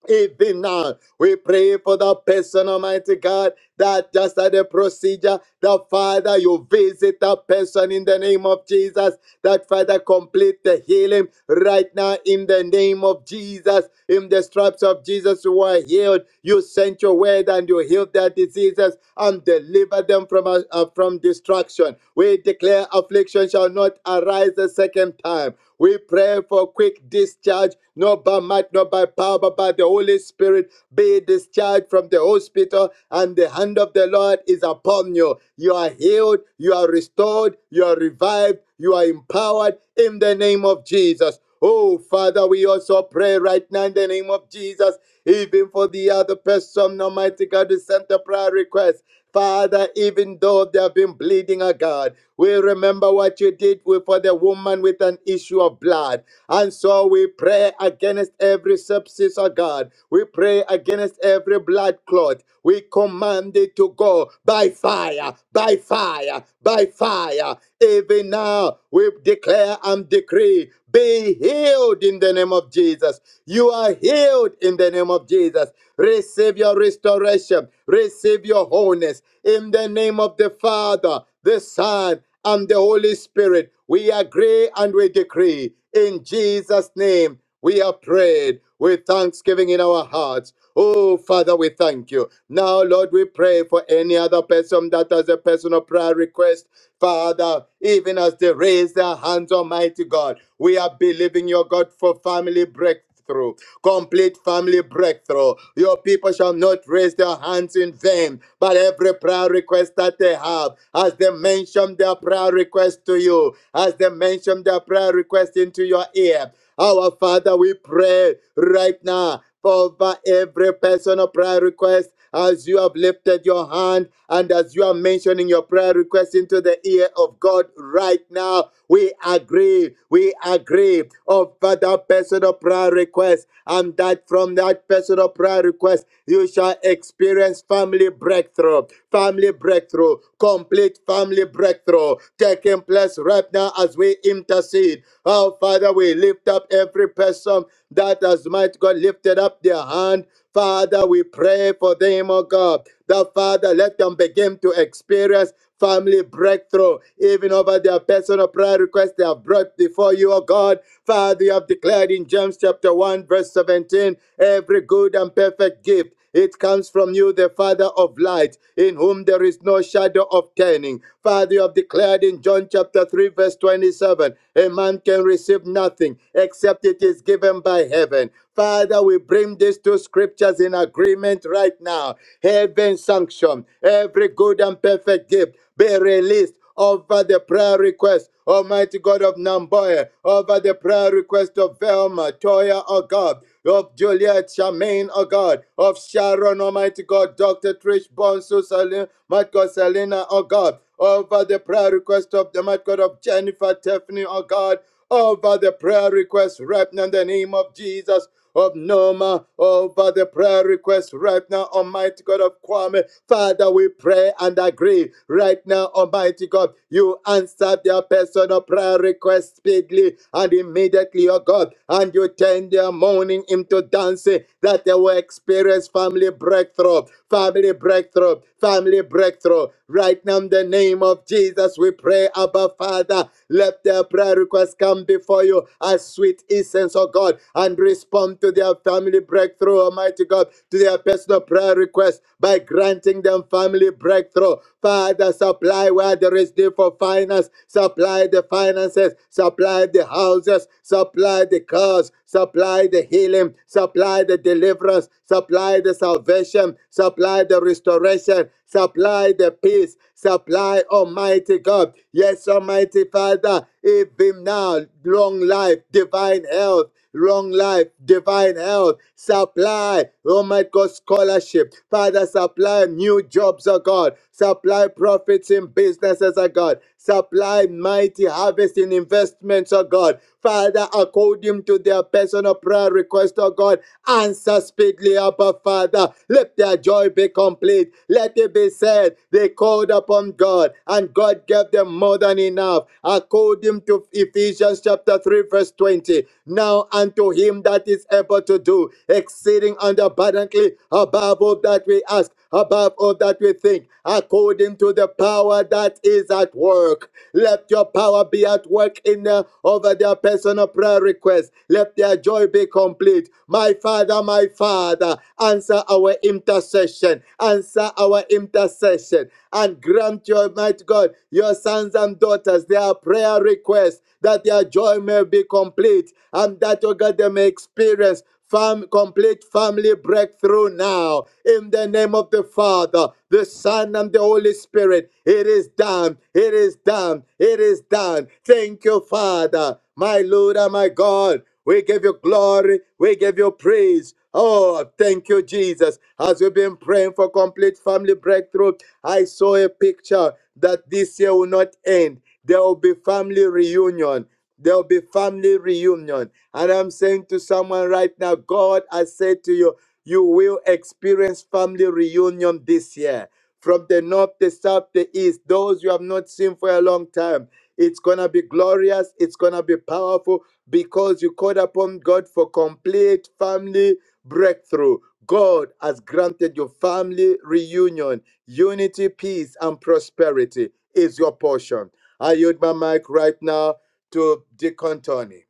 [SPEAKER 2] even now, we pray for the person, Almighty God, that just at the procedure, the Father, you visit the person in the name of Jesus, that Father, complete the healing right now in the name of Jesus. In the stripes of Jesus, who are healed. You sent your word and you healed their diseases and delivered them from, uh, uh, from destruction. We declare affliction shall not arise a second time. We pray for quick discharge, not by might, not by power, but by the Holy Spirit. Be discharged from the hospital, and the hand of the Lord is upon you. You are healed, you are restored, you are revived, you are empowered in the name of Jesus. Oh, Father, we also pray right now in the name of Jesus, even for the other person, Almighty God, who sent the prayer request. Father, even though they have been bleeding, oh God, we remember what you did with- for the woman with an issue of blood. And so we pray against every substance, oh God. We pray against every blood clot. We command it to go by fire, by fire, by fire. Even now, we declare and decree be healed in the name of Jesus. You are healed in the name of Jesus. Receive your restoration receive your wholeness in the name of the Father, the Son, and the Holy Spirit. We agree and we decree in Jesus' name. We have prayed with thanksgiving in our hearts. Oh, Father, we thank you. Now, Lord, we pray for any other person that has a personal prayer request. Father, even as they raise their hands, Almighty God, we are believing your God for family breakthrough breakthrough, complete family breakthrough. Your people shall not raise their hands in vain, but every prayer request that they have, as they mention their prayer request to you, as they mention their prayer request into your ear. Our Father, we pray right now for over every personal prayer request as you have lifted your hand and as you are mentioning your prayer request into the ear of God right now. We agree, we agree over that personal prayer request, and that from that personal prayer request, you shall experience family breakthrough, family breakthrough, complete family breakthrough taking place right now as we intercede. Oh, Father, we lift up every person that has might God lifted up lifted up their hand. Father, we pray for them, oh God, that Father, let them begin to experience family breakthrough, even over their personal prayer requests they have brought before you, oh God. Father, you have declared in James chapter 1, verse 17, every good and perfect gift it comes from you, the Father of light, in whom there is no shadow of turning. Father, you have declared in John chapter 3, verse 27, a man can receive nothing except it is given by heaven. Father, we bring these two scriptures in agreement right now. Heaven sanction, every good and perfect gift be released over the prayer request, Almighty God of Namboya, over the prayer request of Velma, Toya, oh God, of Juliet, Charmaine, oh God, of Sharon, Almighty God, Dr. Trish, Bonsu, Salim, Michael, Selena, oh God, over the prayer request of the Mighty God of Jennifer, Tiffany, oh God, over the prayer request, right now in the name of Jesus of Noma over the prayer request right now, Almighty God of Kwame. Father, we pray and agree right now, Almighty God. You answer their personal prayer request speedily and immediately, oh God, and you turn their mourning into dancing that they will experience family breakthrough, family breakthrough, family breakthrough. Right now, in the name of Jesus, we pray, Abba Father, let their prayer requests come before you as sweet essence, oh God, and respond to their family breakthrough, Almighty God, to their personal prayer requests by granting them family breakthrough. Father, supply where there is need for finance, supply the finances, supply the houses, supply the cars, supply the healing, supply the deliverance, supply the salvation salvation, supply the restoration, supply the peace, supply Almighty God. Yes, Almighty Father, even now, long life, divine health. Long life, divine health, supply, oh my God, scholarship. Father, supply new jobs, oh God. Supply profits in businesses, oh God. Supply mighty harvest in investments, oh God. Father, according to their personal prayer request, oh God, Answer speedily, Abba Father. Let their joy be complete. Let it be said, they called upon God, and God gave them more than enough. According to Ephesians chapter 3, verse 20. Now unto him that is able to do exceeding and abundantly above all that we ask, above all that we think, according to the power that is at work. Let your power be at work in uh, over their personal prayer requests. Let let their joy be complete. My Father, my Father, answer our intercession. Answer our intercession. And grant your might, God, your sons and daughters, their prayer requests that their joy may be complete and that, oh God, they may experience fam- complete family breakthrough now. In the name of the Father, the Son, and the Holy Spirit, it is done. It is done. It is done. Thank you, Father, my Lord and my God. We give you glory. We give you praise. Oh, thank you, Jesus. As we've been praying for complete family breakthrough, I saw a picture that this year will not end. There will be family reunion. There will be family reunion. And I'm saying to someone right now, God has said to you, you will experience family reunion this year. From the north, the south, the east, those you have not seen for a long time. It's going to be glorious. It's going to be powerful because you called upon God for complete family breakthrough. God has granted you family reunion, unity, peace, and prosperity is your portion. I yield my mic right now to Deacon Tony.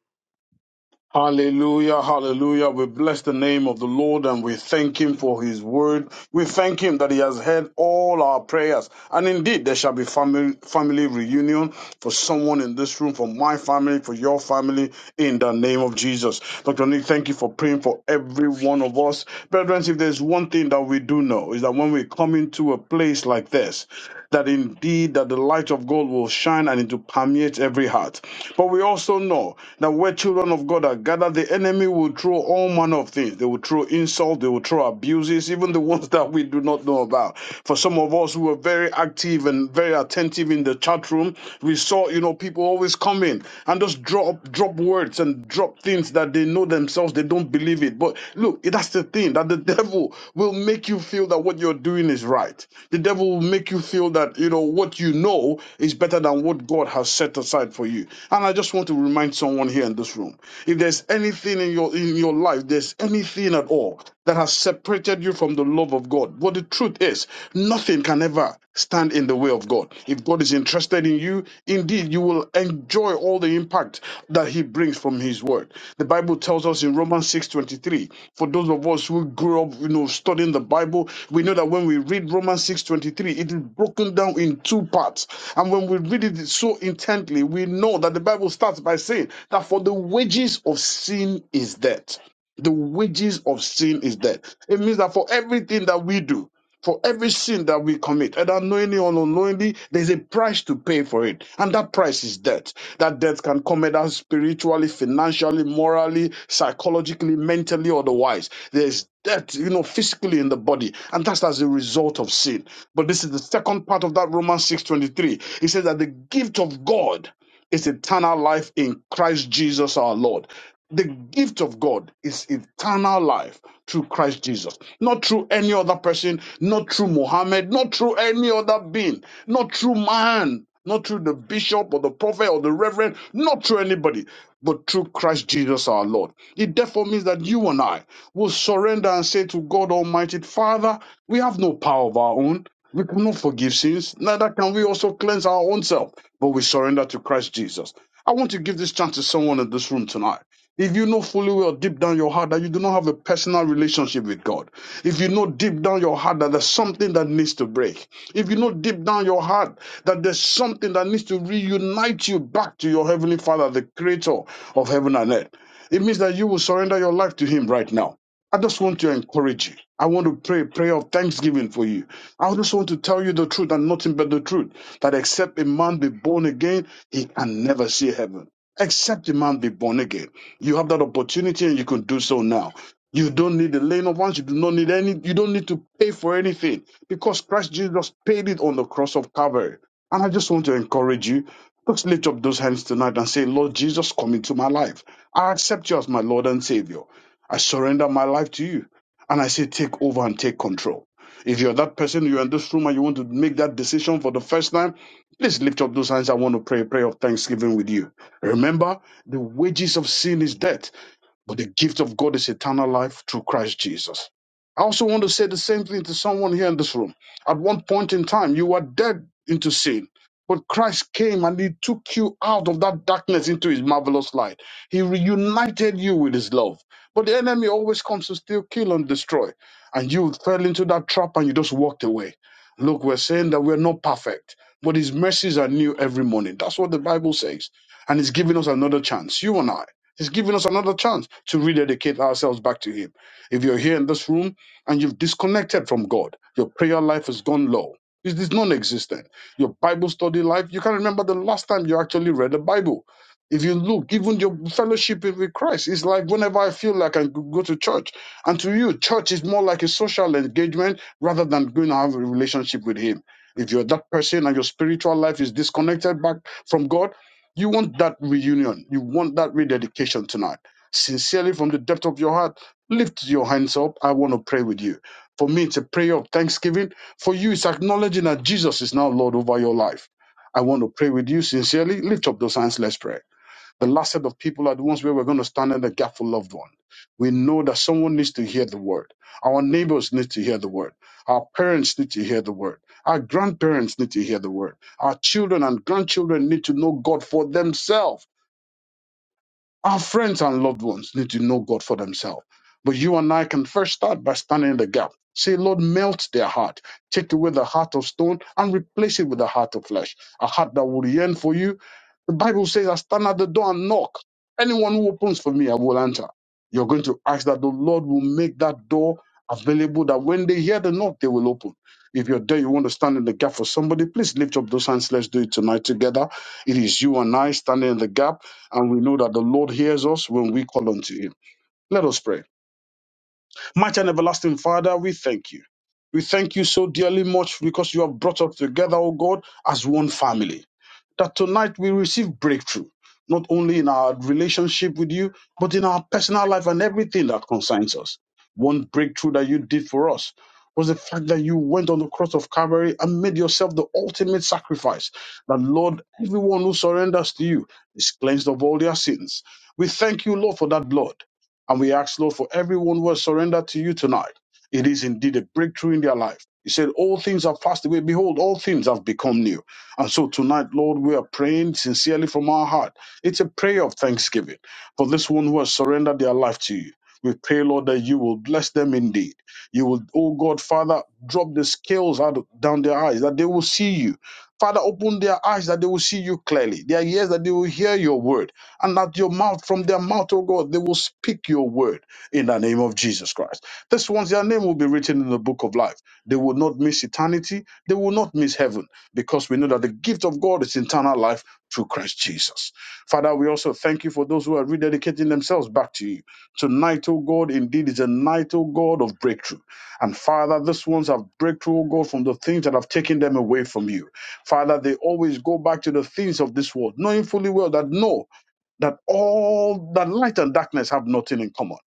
[SPEAKER 5] Hallelujah, hallelujah. We bless the name of the Lord and we thank him for his word. We thank him that he has heard all our prayers. And indeed, there shall be family, family reunion for someone in this room, for my family, for your family, in the name of Jesus. Dr. Nick, thank you for praying for every one of us. Brethren, if there's one thing that we do know, is that when we come into a place like this, darkness, that indeed that the light of God will shine and it will permeate every heart. But we also know that where children of God are gathered, the enemy will throw all manner of things. They will throw insult, they will throw abuses, even the ones that we do not know about. For some of us who were very active and very attentive in the chat room, we saw, you know, people always come in and just drop drop words and drop things that they know know themselves, they don't believe it. But look, that's the thing that the devil will make you feel that what you're doing is right. The devil will make you feel that, you know, what you know is better than what God has set aside for you. And I just want to remind someone here in this room if there's anything in your in your life, there's anything at all that has separated you from the love of God. But the truth is, nothing can ever stand in the way of God. If God is interested in you, indeed, you will enjoy all the impact that He brings from His Word. The Bible tells us in Romans 6:23. For those of us who grew up, you know, studying the Bible, we know that when we read Romans 6:23, it is broken down in two parts. And when we read it so intently, we know that the Bible starts by saying that for the wages of sin is death. The wages of sin is death. It means that for everything that we do, for every sin that we commit, either knowingly or unknowingly, there's a price to pay for it. And that price is death. That death can come either spiritually, financially, morally, psychologically, mentally, otherwise. There's death, you know, physically in the body. And that's as a result of sin. But this is the second part of that Romans 6.23. It says that the gift of God is eternal life in Christ Jesus our Lord. The gift of God is eternal life through Christ Jesus, not through any other person, not through Muhammad, not through any other being, not through man, not through the bishop or the prophet or the reverend, not through anybody, but through Christ Jesus our Lord. It therefore means that you and I will surrender and say to God Almighty, Father, we have no power of our own. We cannot forgive sins, neither can we also cleanse our own self, but we surrender to Christ Jesus. I want to give this chance to someone in this room tonight if you know fully well deep down your heart that you do not have a personal relationship with God, if you know deep down your heart that there's something that needs to break, if you know deep down your heart that there's something that needs to reunite you back to your Heavenly Father, the Creator of heaven and earth, it means that you will surrender your life to Him right now. I just want to encourage you. I want to pray a prayer of thanksgiving for you. I just want to tell you the truth and nothing but the truth that except a man be born again, he can never see heaven. Except a man be born again. You have that opportunity and you can do so now. You don't need the laying of hands. You do not need any, you don't need to pay for anything because Christ Jesus paid it on the cross of Calvary. And I just want to encourage you. Just lift up those hands tonight and say, Lord Jesus, come into my life. I accept you as my Lord and Savior. I surrender my life to you. And I say, take over and take control. If you're that person, you're in this room and you want to make that decision for the first time, please lift up those hands. I want to pray a prayer of thanksgiving with you. Remember, the wages of sin is death. But the gift of God is eternal life through Christ Jesus. I also want to say the same thing to someone here in this room. At one point in time, you were dead into sin, but Christ came and He took you out of that darkness into His marvelous light. He reunited you with His love. But the enemy always comes to steal, kill, and destroy. And you fell into that trap and you just walked away. Look, we're saying that we're not perfect, but His mercies are new every morning. That's what the Bible says. And He's giving us another chance, you and I. He's giving us another chance to rededicate ourselves back to Him. If you're here in this room and you've disconnected from God, your prayer life has gone low. It is non existent. Your Bible study life, you can't remember the last time you actually read the Bible. If you look, even your fellowship with Christ is like whenever I feel like I go to church. And to you, church is more like a social engagement rather than going to have a relationship with Him. If you're that person and your spiritual life is disconnected back from God, you want that reunion. You want that rededication tonight. Sincerely, from the depth of your heart, lift your hands up. I want to pray with you. For me, it's a prayer of thanksgiving. For you, it's acknowledging that Jesus is now Lord over your life. I want to pray with you sincerely. Lift up those hands. Let's pray. The last set of people are the ones where we're going to stand in the gap for loved one. We know that someone needs to hear the word. Our neighbors need to hear the word. Our parents need to hear the word. Our grandparents need to hear the word. Our children and grandchildren need to know God for themselves our friends and loved ones need to know God for themselves. But you and I can first start by standing in the gap. Say, Lord, melt their heart. Take away the heart of stone and replace it with a heart of flesh, a heart that will yearn for you. The Bible says, I stand at the door and knock. Anyone who opens for me, I will enter. You're going to ask that the Lord will make that door available that when they hear the knock, they will open. If you're there, you want to stand in the gap for somebody, please lift up those hands. Let's do it tonight together. It is you and I standing in the gap and we know that the Lord hears us when we call unto him. Let us pray. Mighty and everlasting Father, we thank you. We thank you so dearly much because you have brought us together, O God, as one family. That tonight we receive breakthrough, not only in our relationship with you, but in our personal life and everything that concerns us. One breakthrough that you did for us was the fact that you went on the cross of Calvary and made yourself the ultimate sacrifice. That, Lord, everyone who surrenders to you is cleansed of all their sins. We thank you, Lord, for that blood. And we ask, Lord, for everyone who has surrendered to you tonight, it is indeed a breakthrough in their life. You said, All things have passed away. Behold, all things have become new. And so tonight, Lord, we are praying sincerely from our heart. It's a prayer of thanksgiving for this one who has surrendered their life to you. We pray, Lord, that you will bless them indeed. You will, oh God, Father, drop the scales out of, down their eyes that they will see you. Father, open their eyes that they will see you clearly, their ears that they will hear your word and at your mouth, from their mouth, oh God, they will speak your word in the name of Jesus Christ. This ones, their name will be written in the book of life. They will not miss eternity, they will not miss heaven, because we know that the gift of God is eternal life through Christ Jesus. Father, we also thank you for those who are rededicating themselves back to you. Tonight, oh God, indeed is a night, oh God, of breakthrough. And Father, these ones have breakthrough, oh God, from the things that have taken them away from you. Father, they always go back to the things of this world, knowing fully well that no, that all that light and darkness have nothing in common.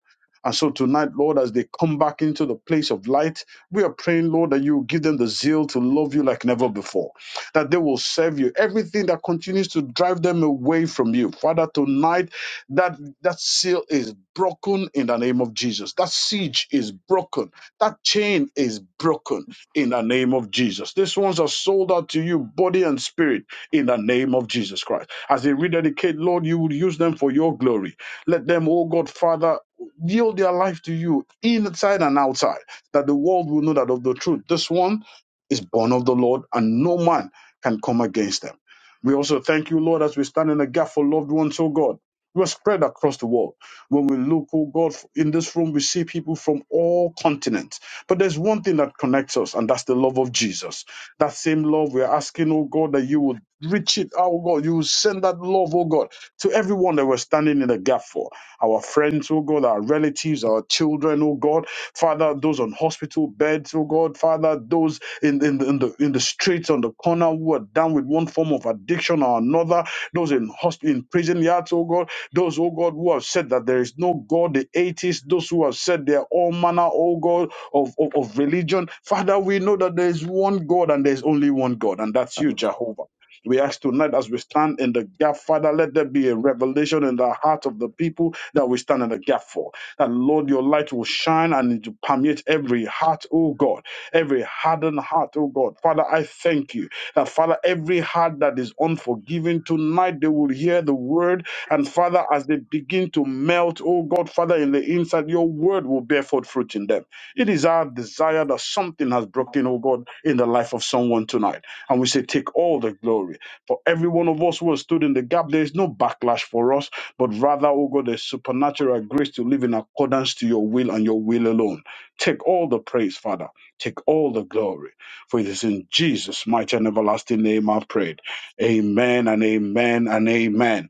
[SPEAKER 5] And so tonight, Lord, as they come back into the place of light, we are praying, Lord, that you give them the zeal to love you like never before, that they will serve you. Everything that continues to drive them away from you, Father, tonight, that that seal is broken in the name of Jesus. That siege is broken. That chain is broken in the name of Jesus. These ones are sold out to you, body and spirit, in the name of Jesus Christ. As they rededicate, Lord, you would use them for your glory. Let them, oh God, Father, yield their life to you inside and outside, that the world will know that of the truth. This one is born of the Lord, and no man can come against them. We also thank you, Lord, as we stand in the gap for loved ones, oh God. We are spread across the world. When we look, oh God, in this room, we see people from all continents. But there's one thing that connects us, and that's the love of Jesus. That same love, we're asking, oh God, that you would reach it, oh God, you will send that love, oh God, to everyone that we're standing in the gap for. Our friends, oh God, our relatives, our children, oh God, Father, those on hospital beds, oh God, Father, those in, in, the- in the in the streets, on the corner, who are down with one form of addiction or another, those in hospital, in prison yards, oh God, those, oh God, who have said that there is no God, the atheists, those who have said they're all manner, oh God, of, of, of religion. Father, we know that there is one God and there is only one God, and that's you, Jehovah. We ask tonight as we stand in the gap, Father, let there be a revelation in the heart of the people that we stand in the gap for. That, Lord, your light will shine and it will permeate every heart, oh God, every hardened heart, oh God. Father, I thank you that, Father, every heart that is unforgiving tonight, they will hear the word. And, Father, as they begin to melt, oh God, Father, in the inside, your word will bear forth fruit in them. It is our desire that something has broken, oh God, in the life of someone tonight. And we say, take all the glory. For every one of us who has stood in the gap, there is no backlash for us, but rather, oh God, there's supernatural grace to live in accordance to your will and your will alone. Take all the praise, Father. Take all the glory. For it is in Jesus' mighty and everlasting name I've prayed. Amen and amen and amen.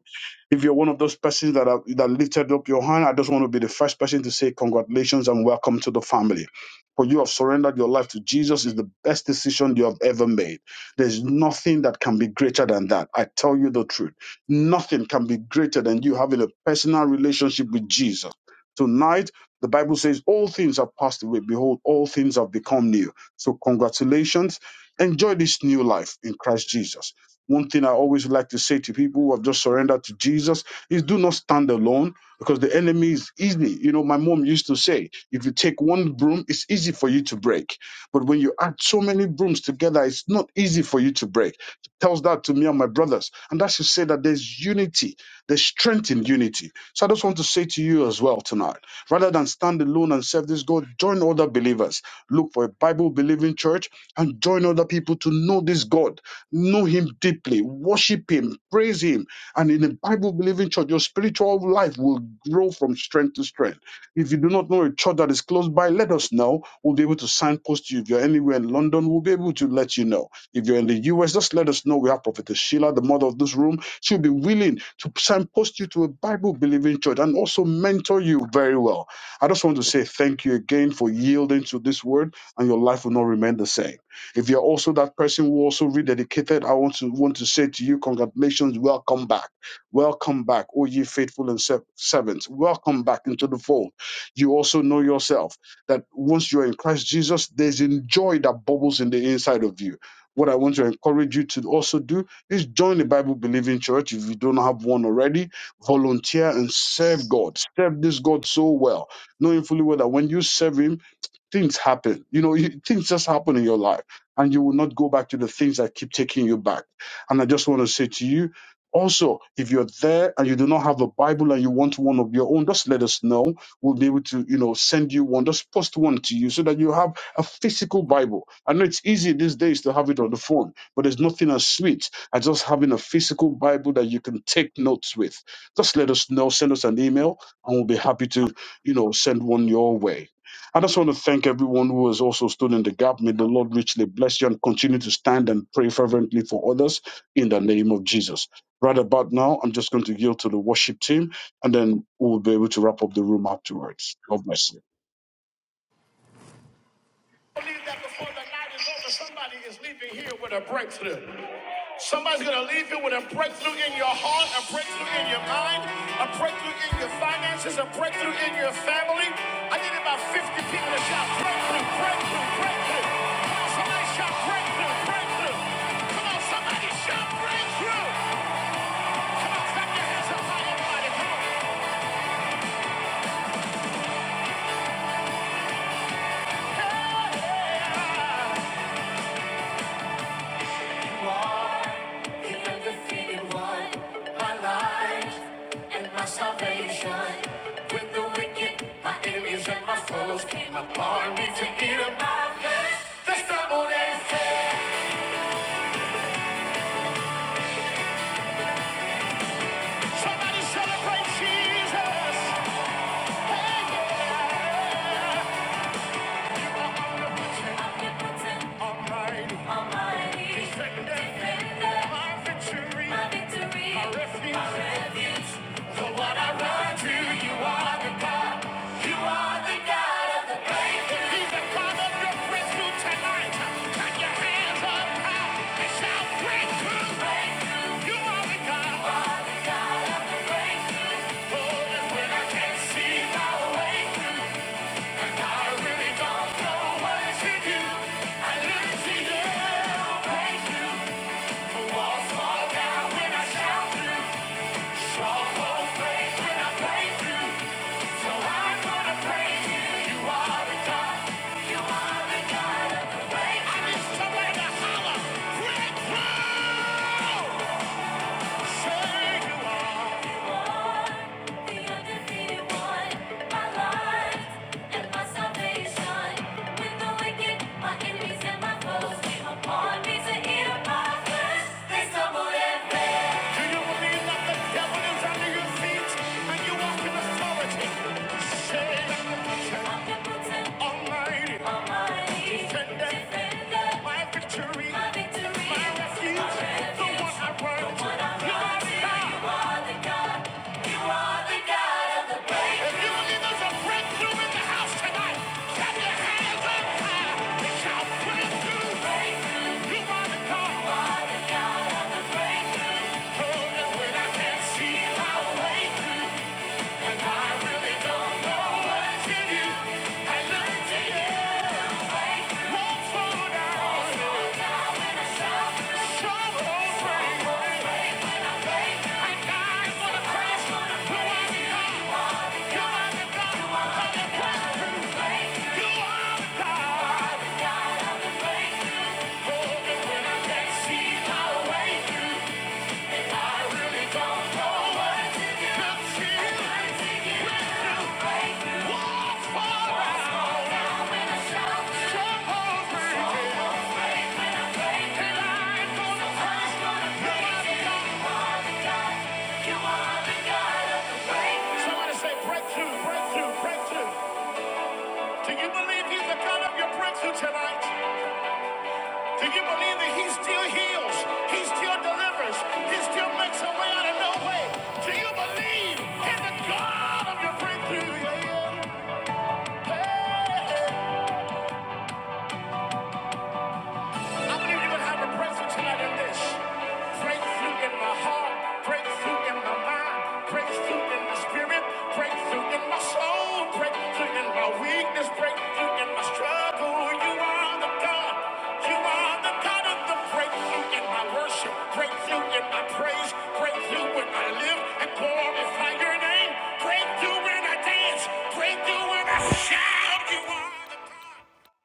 [SPEAKER 5] If you're one of those persons that are, that lifted up your hand, I just want to be the first person to say congratulations and welcome to the family. For you have surrendered your life to Jesus is the best decision you have ever made. There's nothing that can be greater than that. I tell you the truth. Nothing can be greater than you having a personal relationship with Jesus. Tonight, the Bible says all things have passed away. Behold, all things have become new. So congratulations. Enjoy this new life in Christ Jesus. One thing I always like to say to people who have just surrendered to Jesus is do not stand alone because the enemy is easy. You know, my mom used to say, if you take one broom, it's easy for you to break. But when you add so many brooms together, it's not easy for you to break. She tells that to me and my brothers. And that should say that there's unity, there's strength in unity. So I just want to say to you as well tonight, rather than stand alone and serve this God, join other believers. Look for a Bible believing church and join other people to know this God Know Him deeply, worship Him, praise Him. And in a Bible believing church, your spiritual life will grow from strength to strength. If you do not know a church that is close by, let us know. We'll be able to signpost you. If you're anywhere in London, we'll be able to let you know. If you're in the US, just let us know. We have Prophetess Sheila, the mother of this room. She'll be willing to signpost you to a Bible believing church and also mentor you very well. I just want to say thank you again for yielding to this word, and your life will not remain the same. If you're also that person who also rededicated, I want to want to say to you, congratulations, welcome back, welcome back, oh ye faithful and serv- servants, welcome back into the fold. You also know yourself that once you're in Christ Jesus, there's a joy that bubbles in the inside of you. What I want to encourage you to also do is join the Bible believing church if you don't have one already. Volunteer and serve God. Serve this God so well, knowing fully well that when you serve Him, things happen. You know, you, things just happen in your life, and you will not go back to the things that keep taking you back. And I just want to say to you, also, if you're there and you do not have a Bible and you want one of your own, just let us know. We'll be able to, you know, send you one. Just post one to you so that you have a physical Bible. I know it's easy these days to have it on the phone, but there's nothing as sweet as just having a physical Bible that you can take notes with. Just let us know. Send us an email, and we'll be happy to, you know, send one your way. I just want to thank everyone who has also stood in the gap. May the Lord richly bless you and continue to stand and pray fervently for others in the name of Jesus. Right about now, I'm just going to yield to the worship team and then we'll be able to wrap up the room afterwards. God bless you.
[SPEAKER 1] that before the night is over, somebody is leaving here with a breakthrough. Somebody's going to leave here with a breakthrough in your heart, a breakthrough in your mind, a breakthrough in your finances, a breakthrough in your family. I need about 50 people to shout breakthrough, breakthrough, breakthrough. Come on, somebody shout breakthrough, breakthrough. Come on, somebody shout breakthrough. Come on, clap your hands up high, everybody. Come on. The undefeated one, my life and my salvation. With the wicked, my enemies and my foes came upon me to eat up my flesh. That's the only thing. Somebody celebrate Jesus. omnipotent, Almighty, almighty, my victory, my victory, my refuge. my refuge. So I run to, you are the God. You are the God of the breakthrough. He's the God of your breakthrough tonight. Put your hands up high and shout breakthrough. You are the God. God of the breakthrough. Oh, and when I can't see my way through, Somebody to holler, Rick Brown! My to Someone else. Do you believe that the devil is under your feet and you walk in authority? Say that Almighty, defender, my victory, my victory, my refuge, my refuge, run the one I to. run If you believe there's a breakthrough in the house tonight, clap your hands up high. It's our breakthrough. You are the God. Oh, when I can't see my way. Yeah. Somebody say breakthrough, breakthrough, breakthrough. Do you believe he's the God of your breakthrough tonight? Do you believe that he still heals? He still delivers? He still makes a way out of no way? Do you believe in the God of your breakthrough? Yeah, yeah. Hey, hey. I believe you would have a breakthrough tonight in this. Breakthrough in my heart, breakthrough in my mind, breakthrough in my spirit, breakthrough in my soul, breakthrough in my weakness, breakthrough in my struggle. You are the God. You are the God of the breakthrough in my worship, breakthrough in my praise, breakthrough when I live and glorify your name, breakthrough when I dance, breakthrough when I shout. You are the God.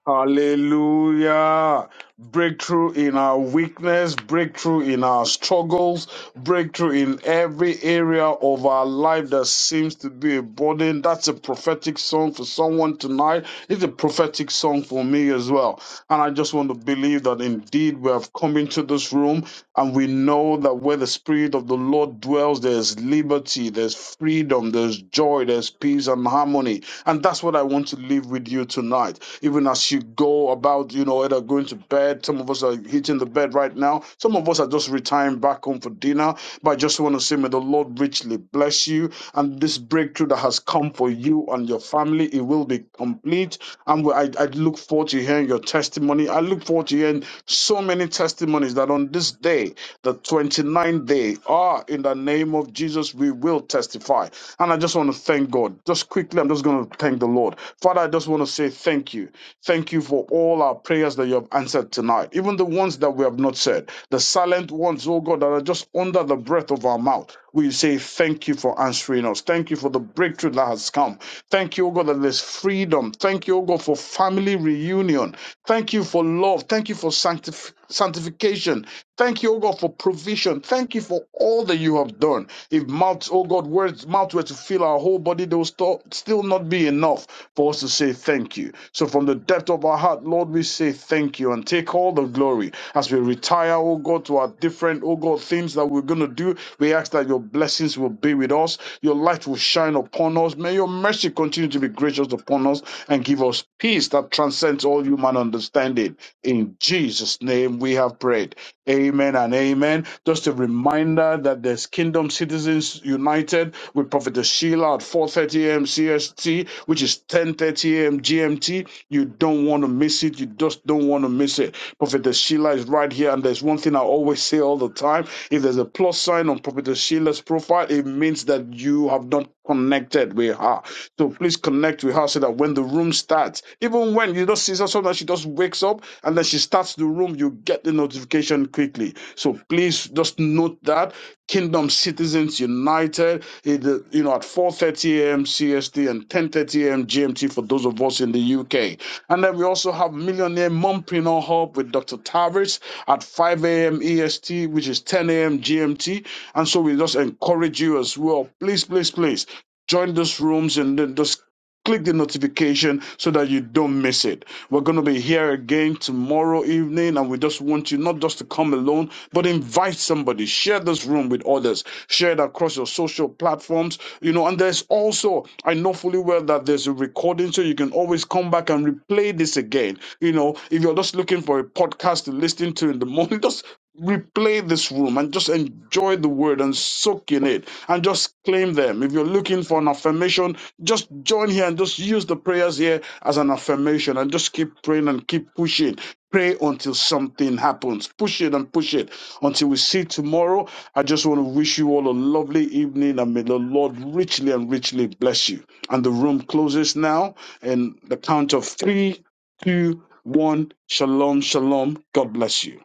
[SPEAKER 5] Hallelujah. Breakthrough in our weakness, breakthrough in our struggles, breakthrough in every area of our life that seems to be a burden. That's a prophetic song for someone tonight. It's a prophetic song for me as well. And I just want to believe that indeed we have come into this room and we know that where the Spirit of the Lord dwells, there's liberty, there's freedom, there's joy, there's peace and harmony. And that's what I want to leave with you tonight. Even as you go about, you know, either going to bed, some of us are hitting the bed right now, some of us are just retiring back home for dinner. But I just want to say, may the Lord richly bless you. And this breakthrough that has come for you and your family, it will be complete. And we- I, I look forward to hearing your testimony. I look forward to hearing so many testimonies testimonies that on this day, the twenty ninth day, ah, in the name of Jesus, we will testify. And I just want to thank God. Just quickly, I'm just going to thank the Lord. Father, I just want to say thank you. Thank you for all our prayers that you have answered tonight, even the ones that we have not said, the silent ones, oh God, that are just under the breath of our mouth. We say thank you for answering us. Thank you for the breakthrough that has come. Thank you, O God, that there's freedom. Thank you, O God, for family reunion. Thank you for love. Thank you for sanctif- sanctification. Thank you, O God, for provision. Thank you for all that you have done. If mouth, O God, words, mouth were to fill our whole body, they will sto- still not be be enough for us to say thank you. So from the depth of our heart, Lord, we say thank you and take all the glory as we retire, oh God, to our different, oh God, things that we're going to do. We ask that your blessings will be with us, your light will shine upon us. May your mercy continue to be gracious upon us and give us peace that transcends all human understanding. In Jesus' name we have prayed. Amen and amen. Just a reminder that there's Kingdom Citizens United with Prophetess Sheila at 4:30 a.m. CST, which is 10:30 a.m. GMT. You don't want to miss it. You just don't want to miss it. Prophetess Sheila is right here, and there's one thing I always say all the time: if there's a plus sign on Prophetess Sheila's profile, it means that you have not connected with her. So please connect with her so that when the room starts, even when when you just see her, sometimes she just wakes up and then she starts the room. You get the notification quickly. So please just note that Kingdom Citizens United, eh, you know, at 4:30 a.m. CST and 10:30 a.m. GMT for those of us in the UK. And then we also have Millionaire Mompreneur Hub with Dr. Tavis at 5 a.m. EST, which is 10 a.m. GMT. And so we just encourage you as well. Please, please, please join those rooms and then just click the notification so that you don't miss it. We're going to be here again tomorrow evening, and we just want you not just to come alone, but invite somebody. Share this room with others. Share it across your social platforms. You know, and there's also, I know fully well that there's a recording, so you can always come back and replay this again. You know, if you're just looking for a podcast to listen to in the morning, just replay this room and just enjoy the word and soak in it and just claim them. If you're looking for an affirmation, just join here and just use the prayers here as an affirmation and just keep praying and keep pushing. Pray until something happens. Push it and push it until we see tomorrow. I just want to wish you all a lovely evening and may the Lord richly and richly bless you. And the room closes now in the count of three, two, one. Shalom, shalom. God bless you.